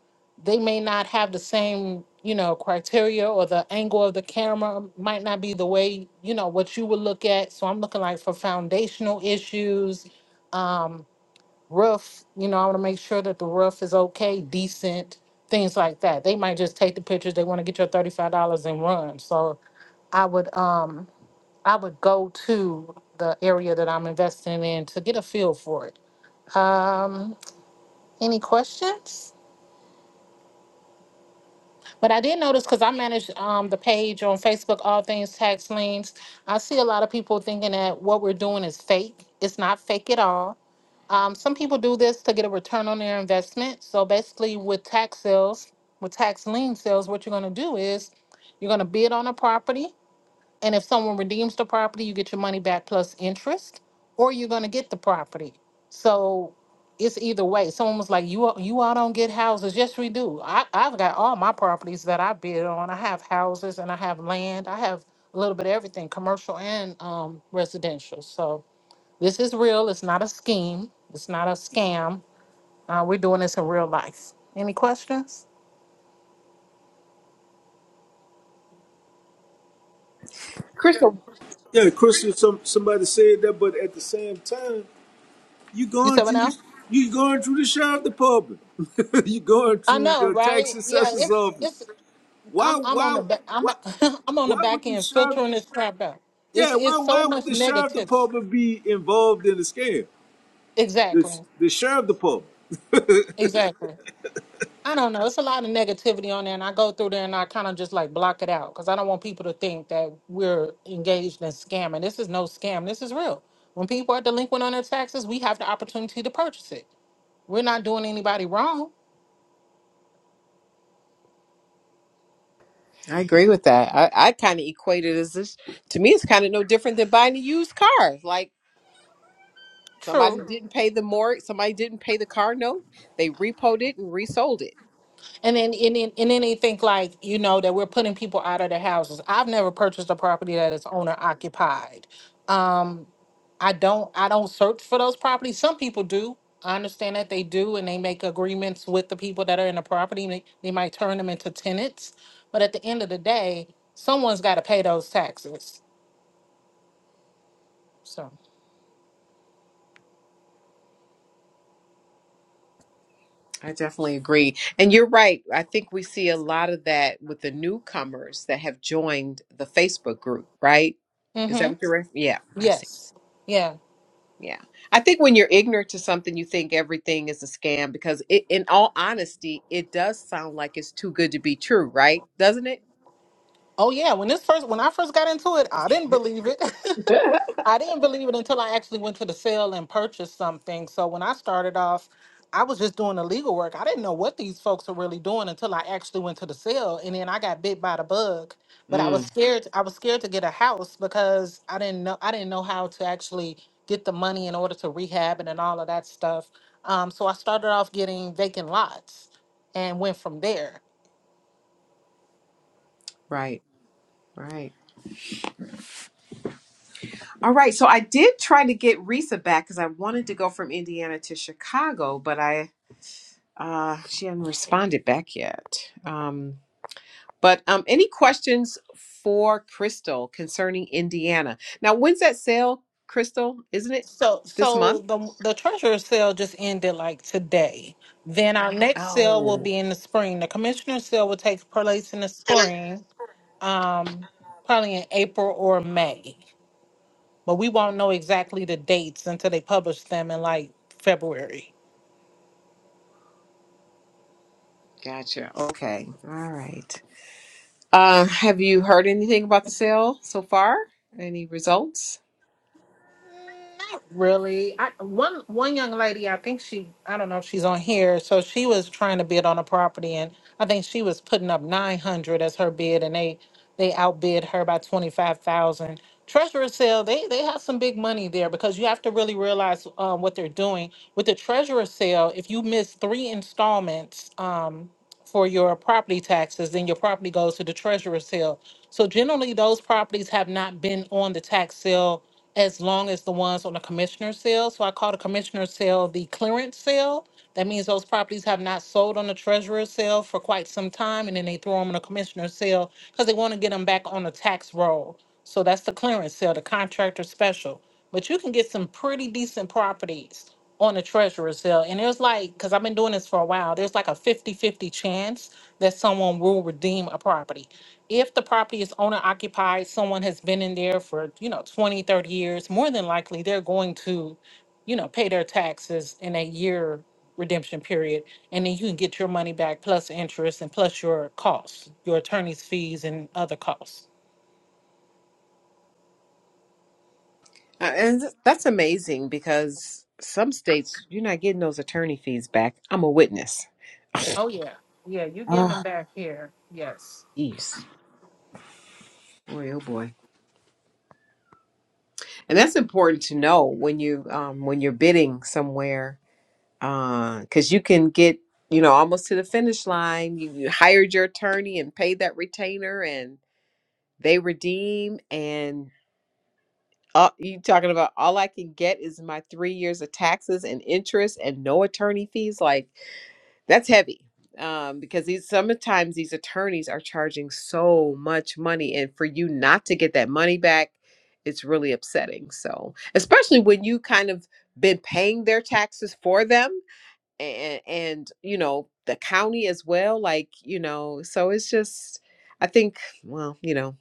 B: they may not have the same, you know, criteria or the angle of the camera might not be the way, you know, what you would look at. So I'm looking like for foundational issues, um, roof, you know, I want to make sure that the roof is okay, decent, things like that. They might just take the pictures, they want to get your $35 and run. So I would um I would go to the area that I'm investing in to get a feel for it. Um, any questions? But I did notice because I manage um, the page on Facebook, All Things Tax Liens. I see a lot of people thinking that what we're doing is fake. It's not fake at all. Um, some people do this to get a return on their investment. So basically, with tax sales, with tax lien sales, what you're going to do is you're going to bid on a property And if someone redeems the property, you get your money back plus interest, or you're gonna get the property. So it's either way. Someone was like, "You all- you all don't get houses." Yes, we do. I I've got all my properties that I bid on. I have houses and I have land. I have a little bit of everything, commercial and um, residential. So this is real. It's not a scheme. It's not a scam. Uh, we're doing this in real life. Any questions?
A: Crystal.
C: Yeah, Christian some somebody said that, but at the same time, you
B: You
C: going
B: said what
C: through
B: now?
C: the you going through the sheriff department. you going
B: I
C: through
B: know,
C: the
B: right?
C: tax
B: Yeah,
C: assessor's
B: it's
C: office.
B: it's
C: Why
B: I'm I'm on the
C: why
B: back I'm
C: why
B: I'm on the
C: why would
B: back
C: the
B: end
C: sheriff
B: filtering this crap out. It's
C: yeah, why
B: it's so
C: why would
B: much
C: the sheriff
B: negative.
C: department be involved in the scam? The
B: Exactly.
C: the sheriff department.
B: Exactly. I don't know. It's a lot of negativity on there, and I go through there and I kind of just like block it out because I don't want people to think that we're engaged in scamming. This is no scam. This is real. When people are delinquent on their taxes, we have the opportunity to purchase it. We're not doing anybody wrong.
A: I agree with that. I, I kind of equate it as this to me, it's kind of no different than buying a used car. Like, Somebody
B: True.
A: didn't pay the mortgage. Somebody didn't pay the car note. They repoed it and resold it.
B: And then, and then, and then they think like, you know, that we're putting people out of their houses. I've never purchased a property that is owner occupied. Um, I don't, I don't search for those properties. Some people do. I understand that they do, and they make agreements with the people that are in the property. They, they might turn them into tenants, but at the end of the day, someone's got to pay those taxes. So,
A: I definitely agree. And you're right. I think we see a lot of that with the newcomers that have joined the Facebook group, right? Is that
B: mm-hmm.
A: what you're referring? Yeah, I've seen.
B: yes, yeah,
A: Yeah. I think when you're ignorant to something, you think everything is a scam because it, in all honesty, it does sound like it's too good to be true, right? Doesn't it?
B: oh yeah. When this first, when I first got into it, I didn't believe it. I didn't believe it until I actually went to the sale and purchased something. So when I started off, I was just doing the legal work. I didn't know what these folks were really doing until I actually went to the sale and then I got bit by the bug. But I was
A: Mm,
B: scared I was scared to get a house because I didn't know I didn't know how to actually get the money in order to rehab it and all of that stuff. Um, so I started off getting vacant lots and went from there.
A: right, right. All right. So I did try to get Risa back because I wanted to go from Indiana to Chicago, but I uh she hadn't responded back yet. Um but um any questions for Crystal concerning Indiana? Now when's that sale, Crystal? Isn't it
B: So,
A: this
B: so
A: month?
B: the the treasurer's sale just ended like today. Then our next sale will
A: Oh.
B: be in the spring. The commissioner's sale will take place in the spring, um, probably in April or May. But we won't know exactly the dates until they publish them in like February.
A: Gotcha. Okay. All right. Uh, have you heard anything about the sale so far? Any results?
B: Not Really, I, one one young lady, I think she, I don't know if she's on here. So she was trying to bid on a property, and I think she was putting up nine hundred as her bid, and they they outbid her by twenty five thousand. Treasurer sale, they they have some big money there because you have to really realize um, what they're doing with the treasurer sale. If you miss three installments um, for your property taxes, then your property goes to the treasurer sale. So generally, those properties have not been on the tax sale as long as the ones on the commissioner's sale. So I call the commissioner's sale the clearance sale. That means those properties have not sold on the treasurer's sale for quite some time, and then they throw them on a commissioner's sale because they want to get them back on the tax roll. So that's the clearance sale, the contractor special. But you can get some pretty decent properties on the treasurer's sale. And there's like, because I've been doing this for a while, there's like a fifty-fifty chance that someone will redeem a property if the property is owner occupied, someone has been in there for, you know, 20, 30 years, more than likely they're going to, you know, pay their taxes in a year redemption period. And then you can get your money back plus interest and plus your costs, your attorney's fees and other costs.
A: Uh, and th- that's amazing because some states you're not getting those attorney fees back. I'm a witness.
B: Oh, yeah. Yeah, you're getting
A: Oh,
B: them back here. Yes.
A: Jeez. Boy, oh boy. And that's important to know when you um when you're bidding somewhere uh cuz you can get, you know, almost to the finish line, you, you hired your attorney and paid that retainer and they redeem and. Uh, you talking about all I can get is my three years of taxes and interest and no attorney fees? Like that's heavy. Um, because these sometimes these attorneys are charging so much money, and for you not to get that money back, it's really upsetting. So, especially when you kind of been paying their taxes for them, and and you know the county as well. Like you know, so it's just I think well, you know,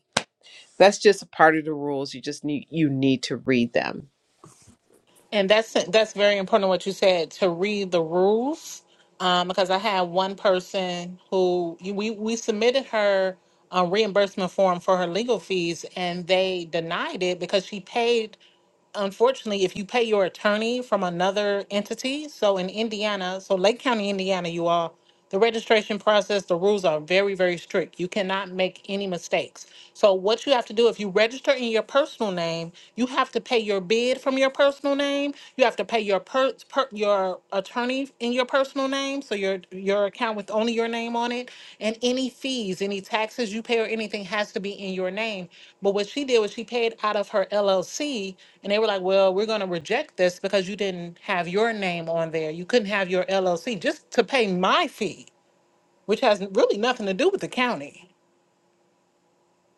A: that's just a part of the rules. You just need you need to read them
B: And that's that's very important what you said to read the rules, um, because I had one person who we we submitted her a reimbursement form for her legal fees, and they denied it because she paid unfortunately, if you pay your attorney from another entity, so in Indiana, so Lake County, Indiana, you all, the registration process, the rules are very, very strict. You cannot make any mistakes. So what you have to do, if you register in your personal name, you have to pay your bid from your personal name. You have to pay your per, per- your a attorney in your personal name, so your your account with only your name on it, and any fees, any taxes you pay or anything has to be in your name. But what she did was she paid out of her LLC, and they were like, "Well, we're going to reject this because you didn't have your name on there. You couldn't have your LLC just to pay my fee, which has really nothing to do with the county."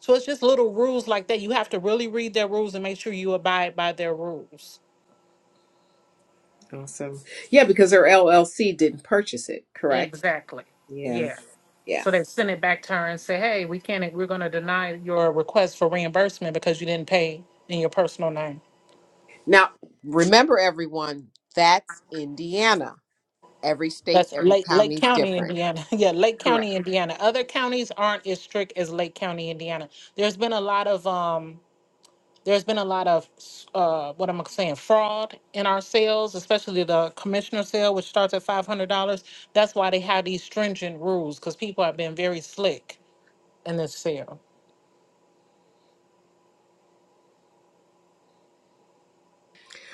B: So it's just little rules like that. You have to really read their rules and make sure you abide by their rules.
A: Awesome. Yeah, because her LLC didn't purchase it, correct?
B: Exactly.
A: Yeah.
B: Yeah.
A: Yeah.
B: So they sent it back to her and said, hey, we can't, we're gonna deny your request for reimbursement because you didn't pay in your personal name.
A: Now, remember everyone, that's Indiana. Every state,
B: That's
A: every
B: Lake, Lake
A: county is
B: County,
A: different.
B: Indiana. Yeah, Lake
A: Correct.
B: County, Indiana. Other counties aren't as strict as Lake County, Indiana. There's been a lot of, um, there's been a lot of, uh, what am I saying, fraud in our sales, especially the commissioner sale, which starts at five hundred dollars. That's why they have these stringent rules, because people have been very slick in this sale.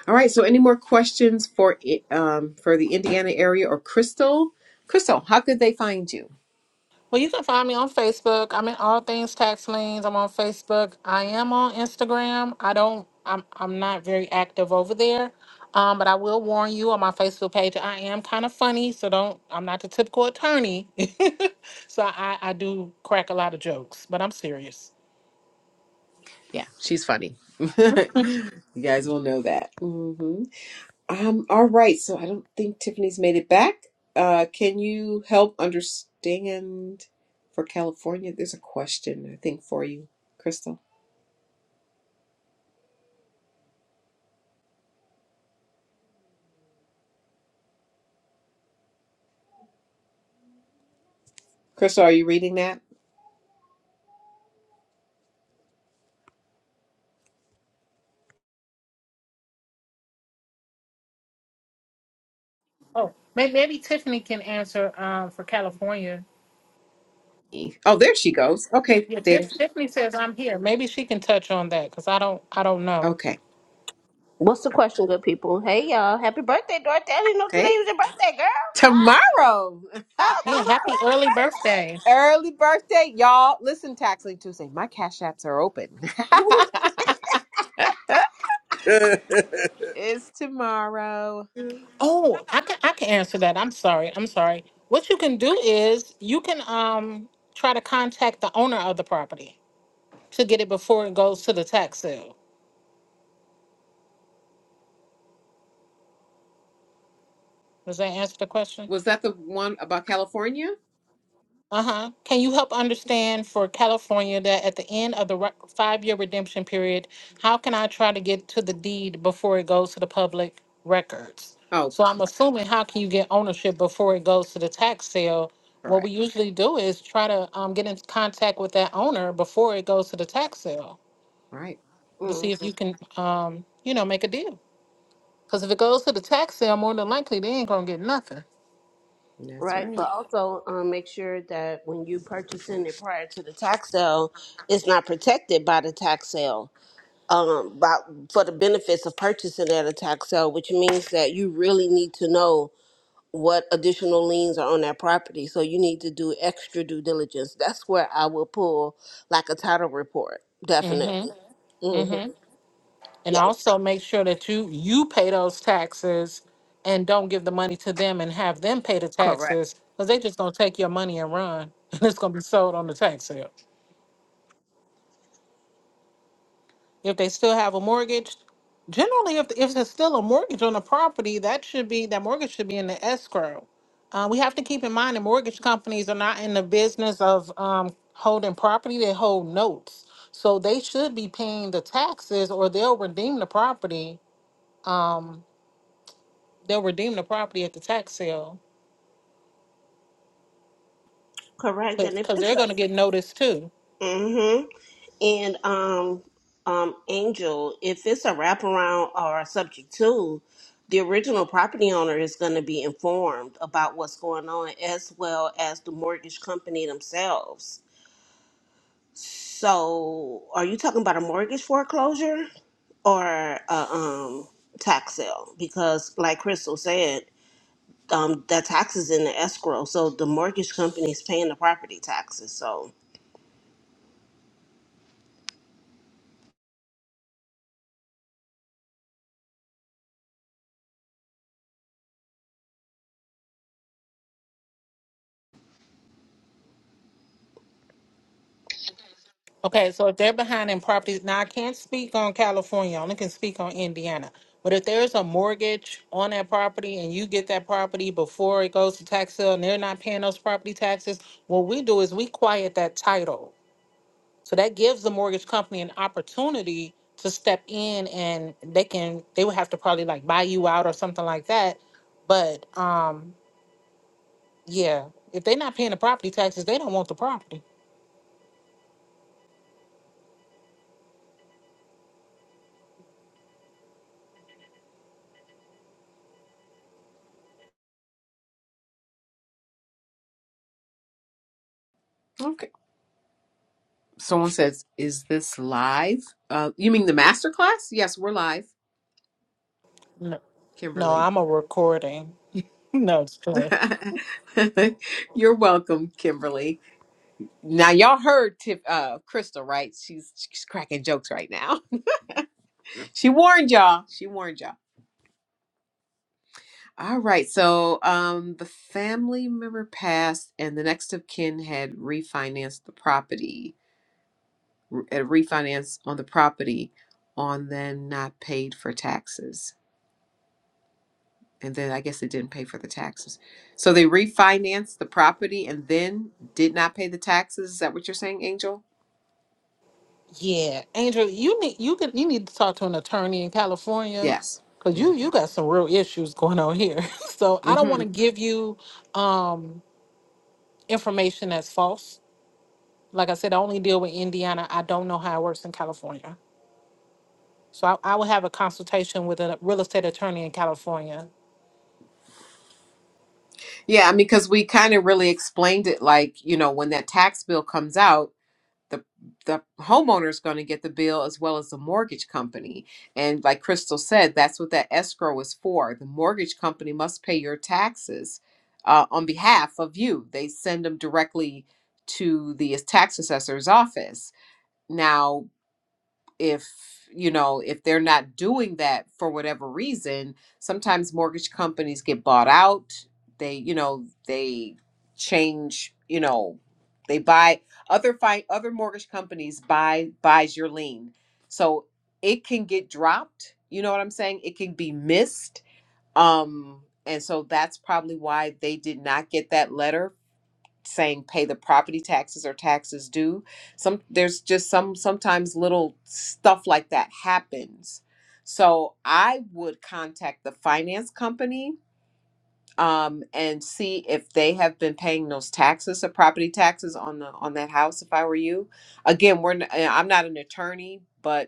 A: All right. So, any more questions for i- um for the Indiana area or Crystal? Crystal, how could they find you?
B: Well, you can find me on Facebook. I'm in all things tax liens. I'm on Facebook. I am on Instagram. I don't. I'm. I'm not very active over there. Um, but I will warn you on my Facebook page. I am kind of funny, so don't. I'm not the typical attorney. so I, I do crack a lot of jokes, but I'm serious.
A: Yeah, she's funny. you guys will know that. hmm Um. All right. So I don't think Tiffany's made it back. Uh, can you help understand for California? There's a question I think for you, Crystal. Crystal, are you reading that?
B: Oh, maybe, maybe Tiffany can answer um, for California.
A: Oh, there she goes. Okay,
B: Yeah, Tiff,
A: there.
B: Tiffany says I'm here. Maybe she can touch on that because I don't. I don't know.
A: Okay.
E: What's the question, good people? Hey, y'all. Happy birthday, Dorothy. I didn't know
A: Hey,
E: today was your birthday, girl.
A: tomorrow.
E: Ah, Oh,
B: Yeah, happy
E: tomorrow,
B: early birthday.
E: happy
A: Early birthday, y'all. Listen, Taxling Tuesday. My cash apps are open. it's tomorrow.
E: birthday.
B: Oh, I can I can answer that. I'm sorry. I'm sorry. What you can do is you can um try to contact the owner of the property to get it before it goes to the tax sale. Does that answer the question?
A: Was that the one about California?
B: Uh-huh. Can you help understand for California that at the end of the re- five-year redemption period, how can I try to get to the deed before it goes to the public records?
A: Oh,
B: So I'm assuming how can you get ownership before it goes to the tax sale? What we
A: correct.
B: usually do is try to um, get in contact with that owner before it goes to the tax sale
A: Right.
B: to see
E: mm,
B: if you can, um, you know, make a deal. Because if it goes to the tax sale, more than likely they ain't gonna get nothing.
A: That's
E: right.
A: right.
E: But also, um, make sure that when you purchasing it prior to the tax sale, it's not protected by the tax sale. Um, by, for the benefits of purchasing at a tax sale, which means that you really need to know what additional liens are on that property. So you need to do extra due diligence. That's where I will pull like a title report,
B: Mm-hmm.
E: definitely. Mm-hmm.
B: Mm-hmm. and
E: Yeah,
B: also make sure that you you pay those taxes and don't give the money to them and have them pay the
E: correct,
B: taxes because they just gonna take your money and run and it's gonna be sold on the tax sale if they still have a mortgage generally if, if there's still a mortgage on the property that should be that mortgage should be in the escrow uh, we have to keep in mind that mortgage companies are not in the business of um, holding property they hold notes so they should be paying the taxes or they'll redeem the property Um, they'll redeem the property at the tax sale
E: correct. And if
B: because
E: it's
B: they're
E: a
B: going to get notice too.
E: mm-hmm. and um um Angel, if it's a wraparound or a subject to, the original property owner is going to be informed about what's going on, as well as the mortgage company themselves. So, are you talking about a mortgage foreclosure or a um, tax sale? Because, like Crystal said, um, that tax is in the escrow, so the mortgage company is paying the property taxes. So,
B: Okay, so if they're behind in properties, now I can't speak on California, I only can speak on Indiana. But if there's a mortgage on that property and you get that property before it goes to tax sale and they're not paying those property taxes, what we do is we quiet that title. So that gives the mortgage company an opportunity to step in and they can, they would have to probably like buy you out or something like that. But, um, Yeah. If they're not paying the property taxes, they don't want the property.
A: Okay. Someone says, "Is this live?" Uh, you mean the master class? Yes, we're live,
B: No. No,
A: Kimberly.
B: I'm a recording. No, it's true.
A: You're welcome, Kimberly. Now y'all heard Tip, uh, Crystal, right? She's she's cracking jokes right now. she warned y'all. She warned y'all. All right. So um, the family member passed, and the next of kin had refinanced the property, re- uh, refinanced on the property, on then not paid for taxes. And then I guess they didn't pay for the taxes. So they refinanced the property and then did not pay the taxes. Is that what you're saying, Angel?
B: Yeah, Angel, you need you could you need to talk to an attorney in California
A: Yes.
B: because you
A: Mm-hmm.
B: you got some real issues going on here. so I don't want
A: Mm-hmm.
B: to give you um information that's false. Like I said, I only deal with Indiana. I don't know how it works in California. So I, I will have a consultation with a real estate attorney in California
A: Yeah, I mean, because we kind of really explained it like, you know, when that tax bill comes out. the the homeowner is going to get the bill as well as the mortgage company and like crystal said that's what that escrow is for the mortgage company must pay your taxes uh, on behalf of you they send them directly to the tax assessor's office now if you know if they're not doing that for whatever reason sometimes mortgage companies get bought out they you know they change you know they buy other fi- other mortgage companies buy buys your lien so it can get dropped you know what i'm saying it can be missed um and so that's probably why they did not get that letter saying pay the property taxes or taxes due some there's just some sometimes little stuff like that happens so i would contact the finance company um, and see if they have been paying those taxes or property taxes on the on that house if i were you again we're n- eh, i'm not an attorney but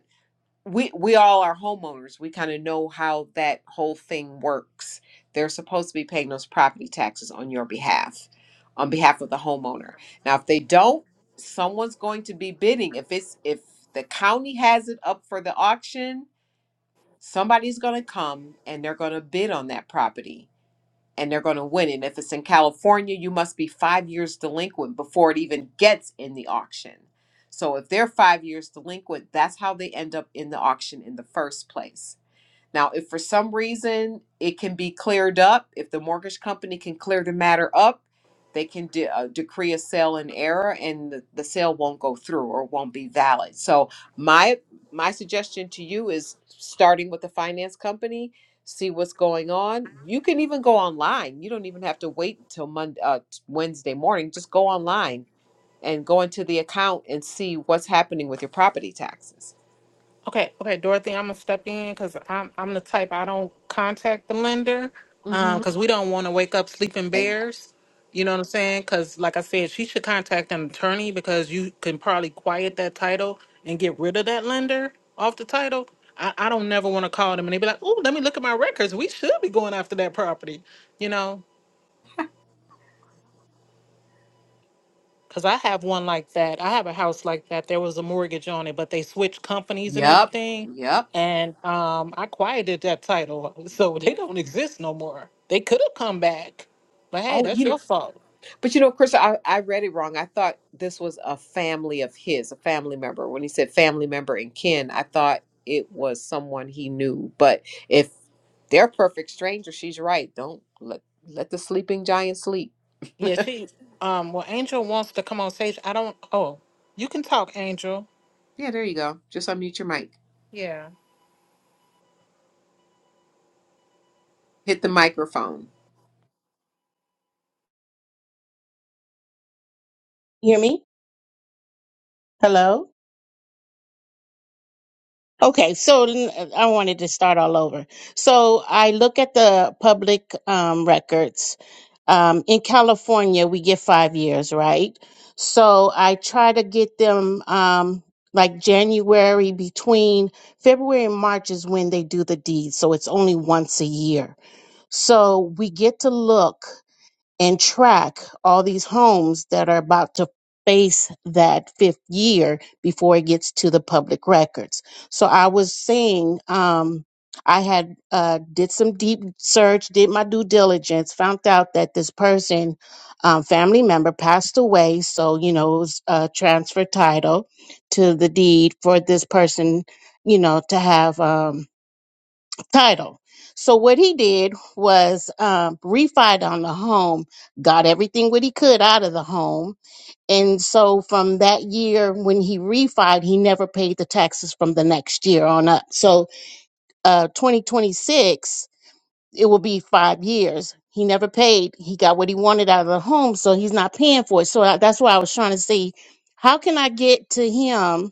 A: we we all are homeowners. We kind of know how that whole thing works. They're supposed to be paying those property taxes on your behalf, on behalf of the homeowner. Now, if they don't, someone's going to be bidding. If it's if the county has it up for the auction, somebody's going to come and they're going to bid on that property and they're going to win it. If it's in California, you must be five years delinquent before it even gets in the auction. So if they're five years delinquent, that's how they end up in the auction in the first place. Now, if for some reason it can be cleared up, if the mortgage company can clear the matter up, they can de- uh, decree a sale in error and the, the sale won't go through or won't be valid. So, my my suggestion to you is starting with the finance company, see what's going on. You can even go online. You don't even have to wait until Monday, uh, t- Wednesday morning. Just go online and go into the account and see what's happening with your property taxes.
B: Okay, okay, Dorothy, I'm gonna step in because I'm I'm the type I don't contact the lender, um,
A: Mm-hmm.
B: because we don't want to wake up sleeping
A: Okay.
B: bears. You know what I'm saying? Because like I said, she should contact an attorney because you can probably quiet that title and get rid of that lender off the title. I, I don't never want to call them and they be like, "Ooh, let me look at my records. We should be going after that property," you know. Cause I have one like that. I have a house like that. There was a mortgage on it, but they switched companies and
A: Yep.
B: everything.
A: Yep.
B: And um, I quieted that title, so they don't exist no more. They could have come back, but hey,
A: Oh,
B: that's
A: you know,
B: your fault.
A: but you know, Chris, I, I read it wrong. I thought this was a family of his, a family member. When he said family member and kin, I thought it was someone he knew. But if they're perfect strangers, she's right. Don't let let the sleeping giant sleep.
B: Yeah, she. Um, well, Angel wants to come on stage. I don't. Oh, you can talk, Angel.
A: Yeah, there you go. Just unmute your mic.
B: Yeah.
A: Hit the microphone.
F: hear me? Hello? Okay, so n- I wanted to start all over. So I look at the public um, records. Um, in California, we get five years, right? So I try to get them um, like January between February and March is when they do the deed. So it's only once a year. So we get to look. and track all these homes that are about to face that fifth year before it gets to the public records. So I was saying, um, I had uh, did some deep search, did my due diligence, found out that this person, um, family member, passed away. So you know, it was a transfer title to the deed for this person, you know, to have. Um, title. So what he did was um, refi on the home, got everything what he could out of the home, and so from that year when he refied, he never paid the taxes from the next year on up. So uh, 2026, it will be five years. He never paid. He got what he wanted out of the home, so he's not paying for it. So I, that's why I was trying to see how can I get to him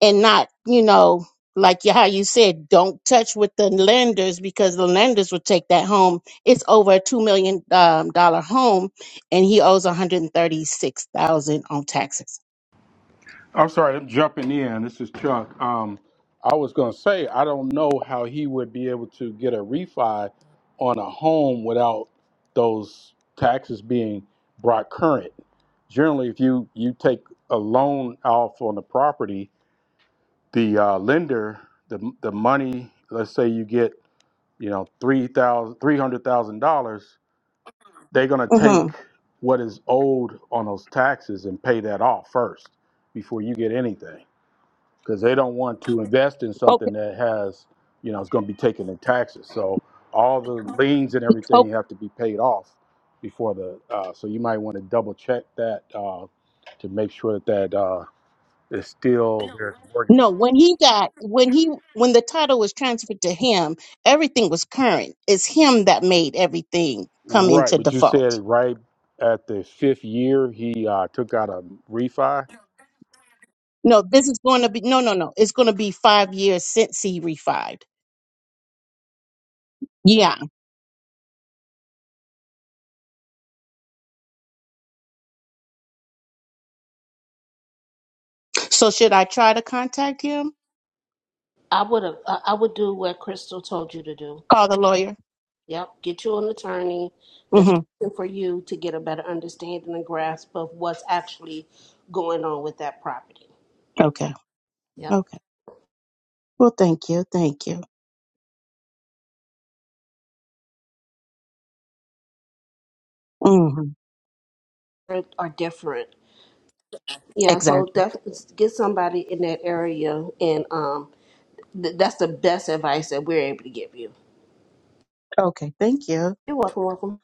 F: and not, you know, like you- how you said, don't touch with the lenders because the lenders will take that home. It's over a two million million dollar home, and he owes one hundred thirty six thousand on taxes.
G: I'm sorry, I'm jumping in. This is Chuck. Um, I was going to say, I don't know how he would be able to get a refi on a home without those taxes being brought current. Generally, if you, you take a loan off on the property, the uh, lender, the, the money, let's say you get, you know, three thousand three hundred thousand dollars, they're going to take
F: hmm
G: what is owed on those taxes and pay that off first before you get anything because they don't want to invest in
F: Okay.
G: something that has, you know, it's going to be taken in taxes. So all the liens and
F: Oh
G: everything have to be paid off before the. Uh, so you might want to double check that uh, to make sure that that uh, is still There's
F: no, when he got when he when the title was transferred to him, everything was current. It's him that made everything come
G: right.
F: into
G: But you
F: default.
G: said right at the fifth year, he uh, took out a refi.
F: No, this is going to be no, no, no. It's going to be five years since he refied. Yeah. So should I try to contact him?
E: I would have. I I would do what Crystal told you to do.
F: Call the lawyer.
E: Yep, get you an attorney that's
F: hmm
E: working for you to get a better understanding and grasp of what's actually going on with that property.
F: Okay.
E: Yep,
F: Okay. Well, thank you. Thank you. hmm
E: are different. Yeah, so
F: Exactly.
E: definitely get somebody in that area and um, Th- that's the best advice that we're able to give you.
F: Okay. Thank you.
E: You're welcome, welcome.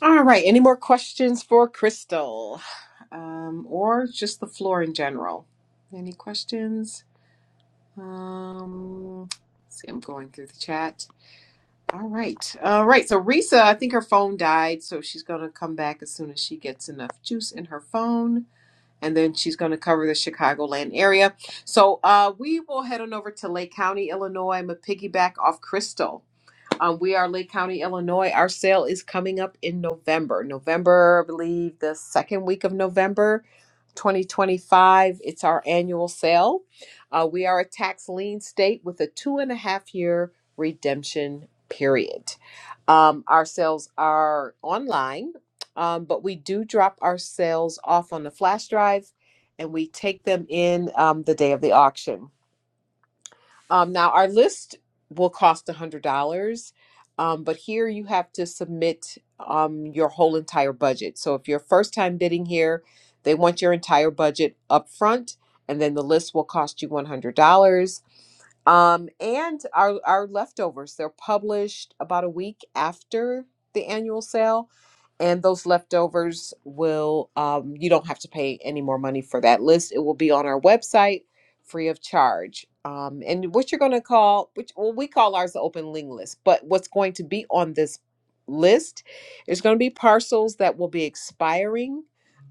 A: All right. Any more questions for Crystal, um, or just the floor in general? Any questions? Um, let's see, I'm going through the chat. All right. All right. So Risa, I think her phone died, so she's going to come back as soon as she gets enough juice in her phone. And then she's going to cover the Chicagoland area. So uh, we will head on over to Lake County, Illinois. I'm a piggyback off Crystal. Um, we are Lake County, Illinois. Our sale is coming up in November. November, I believe, the second week of November. 2025. It's our annual sale. Uh, we are a tax lien state with a two and a half year redemption period. Um, our sales are online, um, but we do drop our sales off on the flash drive and we take them in um, the day of the auction. Um, now, our list will cost $100, um, but here you have to submit um, your whole entire budget. So if you're first time bidding here, they want your entire budget up front, and then the list will cost you $100. Um, and our, our leftovers, they're published about a week after the annual sale. And those leftovers will, um, you don't have to pay any more money for that list. It will be on our website free of charge. Um, and what you're going to call, which, well, we call ours the open link list, but what's going to be on this list is going to be parcels that will be expiring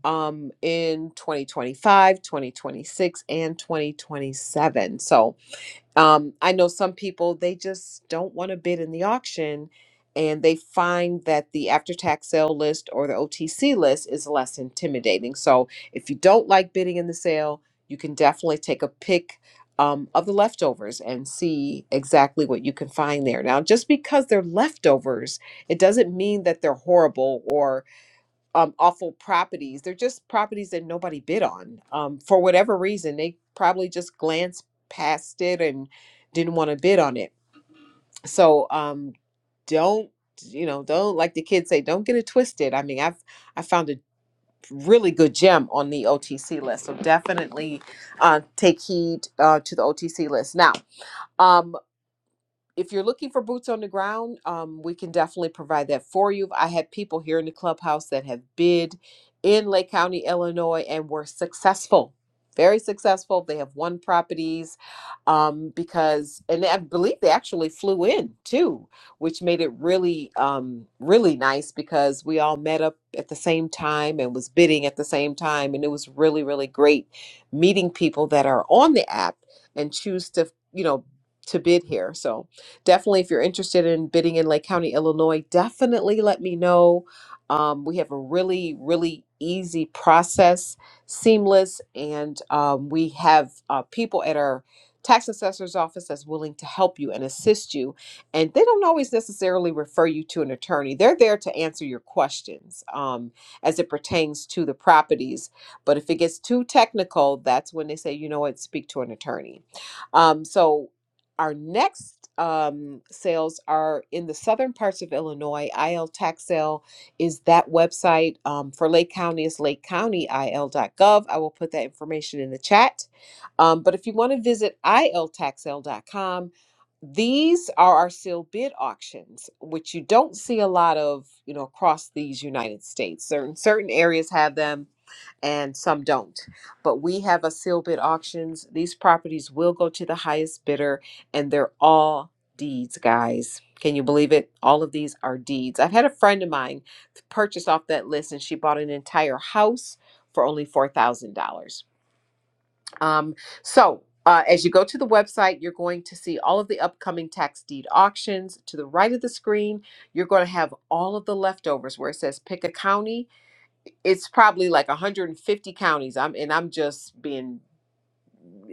A: um in 2025 2026 and 2027 so um, I know some people, they just don't want to bid in the auction and they find that the after tax sale list or the OTC list is less intimidating. So if you don't like bidding in the sale, you can definitely take a pick um, of the leftovers and see exactly what you can find there. Now, just because they're leftovers, it doesn't mean that they're horrible or um, awful properties. They're just properties that nobody bid on. Um, for whatever reason, they probably just glanced past it and didn't want to bid on it. So um, don't, you know, don't like the kids say, don't get it twisted. I mean, I've I found a really good gem on the OTC list, so definitely uh, take heed uh, to the OTC list now. Um, if you're looking for boots on the ground, um, we can definitely provide that for you. I had people here in the clubhouse that have bid in Lake County, Illinois, and were successful. Very successful. They have won properties um, because, and I believe they actually flew in too, which made it really, um, really nice because we all met up at the same time and was bidding at the same time, and it was really, really great meeting people that are on the app and choose to, you know, to bid here. So definitely if you're interested in bidding in Lake County, Illinois, definitely let me know. Um, we have a really, really easy process, seamless, and um, we have uh, people at our tax assessor's office that's willing to help you and assist you. And they don't always necessarily refer you to an attorney. They're there to answer your questions um, as it pertains to the properties. But if it gets too technical, that's when they say, you know what, speak to an attorney. Um, so our next um, sales are in the southern parts of Illinois. IL tax sale is that website um, for Lake County is Lake County IL dot gov. I will put that information in the chat. Um, but if you want to visit iltaxl.com, these are our sealed bid auctions, which you don't see a lot of, you know, across these United States. Certain certain areas have them and some don't. But we have a sealed bid auctions. These properties will go to the highest bidder and they're all deeds, guys. Can you believe it? All of these are deeds. I've had a friend of mine purchase off that list and she bought an entire house for only $4,000. Um, so, uh, as you go to the website, you're going to see all of the upcoming tax deed auctions. To the right of the screen, you're going to have all of the leftovers where it says pick a county. It's probably like 150 counties. I'm and I'm just being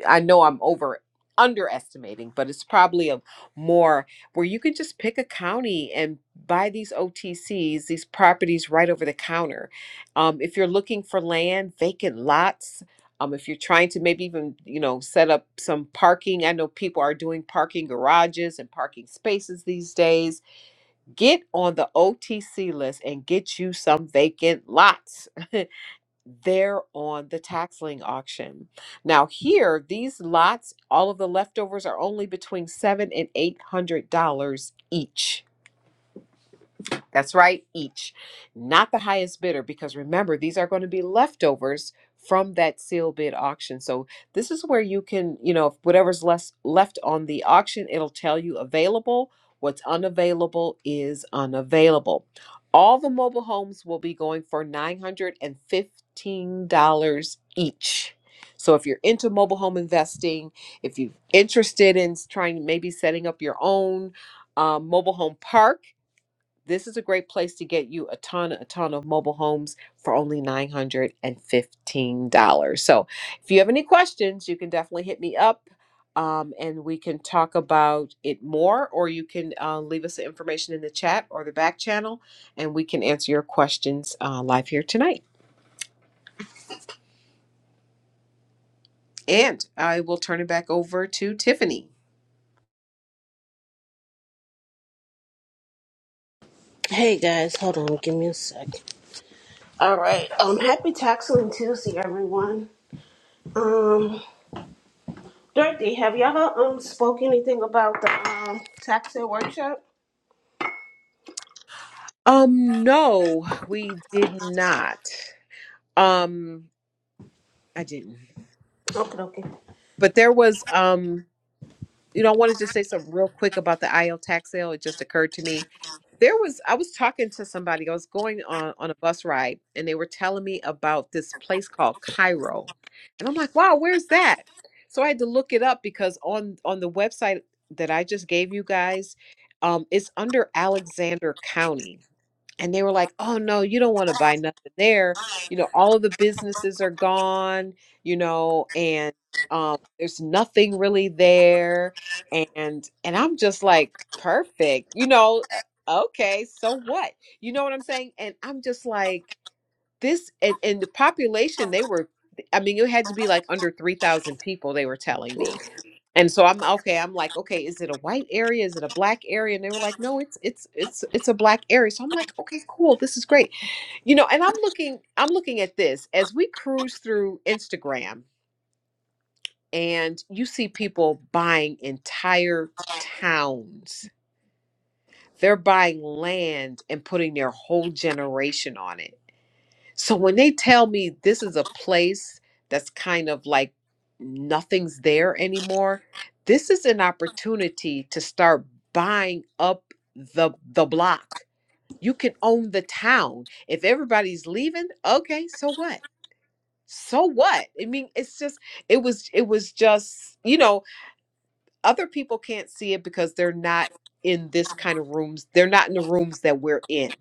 A: I know I'm over underestimating, but it's probably a more where you can just pick a county and buy these OTCs, these properties right over the counter. Um, if you're looking for land, vacant lots, um, if you're trying to maybe even you know set up some parking, I know people are doing parking garages and parking spaces these days. Get on the OTC list and get you some vacant lots. they're on the tax lien auction. Now here, these lots, all of the leftovers are only between seven and eight hundred dollars each. That's right, each, not the highest bidder, because remember, these are going to be leftovers from that sealed bid auction. So this is where you can, you know, whatever's less left on the auction, it'll tell you available. What's unavailable is unavailable. All the mobile homes will be going for $915 each. So if you're into mobile home investing, if you're interested in s- trying maybe setting up your own um, mobile home park, this is a great place to get you a ton, a ton of mobile homes for only $915. So if you have any questions, you can definitely hit me up um, and we can talk about it more, or you can uh, leave us the information in the chat or the back channel and we can answer your questions uh, live here tonight. And I will turn it back over to Tiffany.
E: Hey guys, hold on, give me a sec. All right. Um, happy Taxling Tuesday, everyone. Um, Dorothy, have y'all um spoke anything about the um taxing workshop?
A: Um, no, we did not. Um, I didn't.
E: Okay, okay.
A: But there was um You know, I wanted to say something real quick about the IL tax sale. It just occurred to me. There was, I was talking to somebody, I was going on, on a bus ride, and they were telling me about this place called Cairo. And I'm like, wow, where's that? So I had to look it up because on on the website that I just gave you guys, um, it's under Alexander County and they were like, "Oh no, you don't want to buy nothing there. You know, all the businesses are gone. You know, and um, there's nothing really there." And and I'm just like, "Perfect. You know, uh, okay, so what? You know what I'm saying?" And I'm just like, "This and and the population they were." I mean, it had to be like under 3,000 people, they were telling me. And so I'm okay. I'm like, okay, is it a white area? Is it a black area? And they were like, no, it's it's it's it's a black area. So I'm like, okay, cool. This is great. You know, and I'm looking I'm looking at this as we cruise through Instagram and you see people buying entire towns. They're buying land and putting their whole generation on it So when they tell me this is a place that's kind of like nothing's there anymore, this is an opportunity to start buying up the the block. You can own the town. If everybody's leaving, okay, so what? So what? I mean, it's just it was it was just, you know, other people can't see it because they're not in this kind of rooms. They're not in the rooms that we're in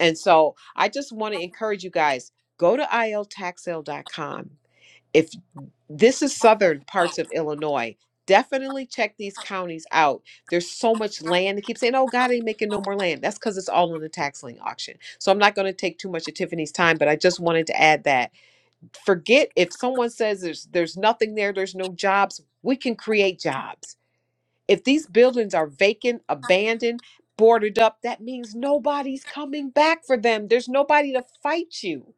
A: and so I just want to encourage you guys go to iltaxsale.com. If this is southern parts of Illinois, definitely check these counties out. There's so much land. They keep saying, oh, God ain't making no more land. That's because it's all in the tax lien auction. So I'm not going to take too much of Tiffany's time, but I just wanted to add that. Forget if someone says there's, there's nothing there, there's no jobs, we can create jobs if these buildings are vacant, abandoned, boarded up, that means nobody's coming back for them. There's nobody to fight you.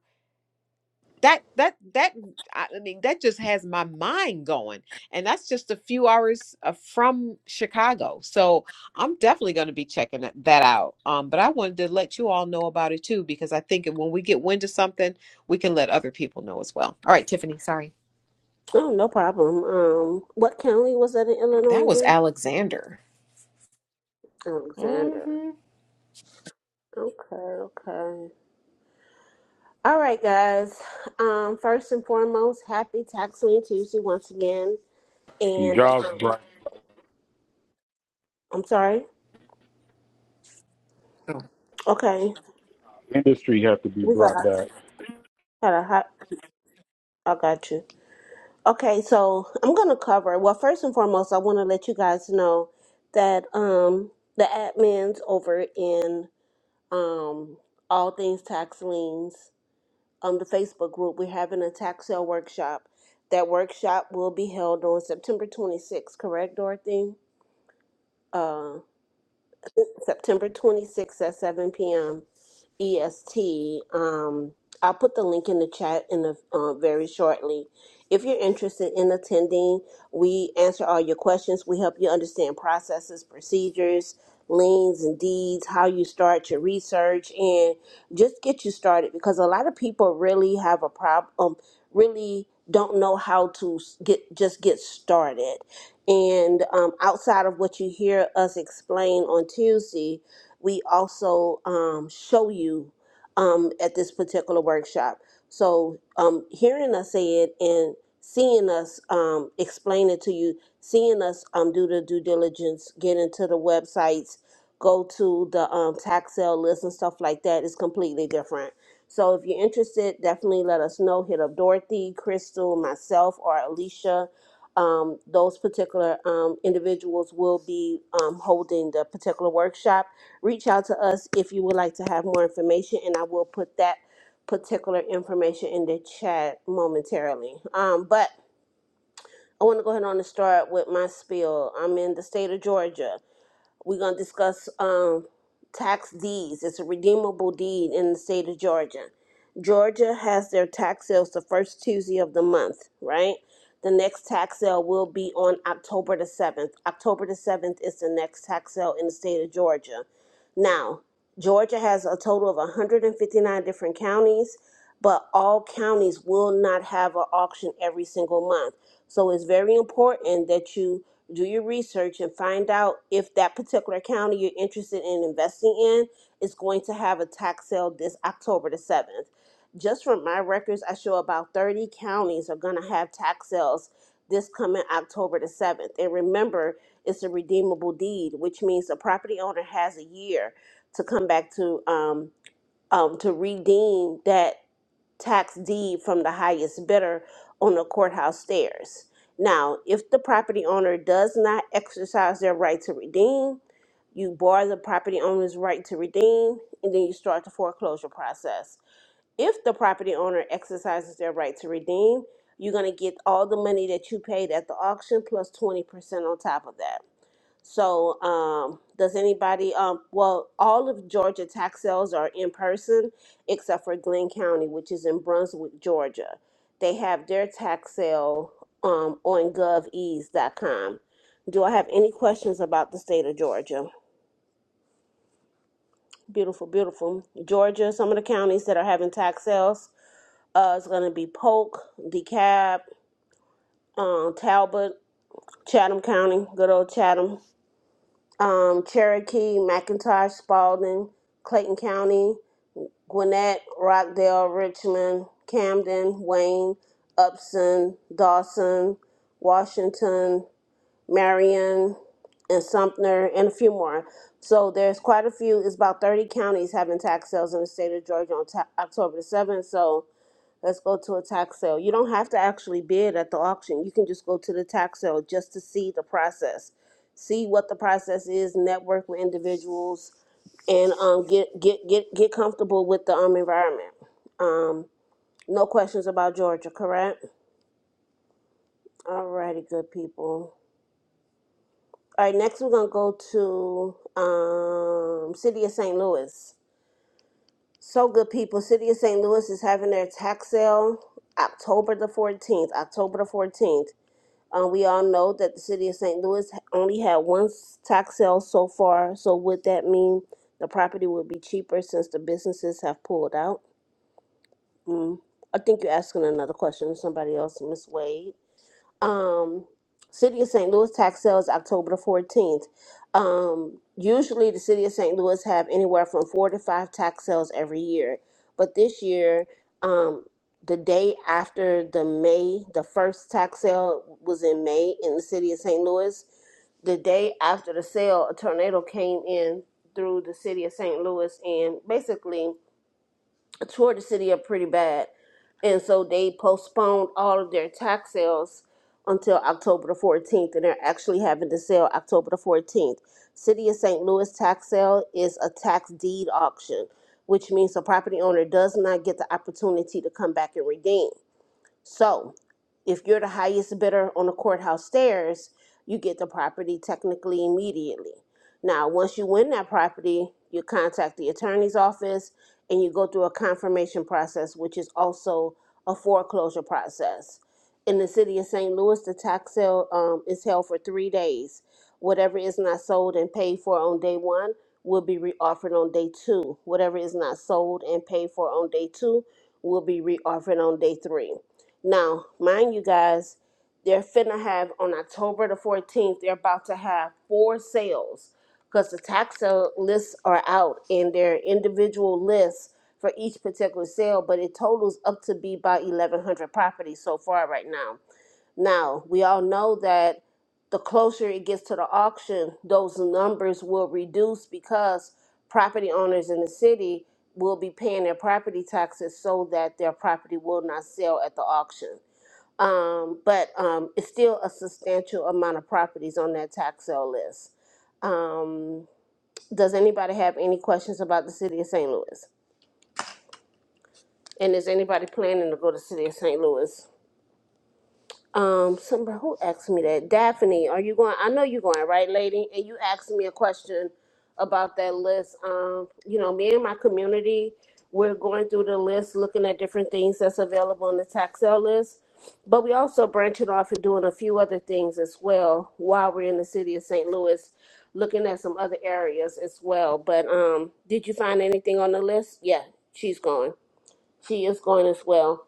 A: That that that I I mean that just has my mind going. And that's just a few hours uh, from Chicago. So I'm definitely going to be checking that that out. Um but I wanted to let you all know about it too because I think when we get wind of something, we can let other people know as well. All right, Tiffany, sorry.
E: Oh, no problem. Um, what county was that in
A: That
E: Illinois
A: was
E: again?
A: Alexander. mm
E: Alexander.
A: Mhm.
E: Okay, okay. All right, guys. Um, first and foremost, happy Tax Lien Tuesday once again.
G: Some
E: And
G: jobs
E: um,
G: brought
E: I'm sorry.
A: Oh.
E: Okay.
G: industry have to be
E: We got
G: brought
E: a,
G: back.
E: got a hot. I got you. Okay, so I'm gonna cover. Well, first and foremost, I want to let you guys know that um the admins over in um all things tax liens um the Facebook group we're having a tax sale workshop. That workshop will be held on September 26th. Correct, Dorothy? Uh, September 26th at 7 p.m. EST. Um, I'll put the link in the chat in the uh, very shortly. If you're interested in attending, we answer all your questions. We help you understand processes, procedures, liens and deeds, how you start your research, and just get you started because a lot of people really have a problem, really don't know how to s- get just get started. And um, outside of what you hear us explain on Tuesday, we also um, show you um, at this particular workshop. So um, hearing us say it and seeing us um, explain it to you, seeing us um, do the due diligence, get into the websites, go to the um, tax sale list and stuff like that is completely different. So if you're interested, definitely let us know. Hit up Dorothy, Crystal, myself, or Alicia um, those particular um, individuals will be um, holding the particular workshop. Reach out to us if you would like to have more information, and I will put that particular information in the chat momentarily. Um, but I want to go ahead on and start with my spiel. I'm in the state of Georgia. We're going to discuss um, tax deeds. It's a redeemable deed in the state of Georgia. Georgia has their tax sales the first Tuesday of the month, right? The next tax sale will be on October the 7th. October the 7th is the next tax sale in the state of Georgia. Now, Georgia has a total of 159 different counties, but all counties will not have an auction every single month. So it's very important that you do your research and find out if that particular county you're interested in investing in is going to have a tax sale this October the 7th. Just from my records, I show about 30 counties are going to have tax sales this coming October the 7th. And remember, it's a redeemable deed, which means the property owner has a year to come back to um, um, to redeem that tax deed from the highest bidder on the courthouse stairs. Now, if the property owner does not exercise their right to redeem, you bar the property owner's right to redeem, and then you start the foreclosure process. If the property owner exercises their right to redeem, you're going to get all the money that you paid at the auction 20% on top of that. So, um, does anybody, um, well, all of Georgia tax sales are in person except for Glenn County, which is in Brunswick, Georgia. They have their tax sale, um, on govease.com. Do I have any questions about the state of Georgia? Beautiful, beautiful. Georgia, some of the counties that are having tax sales, uh, it's going to be Polk, DeKalb, um, Talbot, Chatham County, good old Chatham, um, Cherokee, McIntosh, Spalding, Clayton County, Gwinnett, Rockdale, Richmond, Camden, Wayne, Upson, Dawson, Washington, Marion, and Sumter, and a few more. So there's quite a few. It's about 30 counties having tax sales in the state of Georgia on ta- October the 7th. So Let's go to a tax sale. You don't have to actually bid at the auction. You can just go to the tax sale just to see the process. See what the process is, network with individuals and um get get get get comfortable with the um environment. Um no questions about Georgia, correct? Alrighty, good people. All right, next we're gonna go to um City of St. Louis. So good people, City of St. Louis is having their tax sale October the 14th, October the 14th. Uh, we all know that the city of St. Louis only had one s- tax sale so far, so would that mean the property would be cheaper since the businesses have pulled out? Mm. I think you're asking another question, somebody else, Miss Wade um, City of St. Louis tax sales October the 14th. Um, usually, the City of St. Louis have anywhere from four to five tax sales every year, but this year, um, the day after the May, the first tax sale was in May in the City of St. Louis. The day after the sale, a tornado came in through the City of St. Louis and basically Toward the city are pretty bad. And so they postponed all of their tax sales until October the 14th, and they're actually having the sale October the 14th. City of St. Louis tax sale is a tax deed auction, which means the property owner does not get the opportunity to come back and redeem. So, if you're the highest bidder on the courthouse stairs, you get the property technically immediately. Now, once you win that property, you contact the attorney's office and you go through a confirmation process, which is also a foreclosure process. In the city of St. Louis, the tax sale um, is held for three days. Whatever is not sold and paid for on day one will be reoffered on day two. Whatever is not sold and paid for on day two will be reoffered on day three. Now, mind you guys, they're finna have on October the 14th, they're about to have four sales because the tax sale lists are out and they're individual lists for each particular sale, but it totals up to be about 1,100 properties so far right now. Now, we all know that the closer it gets to the auction, those numbers will reduce because property owners in the city will be paying their property taxes so that their property will not sell at the auction. Um, but um, it's still a substantial amount of properties on that tax sale list. Um, does anybody have any questions about the city of St. Louis? And is anybody planning to go to the city of St. Louis? Um, somebody who asked me that. Daphne, are you going? I know you're going, right, lady? And you asked me a question about that list. Um, you know, me and my community, we're going through the list, looking at different things that's available on the tax sale list. But we also branching off and doing a few other things as well while we're in the city of St. Louis, looking at some other areas as well. But um, did you find anything on the list? Yeah, she's going. She is going as well.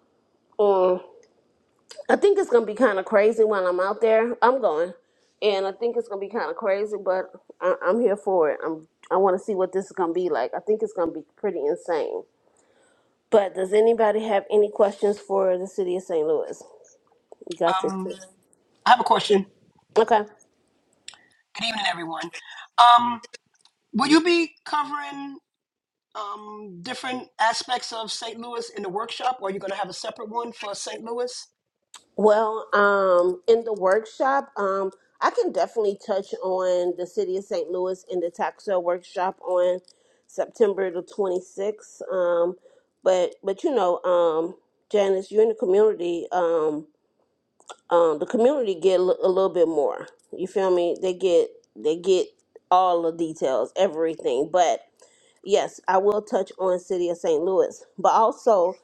E: I think it's gonna be kind of crazy when I'm out there. I'm going, and I think it's gonna be kind of crazy, but I, I'm here for it. I'm I want to see what this is gonna be like. I think it's gonna be pretty insane. But does anybody have any questions for the city of St. Louis? You got this.
H: Um,
E: too.
H: I have a question.
E: Okay.
H: Good evening, everyone. Um, will you be covering um, different aspects of St. Louis in the workshop, or are you going to have a separate one for St. Louis?
E: Well, um, in the workshop, um, I can definitely touch on the city of St. Louis in the tax sale workshop on September the 26th. Um, but but you know, um, Janice, you're in the community. Um, um, the community get a li- a little bit more. You feel me? They get they get all the details, everything. But yes, I will touch on City of St. Louis, but also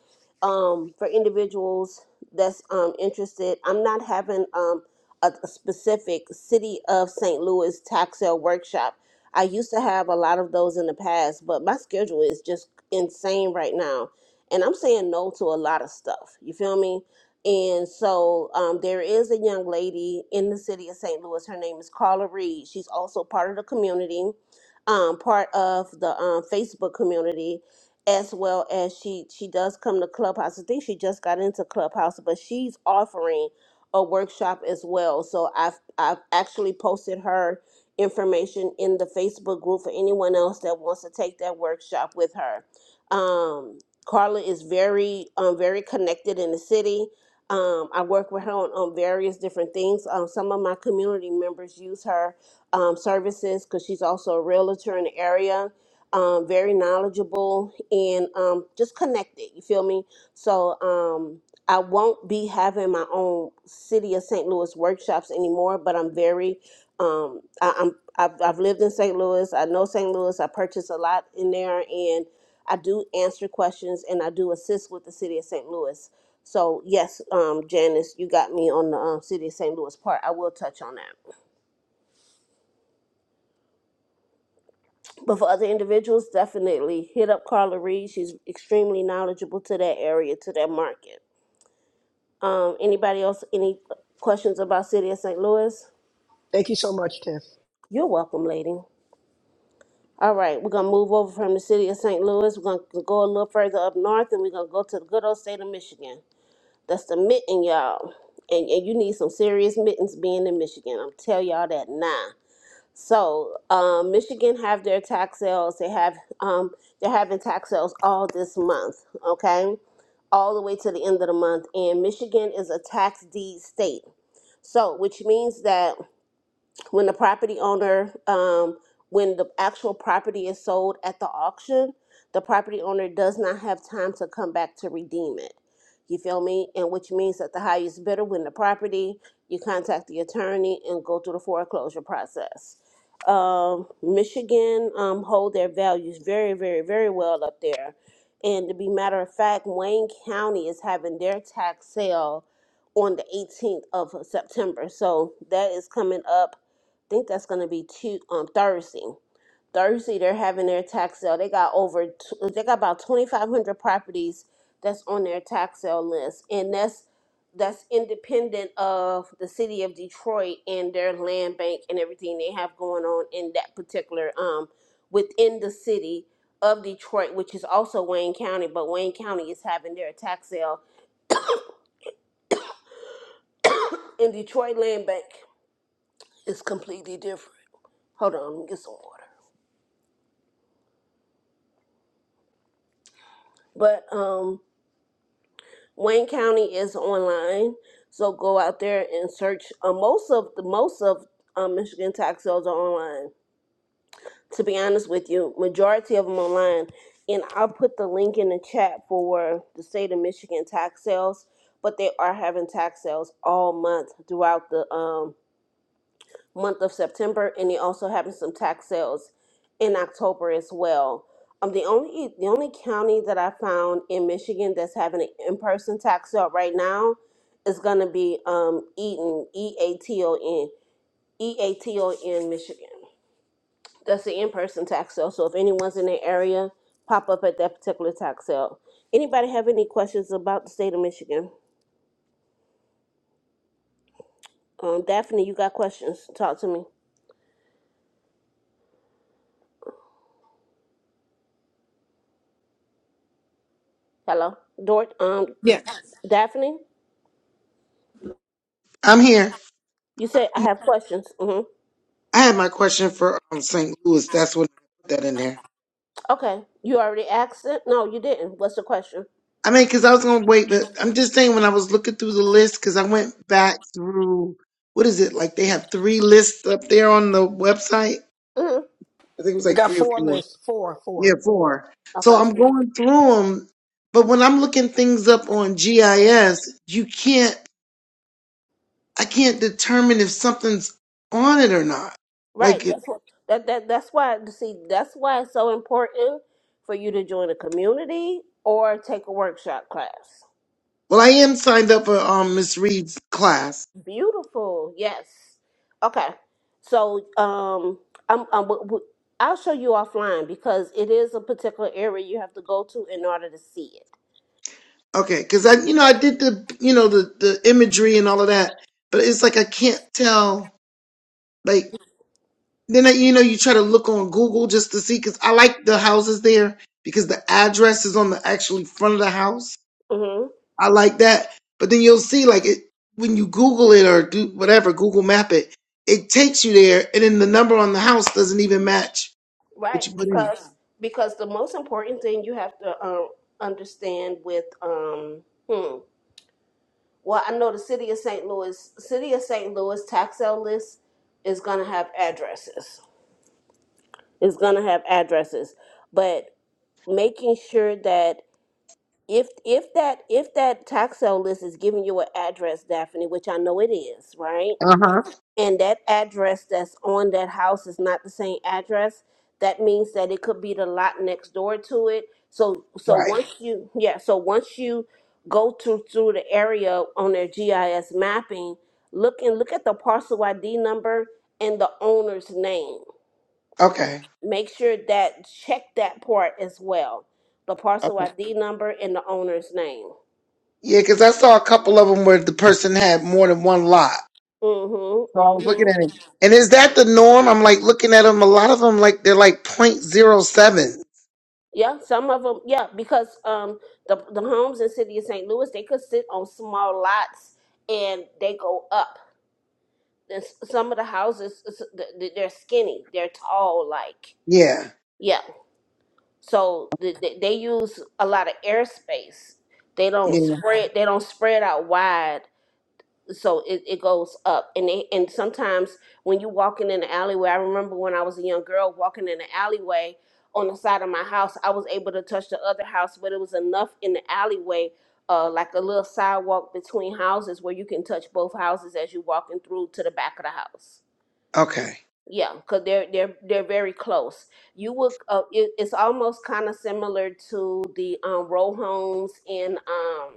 E: um, for individuals that's um, interested, I'm not having um, a, a specific City of St. Louis tax sale workshop. I used to have a lot of those in the past, but my schedule is just insane right now, and I'm saying no to a lot of stuff. You feel me? And so um, there is a young lady in the city of St. Louis. Her name is Carla Reed. She's also part of the community um, part of the um, Facebook community, as well as she she does come to Clubhouse. I think she just got into Clubhouse, but she's offering a workshop as well. So I've I've actually posted her information in the Facebook group for anyone else that wants to take that workshop with her. Um, Carla is very um, very connected in the city. Um, I work with her on, on various different things. Um, some of my community members use her um, services because she's also a realtor in the area. Um, very knowledgeable and um, just connected. You feel me? So um, I won't be having my own city of St. Louis workshops anymore, but I'm very um, I, I'm I've, I've lived in St. Louis. I know St. Louis. I purchase a lot in there, and I do answer questions and I do assist with the city of St. Louis. So yes, um, Janice, you got me on the um, city of St. Louis part. I will touch on that. But for other individuals, definitely hit up Carla Reed. She's extremely knowledgeable to that area, to that market. Um, anybody else, any questions about City of St. Louis?
H: Thank you so much, Tiff.
E: You're welcome, lady. All right, we're gonna move over from the city of St. Louis. We're gonna go a little further up north, and we're gonna go to the good old state of Michigan. That's the mitten, y'all, and and you need some serious mittens being in Michigan. I'm tell y'all that now. So um, Michigan have their tax sales. They have um, they're having tax sales all this month. Okay, all the way to the end of the month. And Michigan is a tax deed state. So which means that when the property owner um, when the actual property is sold at the auction the property owner does not have time to come back to redeem it you feel me and which means that the highest bidder win the property you contact the attorney and go through the foreclosure process um, michigan um, hold their values very very very well up there and to be matter of fact wayne county is having their tax sale on the 18th of september so that is coming up think that's gonna be two um Thursday. Thursday they're having their tax sale. They got over tw- they got about twenty five hundred properties that's on their tax sale list, and that's that's independent of the city of Detroit and their land bank and everything they have going on in that particular um within the city of Detroit, which is also Wayne County, but Wayne County is having their tax sale, and Detroit land bank is completely different. Hold on, let me get some water. But um Wayne County is online, so go out there and search. Uh, most of the most of um, Michigan tax sales are online. To be honest with you, majority of them online, and I'll put the link in the chat for the state of Michigan tax sales. But they are having tax sales all month throughout the um, month of September, and they also having some tax sales in October as well. Um, the only the only county that I found in Michigan that's having an in person tax sale right now is gonna be um Eaton E A T O N E A T O N Michigan. That's the in person tax sale. So if anyone's in the area, pop up at that particular tax sale. Anybody have any questions about the state of Michigan? Um, Daphne, you got questions? Talk to me. Hello, Dort. Um,
A: Yeah,
E: Daphne.
I: I'm here.
E: You say I have questions. hmm
I: I had my question for um, St. Louis. That's what I put that in there.
E: Okay. You already asked it. No, you didn't. What's the question?
I: I mean, because I was going to wait, but I'm just saying when I was looking through the list, because I went back through, what is it? Like they have three lists up there on the website.
E: hmm
I: I think it was
H: You
I: like
H: got
I: three or
H: four
I: four.
H: lists, four,
I: Yeah,
H: four.
I: four. So
E: Okay.
I: I'm going through them, but when I'm looking things up on GIS, you can't, I can't determine if something's on it or not. Like,
E: Right. That's what. That that that's why. See, that's why it's so important for you to join a community or take a workshop class.
I: well, I am signed up for um, Miss Reed's class
E: Beautiful. Yes. Okay. So um, I'm, I'm w- w- I'll show you offline because it is a particular area you have to go to in order to see it.
I: Okay, because I, you know, I did the, you know, the the imagery and all of that, but it's like I can't tell. Like then, I, you know, you try to look on Google just to see because I like the houses there because the address is on the actually front of the house.
E: Mm-hmm.
I: I like that, but then you'll see like it when you Google it or do whatever Google Map it, it takes you there, and then the number on the house doesn't even match
E: Right,
I: what you put in.
E: because because the most important thing you have to um, understand with um hmm, well, I know the city of St. Louis, city of St. Louis tax sale list is gonna have addresses. It's gonna have addresses, but making sure that if if that if that tax sale list is giving you an address, Daphne, which I know it is, right?
I: Uh huh.
E: and that address that's on that house is not the same address, that means that it could be the lot next door to it. So so
I: Right.
E: once you yeah, so once you go to through the area on their GIS mapping, look and look at the parcel ID number and the owner's name.
I: Okay.
E: Make sure that check that part as well. The parcel
I: Okay.
E: ID number and the owner's name.
I: Yeah, because I saw a couple of them where the person had more than one lot.
E: Mm-hmm.
I: So I was
E: Mm-hmm.
I: looking at it. And is that the norm? I'm like looking at them. A lot of them, like they're like point zero seven.
E: Yeah, some of them. Yeah, because um, the the homes in city of St. Louis they could sit on small lots and they go up. And s- some of the houses s- th- th- they're skinny, they're tall. Like
I: Yeah.
E: yeah, so th- th- they use a lot of airspace. They don't
I: Yeah.
E: spread. They don't spread out wide so it, it goes up and they, and sometimes when you walking in the alleyway i remember when i was a young girl walking in the alleyway on the side of my house i was able to touch the other house but it was enough in the alleyway uh, like a little sidewalk between houses where you can touch both houses as you walking through to the back of the house
I: Okay.
E: yeah because they're they're they're very close you would uh, it, it's almost kind of similar to the um, row homes in um,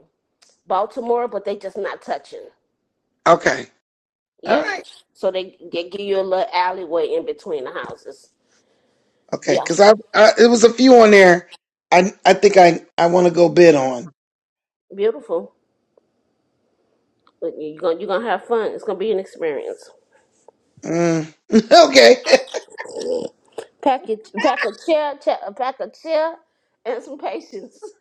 E: baltimore but they just not touching
I: Okay. All
E: Yeah.
I: right.
E: So they, they give you a little alleyway in between the houses.
I: Okay.
E: Yeah.
I: Because I, I, it was a few on there. I, I think I, I want to go bid on.
E: Beautiful. But You're gonna you're gonna have fun. It's gonna be an experience.
I: Mm. okay.
E: Pack your pack a chair, chair pack a chair, and some patience.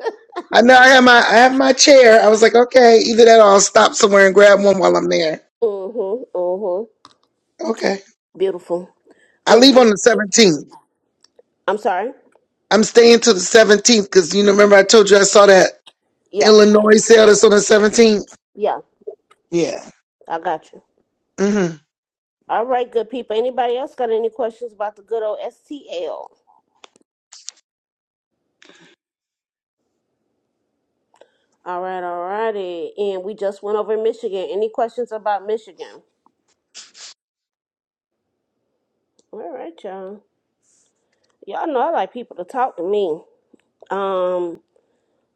I: I know I have my, I have my chair. I was like, okay, either that or I'll stop somewhere and grab one while I'm there.
E: mhm. Mhm.
I: Okay.
E: Beautiful.
I: I
E: Um.
I: leave on the 17th.
E: I'm sorry.
I: I'm staying till the 17th because you know, remember I told you I saw that
E: Yeah.
I: Illinois sale that's on the 17th.
E: Yeah.
I: Yeah.
E: I got you.
I: Mm-hmm.
E: All right, good people. Anybody else got any questions about the good old STL? All right. All righty. And we just went over Michigan. Any questions about Michigan? All right, y'all. Y'all know I like people to talk to me. Um,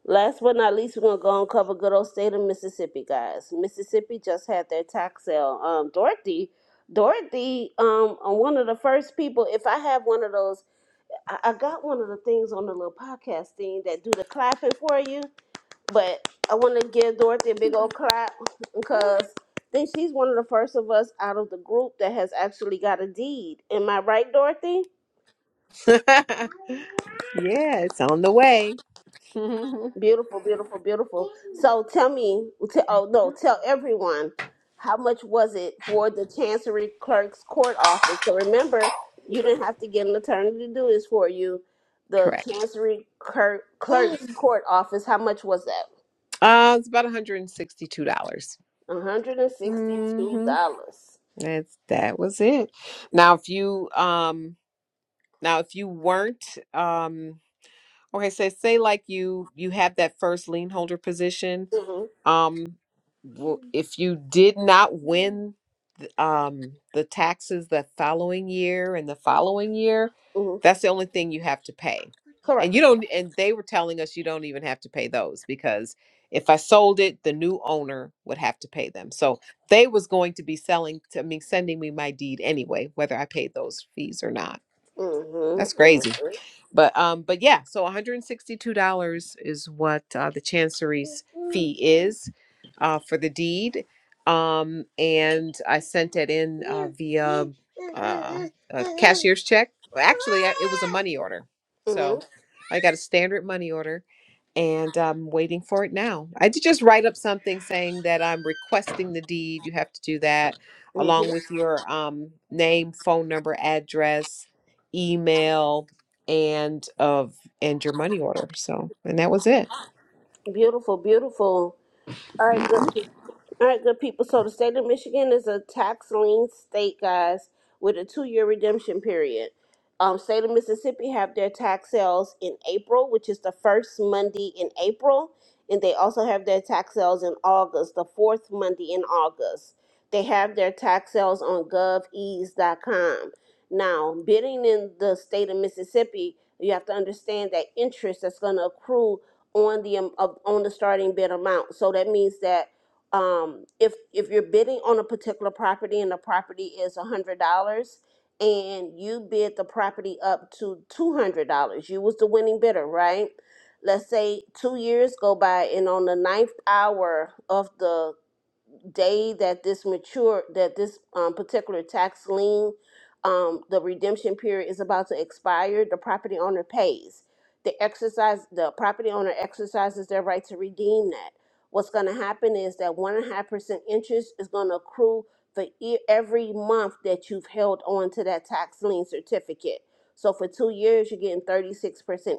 E: last but not least, we're gonna go and cover good old state of Mississippi, guys. Mississippi just had their tax sale. Um, Dorothy, Dorothy, um, on one of the first people. If I have one of those, I, I got one of the things on the little podcast thing that do the clapping for you. But I want to give Dorothy a big old clap because I think she's one of the first of us out of the group that has actually got a deed. Am I right, Dorothy?
A: yeah, it's on the way.
E: Beautiful, beautiful, beautiful. So tell me, t- oh no, tell everyone, how much was it for the Chancery Clerk's Court Office? So remember, you didn't have to get an attorney to do this for you. The
A: Correct.
E: Chancery Clerk,
A: Uh,
E: Clerk's Court Office, how much was that?
A: it's about $162.
E: One hundred and sixty-two
A: hmm
E: dollars.
A: That's that was it. Now, if you um, now if you weren't um, okay, say say like you you have that first lien holder position.
E: Mm-hmm,
A: Um, w- if you did not win. um, the taxes the following year and the following year,
E: mm-hmm.
A: that's the only thing you have to pay. And you
E: Correct.
A: don't, and they were telling us you don't even have to pay those because if I sold it, the new owner would have to pay them. So they was going to be selling to me, sending me my deed anyway, whether I paid those fees or not. That's
E: Mm-hmm,
A: crazy.
E: mm-hmm,
A: But um, but yeah, so one hundred and sixty-two dollars is what uh, the chancery's fee is uh, for the deed. Um, and I sent it in uh, via uh, a cashier's check. Well, Actually, I- it was a money order, so
E: mm-hmm,
A: I got a standard money order, and I'm waiting for it now. I did just write up something saying that I'm requesting the deed. You have to do that along
E: mm-hmm.
A: with your um, name, phone number, address, email and of and your money order. So, and that was it.
E: Beautiful, beautiful. All right, good. All right, good people. So the state of Michigan is a tax lien state, guys, with a two-year redemption period. Um, state of Mississippi have their tax sales in April, which is the first Monday in April, and they also have their tax sales in August, the fourth Monday in August. They have their tax sales on govease.com. Now, bidding in the state of Mississippi, you have to understand that interest that's going to accrue on the um, of, on the starting bid amount. So that means that um, if if you're bidding on a particular property and the property is a hundred dollars and you bid the property up to two hundred dollars, you was the winning bidder, right? Let's say two years go by and on the ninth hour of the day that this mature that this um, particular tax lien um, the redemption period is about to expire the property owner pays the exercise the property owner exercises their right to redeem that what's going to happen is that one and a half percent interest is going to accrue for e- every month that you've held on to that tax lien certificate so for two years you're getting 36%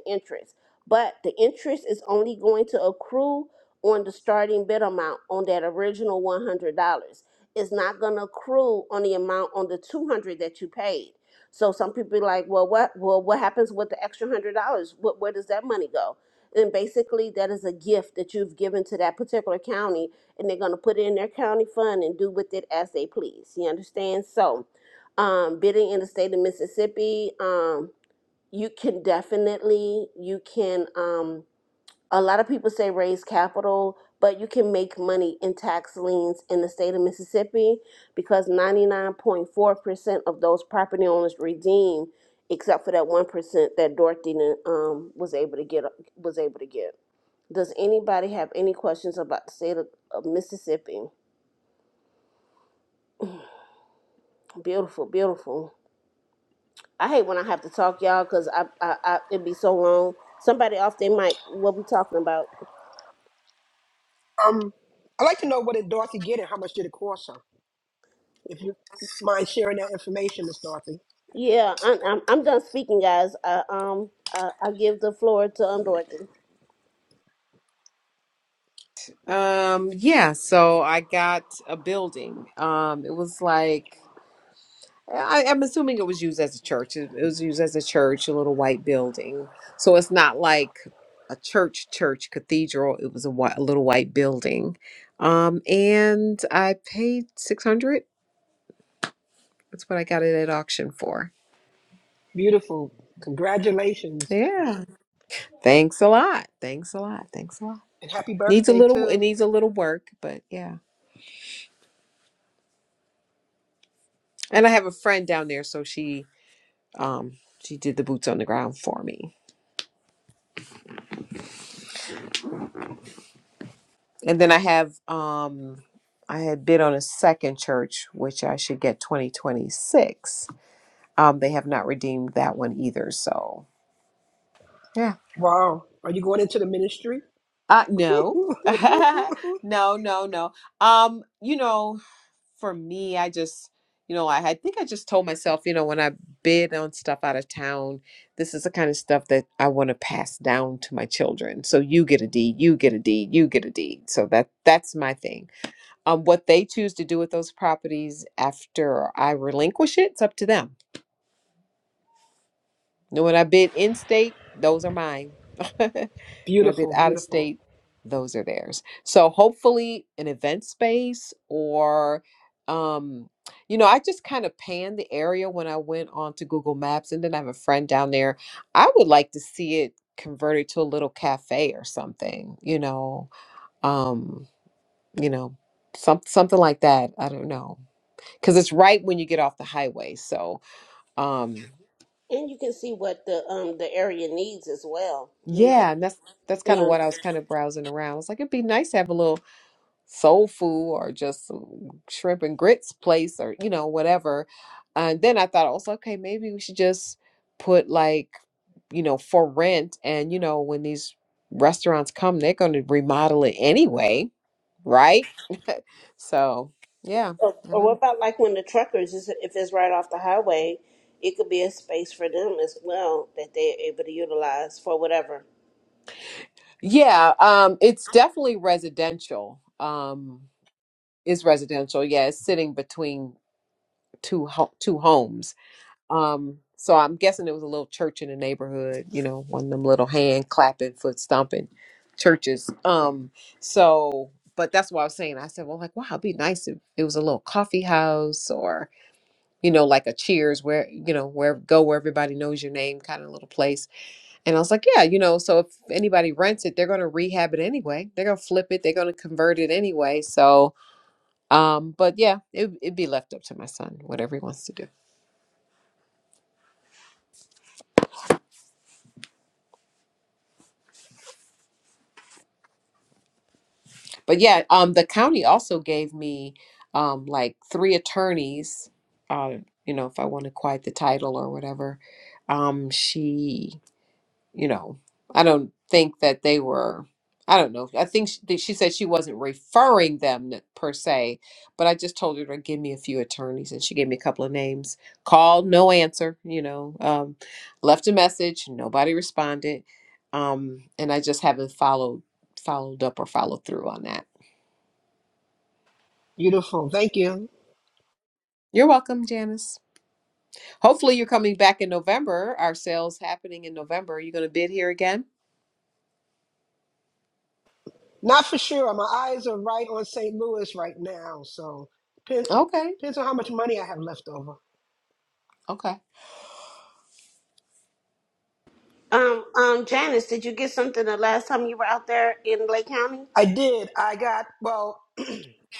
E: interest but the interest is only going to accrue on the starting bid amount on that original one hundred dollars. It's not gonna accrue on the amount on the two hundred dollars that you paid. So some people be like, well, what, well, what happens with the extra hundred dollars? What, where does that money go? And basically, that is a gift that you've given to that particular county, and they're gonna put it in their county fund and do with it as they please. You understand? So, um, bidding in the state of Mississippi, um, you can definitely, you can, um, a lot of people say raise capital, but you can make money in tax liens in the state of Mississippi because 99.4% of those property owners redeem, except for that 1% that Dorothy um, was able to get. Was able to get. Does anybody have any questions about the state of, of Mississippi? Beautiful, beautiful. I hate when I have to talk, y'all, because I, I, I it'd be so long. Somebody off their mic. What we talking about?
H: Um, I'd like to know what did Dorothy get and how much did it cost her? If you mind sharing that information, Miss Dorothy.
E: Yeah, I'm I'm, I'm done speaking, guys. I, um, I, I give the floor to um Dorothy,
A: Um, yeah, so I got a building. Um, it was like I, I'm assuming it was used as a church. It, it was used as a church, a little white building. So it's not like a church, church, cathedral. It was a, whi- a little white building. Um, and I paid 600. That's what I got it at auction for.
H: Beautiful. Congratulations.
A: Yeah. Thanks a lot. Thanks a lot. Thanks a lot.
H: And happy
A: Needs a
H: birthday,
A: little, it
H: too.
A: needs a little work, but yeah. And I have a friend down there, so she um she did the boots on the ground for me. And then I have um I had bid on a second church, which I should get 2026. Um, they have not redeemed that one either, so yeah.
H: Wow. Are you going into the ministry?
A: Uh no. No, no, no. Um, you know, for me, I just, you know, I, I think I just told myself, you know, when I bid on stuff out of town, this is the kind of stuff that I want to pass down to my children. So you get a deed, you get a deed, you get a deed. So that that's my thing. Um, what they choose to do with those properties after I relinquish it, it's up to them. You know, when I bid in state, those are mine. When I've been
H: Beautiful,
A: out of
H: beautiful,
A: state, those are theirs. So hopefully an event space or um you know, I just kind of panned the area when I went on to Google Maps and then I have a friend down there. I would like to see it converted to a little cafe or something, you know. Um, you know, some something like that. I don't know. Cuz it's right when you get off the highway. So, um
E: and you can see what the um the area needs as well. You know,
A: yeah, and that's that's kind of
E: yeah.
A: what I was kind of browsing around. It's like it'd be nice to have a little soul food or just some shrimp and grits place or you know whatever and then i thought also okay maybe we should just put like you know for rent and you know when these restaurants come they're going to remodel it anyway right so yeah
E: Or,
A: i don't
E: or what
A: know
E: about like when the truckers is if it's right off the highway, it could be a space for them as well that they're able to utilize for whatever.
A: yeah um it's definitely residential um is residential yeah it's sitting between two ho- two homes Um, so I'm guessing it was a little church in the neighborhood, you know, one of them little hand clapping, foot stomping churches. Um, so but that's what I was saying. I said, well, like, wow, it'd be nice if it was a little coffee house or, you know, like a cheers where, you know, where go where everybody knows your name kind of little place. And I was like, yeah, you know, so if anybody rents it, they're gonna rehab it anyway. They're gonna flip it, they're gonna convert it anyway. So um, but yeah, it it'd be left up to my son, whatever he wants to do. but yeah, um, the county also gave me um, like three attorneys. Uh, you know, if I want to quiet the title or whatever, um, she, you know, I don't think that they were. I don't know. I think she, she said she wasn't referring them n- per se, but I just told her to give me a few attorneys, and she gave me a couple of names. Called, no answer. You know, um, left a message, nobody responded, um, and I just haven't followed followed up or followed through on that.
H: beautiful. Thank you.
A: You're welcome, Janice. Hopefully, you're coming back in November. Our sales happening in November. Are you going to bid here again?
H: Not for sure. My eyes are right on St. Louis right now, so depend,
A: Okay.
H: depends on how much money I have left over.
A: Okay.
E: Um, um, Janice, did you get something the last time you were out there in Lake County?
H: I did. I got well.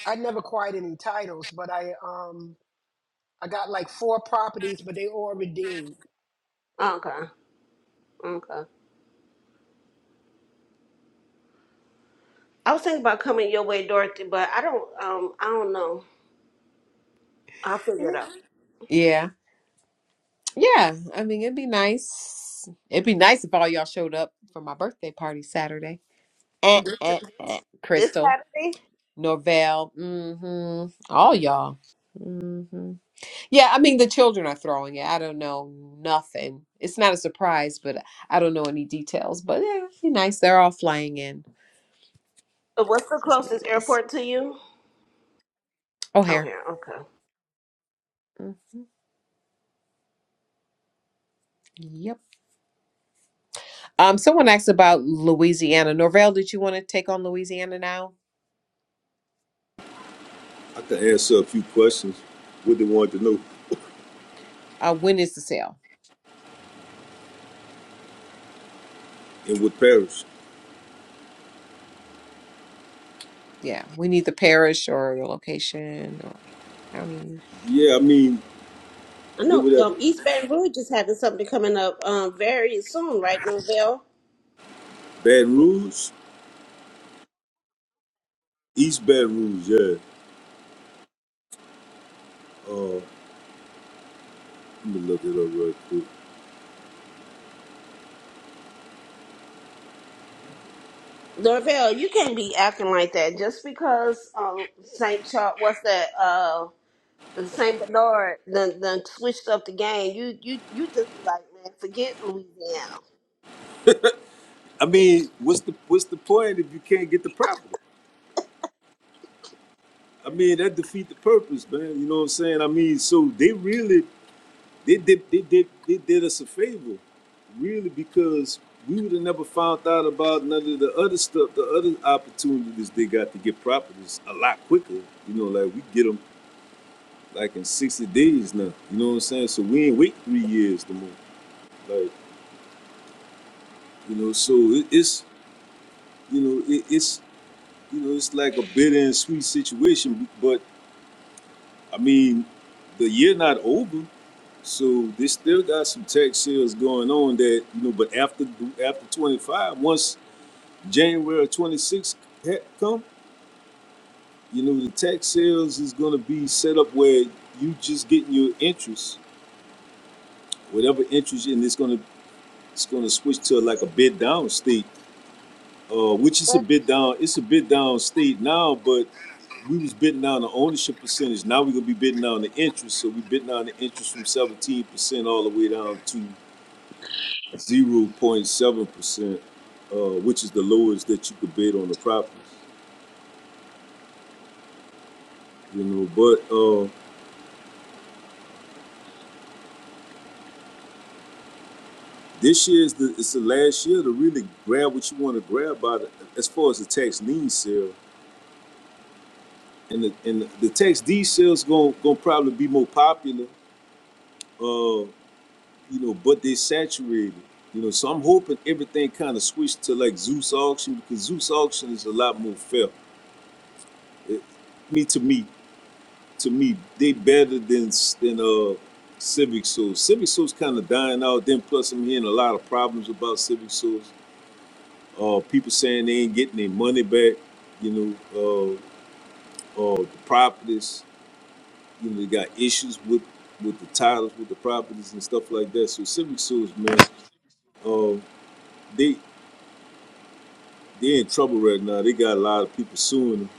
H: I never acquired any titles, but I um I got like four properties, but they all redeemed.
E: Okay, okay. I was thinking about coming your way, Dorothy, but I don't um I don't know. I'll figure it
A: Yeah. Yeah. I mean, it'd be nice. It'd be nice if all y'all showed up for my birthday party Saturday. Eh,
E: out.
A: eh, eh.
E: This
A: Crystal,
E: Saturday?
A: Norvell, hmm all y'all. hmm Yeah, I mean, the children are throwing it. I don't know nothing. It's not a surprise, but I don't know any details. But yeah, it'd be nice. They're all flying in.
E: Uh, What's the
A: So it's going to be
E: closest
A: nice.
E: airport to you? Oh
A: O'Hare.
E: yeah, okay.
A: Yep. Um, someone asked about Louisiana. Norvell, did you want to take on Louisiana now?
C: I could answer a few questions. What they wanted to know
A: Uh, when is the sale?
C: and what parish?
A: Yeah, we need the parish or the location or county.
C: Yeah, I mean
E: I
C: they
E: know
C: were at
E: um, East Baton Rouge is having something coming up um, very soon, right, Norvell?
C: Baton Rouge, East Baton Rouge. Yeah. Uh, let me look it up right quick.
E: Norvell, you can't be acting like that just because um, Saint Charles, what's that? Uh, the Saint Bernard, then then switched up the game. You you you just be like, man, forget Louisiana.
C: I mean, what's the what's the point if you can't get the property? I mean that defeat the purpose, man. You know what I'm saying? I mean, so they really they did they did they did us a favor, really, because we would have never found out about none of the other stuff, the other opportunities they got to get properties a lot quicker. You know, like we get them. like in 60 days now. You know what I'm saying? So we ain't wait three years to move. Like, you know, so it, it's, you know, it, it's, you know, it's like a bitter and sweet situation. But I mean, the year not over. So they still got some tax sales going on that, you know, but after after 25, once January 26 ha- come, you know, the tax sales is going to be set up where you just getting your interest, whatever interest, and it's going to it's going to switch to like a bid down state uh, which is a
E: But
C: bit down. It's a bit down state now, but we was bidding down the ownership percentage. Now we're gonna be bidding down the interest. So we bidding down the interest from seventeen percent all the way down to zero point seven percent, uh, which is the lowest that you could bid on the property. You know, but uh, this year is the it's the last year to really grab what you want to grab by the, as far as the tax lien sale and the and the, the tax deed sales gonna gonna probably be more popular. Uh, you know, but they saturated. You know, so I'm hoping everything kind of switched to like Zeus auction because Zeus auction is a lot more fair. It, me to me, to me, they better than than uh Civic Souls. Civic Souls kind of dying out. Then plus I'm hearing a lot of problems about Civic Souls. Uh, people saying they ain't getting their money back. You know, uh, uh, the properties. You know, they got issues with with the titles, with the properties and stuff like that. So Civic Souls, man, uh, they They in trouble right now. They got a lot of people suing them.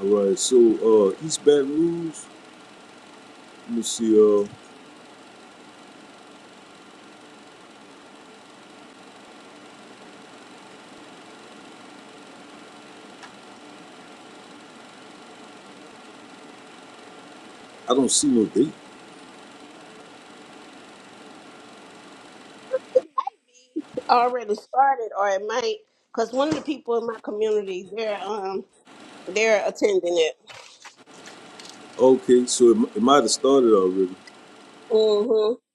C: All right, so uh, East Baton Rouge. Let me see. Uh, I don't see no date.
E: it already started, or it might, because one of the people in my community, they're um they're attending it.
C: Okay, so it, mi- it might have started already.
E: Mm-hmm.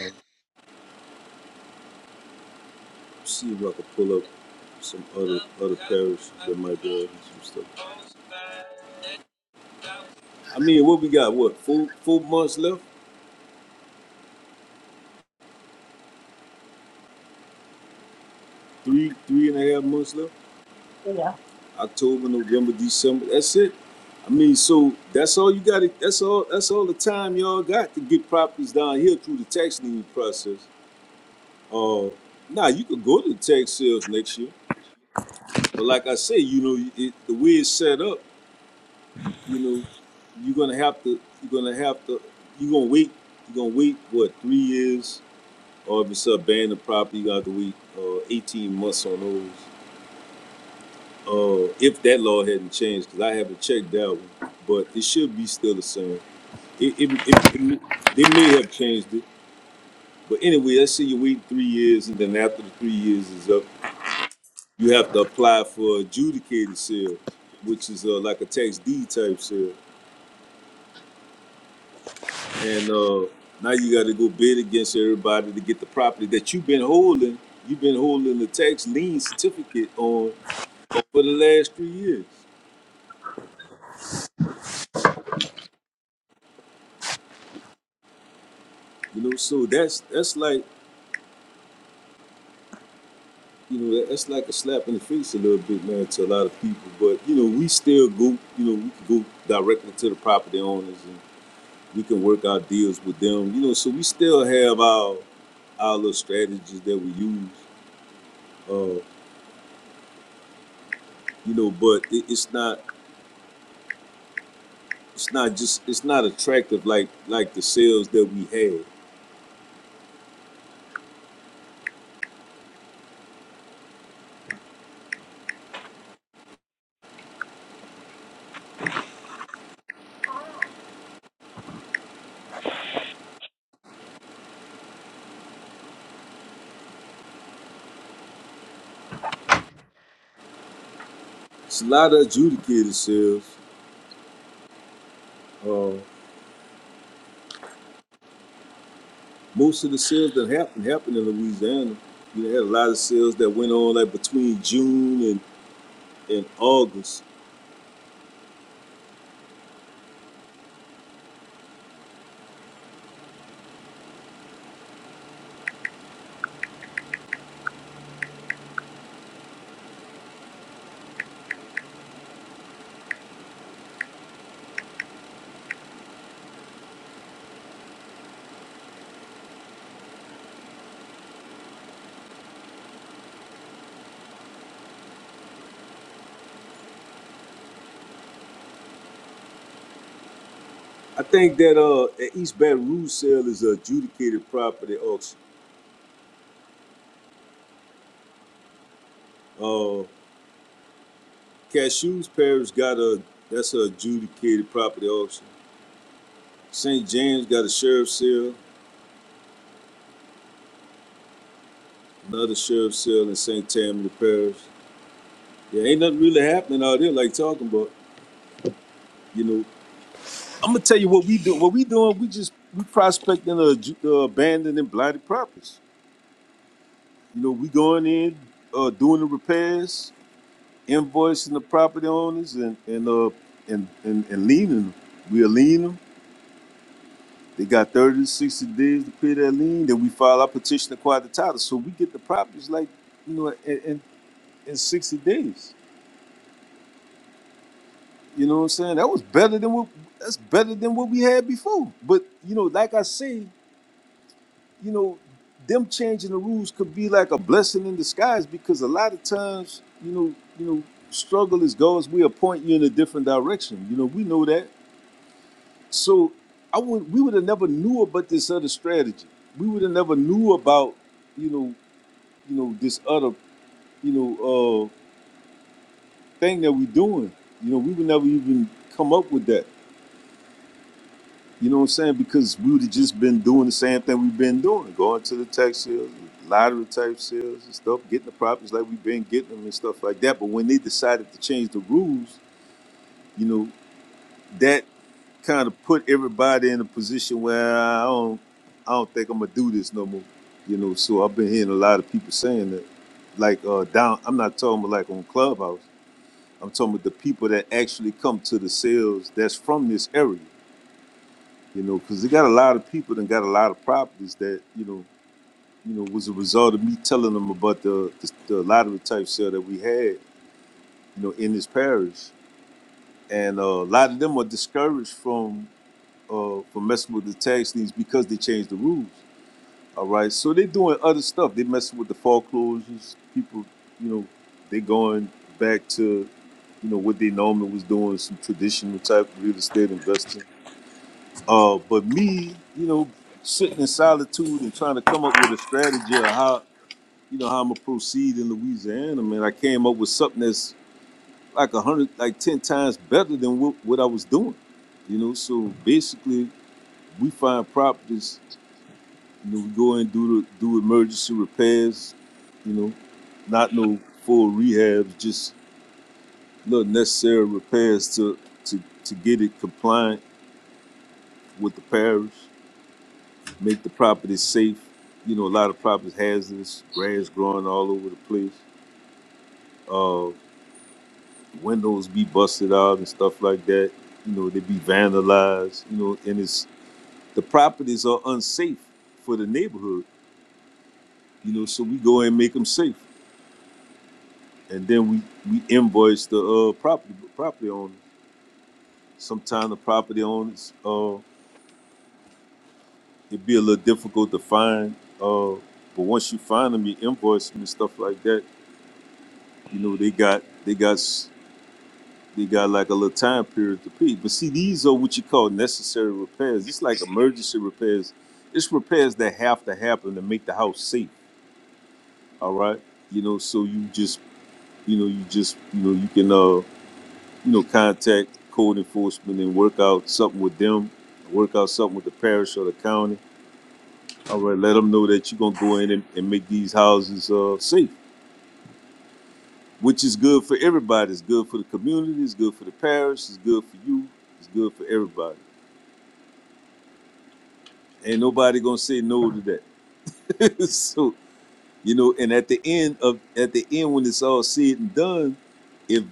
C: Uh, see if I can pull up some other other parishes that might be having some stuff. I mean, what we got? What four four months left? Three three and a half months left. October, November, December. That's it. I mean, so that's all you got. to That's all. That's all the time y'all got to get properties down here through the tax lien process. Uh, nah, you could go to tag sales next year, but like I say, you know, it, the way it's set up, you know, you're gonna have to, you're gonna have to, you're gonna wait, you're gonna wait what three years, or if it's a abandoned property, you got to wait uh, 18 months on those. Uh, if that law hadn't changed, because I haven't checked that one, but it should be still the same. It, it, it, it, they may have changed it, but anyway, let's say you wait three years, and then after the three years is up You have to apply for adjudicated sale, which is uh, like a tax deed type sale. And uh, now you got to go bid against everybody to get the property that you've been holding. You've been holding the tax lien certificate on for the last three years. You know, so that's that's like you know that's like a slap in the face a little bit, man, to a lot of people. But you know, we still go. You know, we can go directly to the property owners and we can work out deals with them. You know, so we still have our our little strategies that we use. Uh, you know, but it, it's not it's not just it's not attractive like like the sales that we had. It's a lot of adjudicated sales. Uh, most of the sales that happened happened in Louisiana. You know, had a lot of sales that went on like between June and and August. I think that uh, at East Baton Rouge sale is an adjudicated property auction. Uh, Cashews Parish got a that's a adjudicated property auction. St. James got a sheriff's sale, another sheriff's sale in St. Tammany Parish. Yeah, ain't nothing really happening out there like talking about. You know, I'm gonna tell you what we do. What we doing? We just we prospecting uh, ju- uh, abandoned and blighted properties. You know, we going in, uh, doing the repairs, invoicing the property owners, and and uh and and, and leaning. We are leaning. They got 30 to 60 days to pay that lien. Then we file our petition to acquire the title. So we get the properties like, you know, in, in, in 60 days. You know what I'm saying? That was better than what that's better than what we had before. But you know, like I say, you know, them changing the rules could be like a blessing in disguise because a lot of times, you know, you know, struggle is God's way of pointing you in a different direction. You know, we know that. So I would we would have never knew about this other strategy. We would have never knew about you know you know, this other, you know, uh, thing that we're doing. You know, we would never even come up with that. You know what I'm saying? Because we would have just been doing the same thing we've been doing, going to the tax sales, lottery type sales and stuff, getting the properties like we've been getting them and stuff like that. But when they decided to change the rules, you know, that kind of put everybody in a position where "Nah, I don't, I don't think I'm gonna do this no more. You know, so I've been hearing a lot of people saying that, like uh, down. I'm not talking about like on Clubhouse I'm talking about the people that actually come to the sales that's from this area, you know, because they got a lot of people that got a lot of properties that, you know, you know, was a result of me telling them about the, the, the lottery type sale that we had, you know, in this parish. And uh, a lot of them are discouraged from uh, from messing with the tax liens because they changed the rules. All right. So they're doing other stuff. They messing with the foreclosures. People, you know, they going back to. you know, what they normally was doing, some traditional type of real estate investing. Uh, but me, you know, sitting in solitude and trying to come up with a strategy of how, you know, how I'm gonna proceed in Louisiana, man, I came up with something that's like a hundred, like ten times better than what, what I was doing. You know, so basically, we find properties. You know, we go in and do the, do emergency repairs. You know, not no full rehabs, just little necessary repairs to to to get it compliant with the parish, make the property safe. You know, a lot of properties hazardous, grass growing all over the place. Uh, windows be busted out and stuff like that. You know, they be vandalized. You know, and it's the properties are unsafe for the neighborhood. You know, so we go and make them safe, and then we we invoice the uh, property property owners. Sometimes the property owners uh, it'd be a little difficult to find. Uh, but once you find them, you invoice them and stuff like that You know, they got they got they got like a little time period to pay. But see, these are what you call necessary repairs. It's like emergency repairs. It's repairs that have to happen to make the house safe. All right, you know, so you just you know you just you know you can uh you know contact code enforcement and work out something with them, work out something with the parish or the county. All right, let them know that you're gonna go in and, and make these houses uh safe. which is good for everybody. It's good for the community. It's good for the parish. It's good for you. It's good for everybody. Ain't nobody gonna say no to that. so you know, and at the end of at the end when it's all said and done, if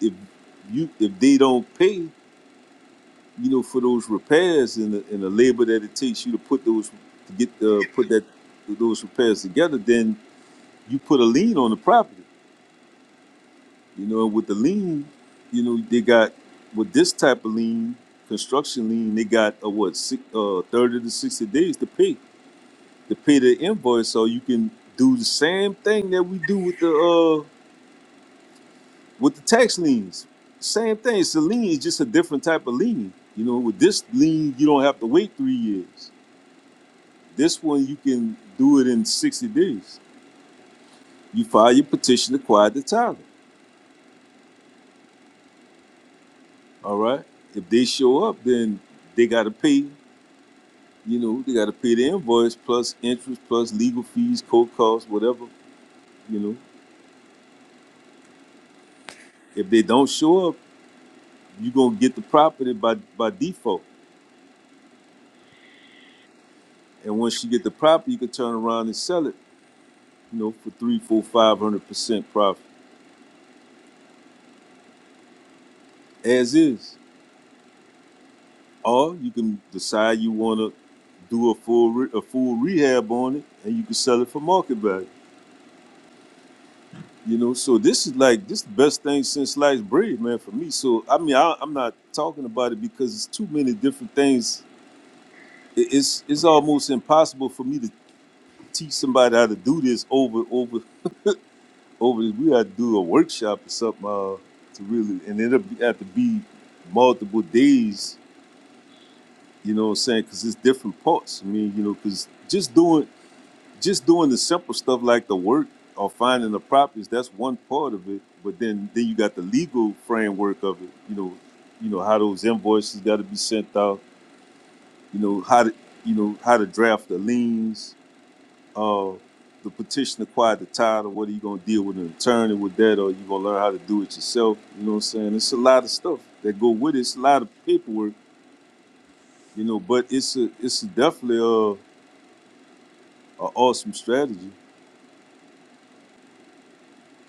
C: if you if they don't pay, you know, for those repairs and the, and the labor that it takes you to put those to get uh, put that those repairs together, then you put a lien on the property. You know, with the lean, you know, they got with this type of lean, construction lean, they got a what, six, uh, 30 to 60 days to pay, to pay the invoice. So you can do the same thing that we do with the uh with the tax liens. Same thing. It's a lien, it's just a different type of lien. You know, with this lien, you don't have to wait three years. This one you can do it in 60 days. You file your petition to quiet the title. All right. If they show up, then they gotta pay You know, they got to pay the invoice plus interest plus legal fees, court costs, whatever. You know, if they don't show up, you gonna get the property by by default. And once you get the property, you can turn around and sell it. You know, for three, four, five hundred percent profit as is, or you can decide you want to do a full re- a full rehab on it, and you can sell it for market value. You know, so this is like this the best thing since sliced bread, man, for me. So I mean, I, I'm not talking about it because it's too many different things it- it's it's almost impossible for me to teach somebody how to do this over over over We got to do a workshop or something uh, to really, and it'll be, have to be multiple days. You know what I'm saying? Because it's different parts. I mean, you know, because just doing just doing the simple stuff like the work or finding the properties that's one part of it. But then then you got the legal framework of it. You know, you know how those invoices got to be sent out. You know how to you know how to draft the liens uh, the petition acquired the title, whether you're gonna deal with an attorney with that or you're gonna learn how to do it yourself. You know what I'm saying? It's a lot of stuff that go with it. It's a lot of paperwork, you know, but it's a it's definitely a, a awesome strategy,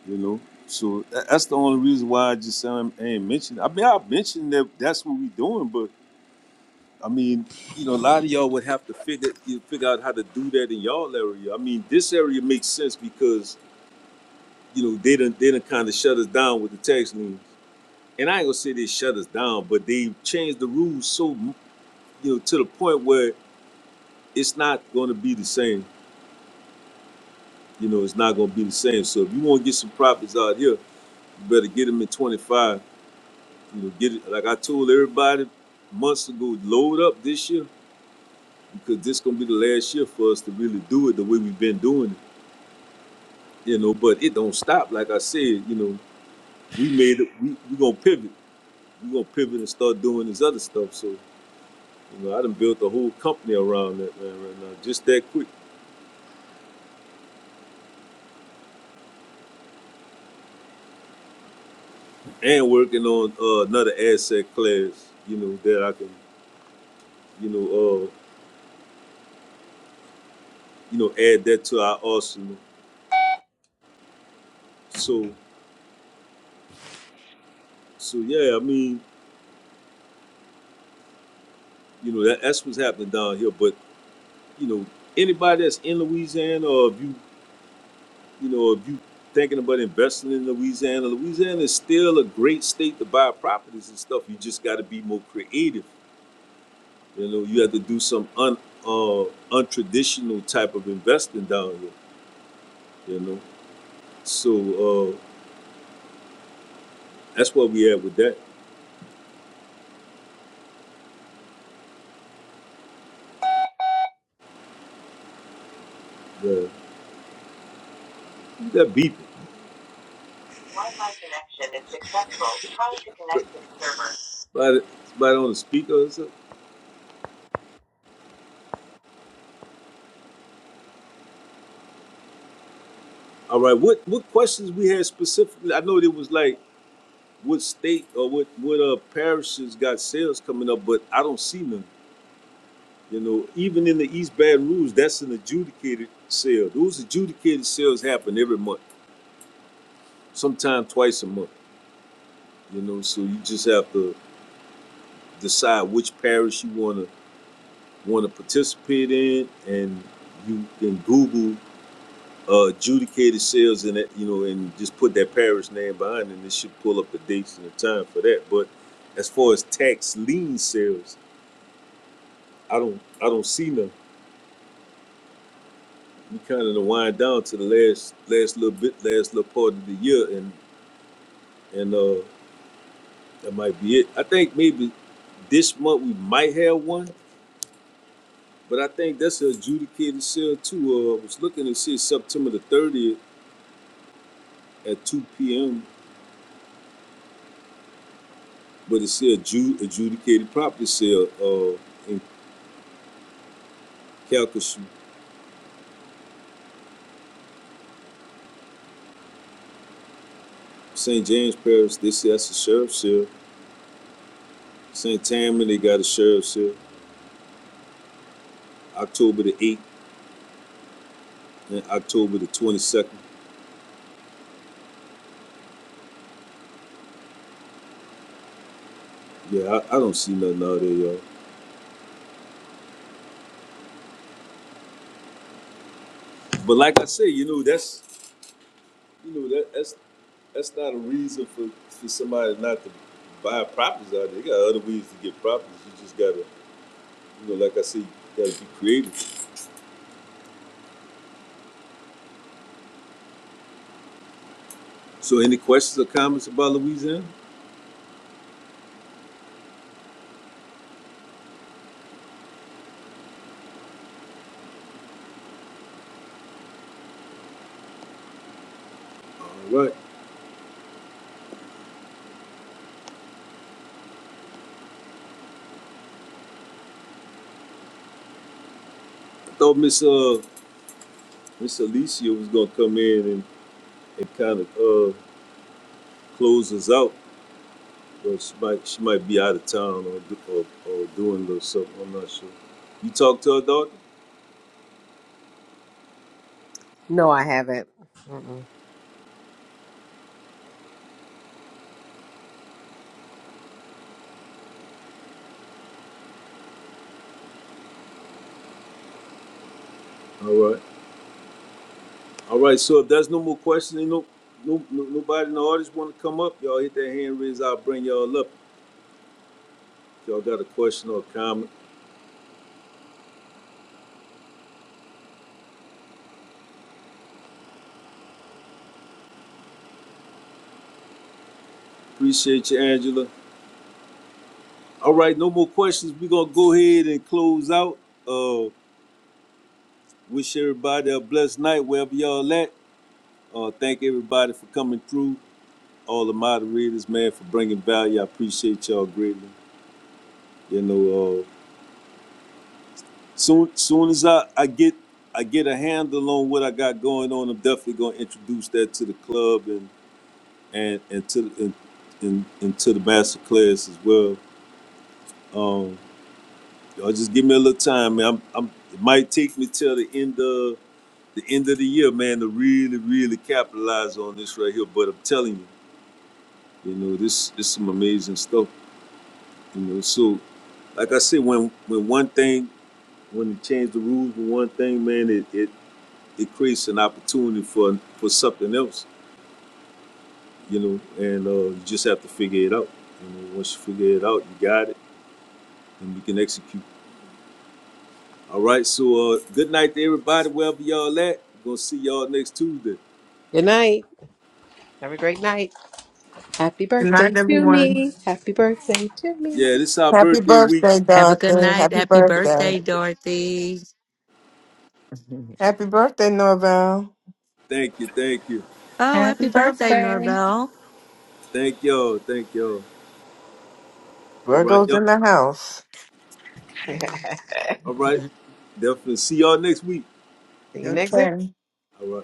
C: you know. So tha- that's the only reason why I just um, ain't mentioned. it. I mean, I mentioned that that's what we're doing, but I mean, you know, a lot of y'all would have to figure you figure out how to do that in y'all area. I mean, this area makes sense because you know they done they done kind of shut us down with the tax lien and I ain't gonna say they shut us down, but they changed the rules so you know to the point where it's not gonna be the same. You know, it's not gonna be the same. So if you want to get some profits out here, you better get them at 25. You know, get it like I told everybody months ago. Load up this year because this gonna be the last year for us to really do it the way we've been doing it. You know, but it don't stop. Like I said, you know, we made it. We we gonna pivot. We gonna pivot and start doing this other stuff. So. You know, I done built a whole company around that man right now, just that quick. And working on uh, another asset class, you know, that I can, you know, uh, you know, add that to our arsenal. So, so yeah, I mean, you know, that, that's what's happening down here. But you know, anybody that's in Louisiana, or if you, you know, if you thinking about investing in Louisiana, Louisiana is still a great state to buy properties and stuff. You just got to be more creative You know, you have to do some un uh untraditional type of investing down here, you know. So uh that's what we had with that. The you beeping. But somebody on the speaker or something. All right, what what questions we had specifically? I know there was like what state or what what uh parishes got sales coming up, but I don't see none. You know, even in the East Baton Rouge, that's an adjudicated sale. Those adjudicated sales happen every month, sometimes twice a month. You know, so you just have to decide which parish you want to want to participate in, and you can Google uh, adjudicated sales and that you know, and just put that parish name behind, it, and it should pull up the dates and the time for that. But as far as tax lien sales, I don't I don't see none. We kind of wind down to the last last little bit, last little part of the year, and and uh, that might be it. I think maybe this month we might have one But I think that's a adjudicated sale too. Uh, I was looking and see September the 30th at 2 p.m. But it's a adju- adjudicated property sale uh, in Calcasieu, St. James Parish. They say that's a sheriff's sale. St. Tammany, they got a sheriff's sale. October the 8th and October the 22nd. Yeah, I, I don't see nothing out there, y'all. But like I say, you know, that's you know that that's that's not a reason for, for somebody not to buy properties out there. They got other ways to get properties. You just gotta you know, like I said, you gotta be creative. So any questions or comments about Louisiana? All right. I thought Miss uh Miss Alicia was gonna come in and, and kind of uh close us out. But she might she might be out of town or do, or, or doing a little something. I'm not sure. You talk to her daughter?
A: No, I haven't. Mm-mm.
C: All right. All right. So if there's no more questions, ain't no, no, no nobody in the audience want to come up. Y'all hit that hand raise. I'll bring y'all up. If y'all got a question or a comment. Appreciate you, Angela. All right, no more questions. We're gonna go ahead and close out. Uh, wish everybody a blessed night wherever y'all at. Uh, thank everybody for coming through. All the moderators, man, for bringing value. I appreciate y'all greatly. You know, uh, soon soon as I, I get I get a handle on what I got going on, I'm definitely gonna introduce that to the club and and and to and, and, and to the master class as well. Um, y'all just give me a little time, man. I'm, I'm it might take me till the end of the end of the year, man, to really, really capitalize on this right here. But I'm telling you, you know, this this some amazing stuff. You know, so like I said, when when one thing, when you change the rules for one thing, man, it it, it creates an opportunity for for something else. You know, and uh, you just have to figure it out. You know, once you figure it out, you got it, and you can execute. All right, so uh, good night to everybody, wherever y'all at. We're gonna see y'all next Tuesday.
A: Good night. Have a great night. Happy
J: Good
A: birthday
J: night,
A: to
J: everyone.
A: me. Happy birthday to me.
C: Yeah, this is our
J: Happy
C: birthday week.
J: birthday,
K: Have a good
J: Dorothy.
K: night.
J: Happy
K: Happy
J: birthday.
K: birthday, Dorothy.
J: Happy birthday, Norval.
C: Thank you, thank you.
K: Oh,
B: Happy
K: happy birthday,
B: birthday.
K: Norvell.
C: Thank y'all. Thank y'all. All right,
J: Virgo's
C: y'all.
J: in the house.
A: See
C: All right. Definitely see y'all next week.
A: you next week.
J: Okay.
C: All right.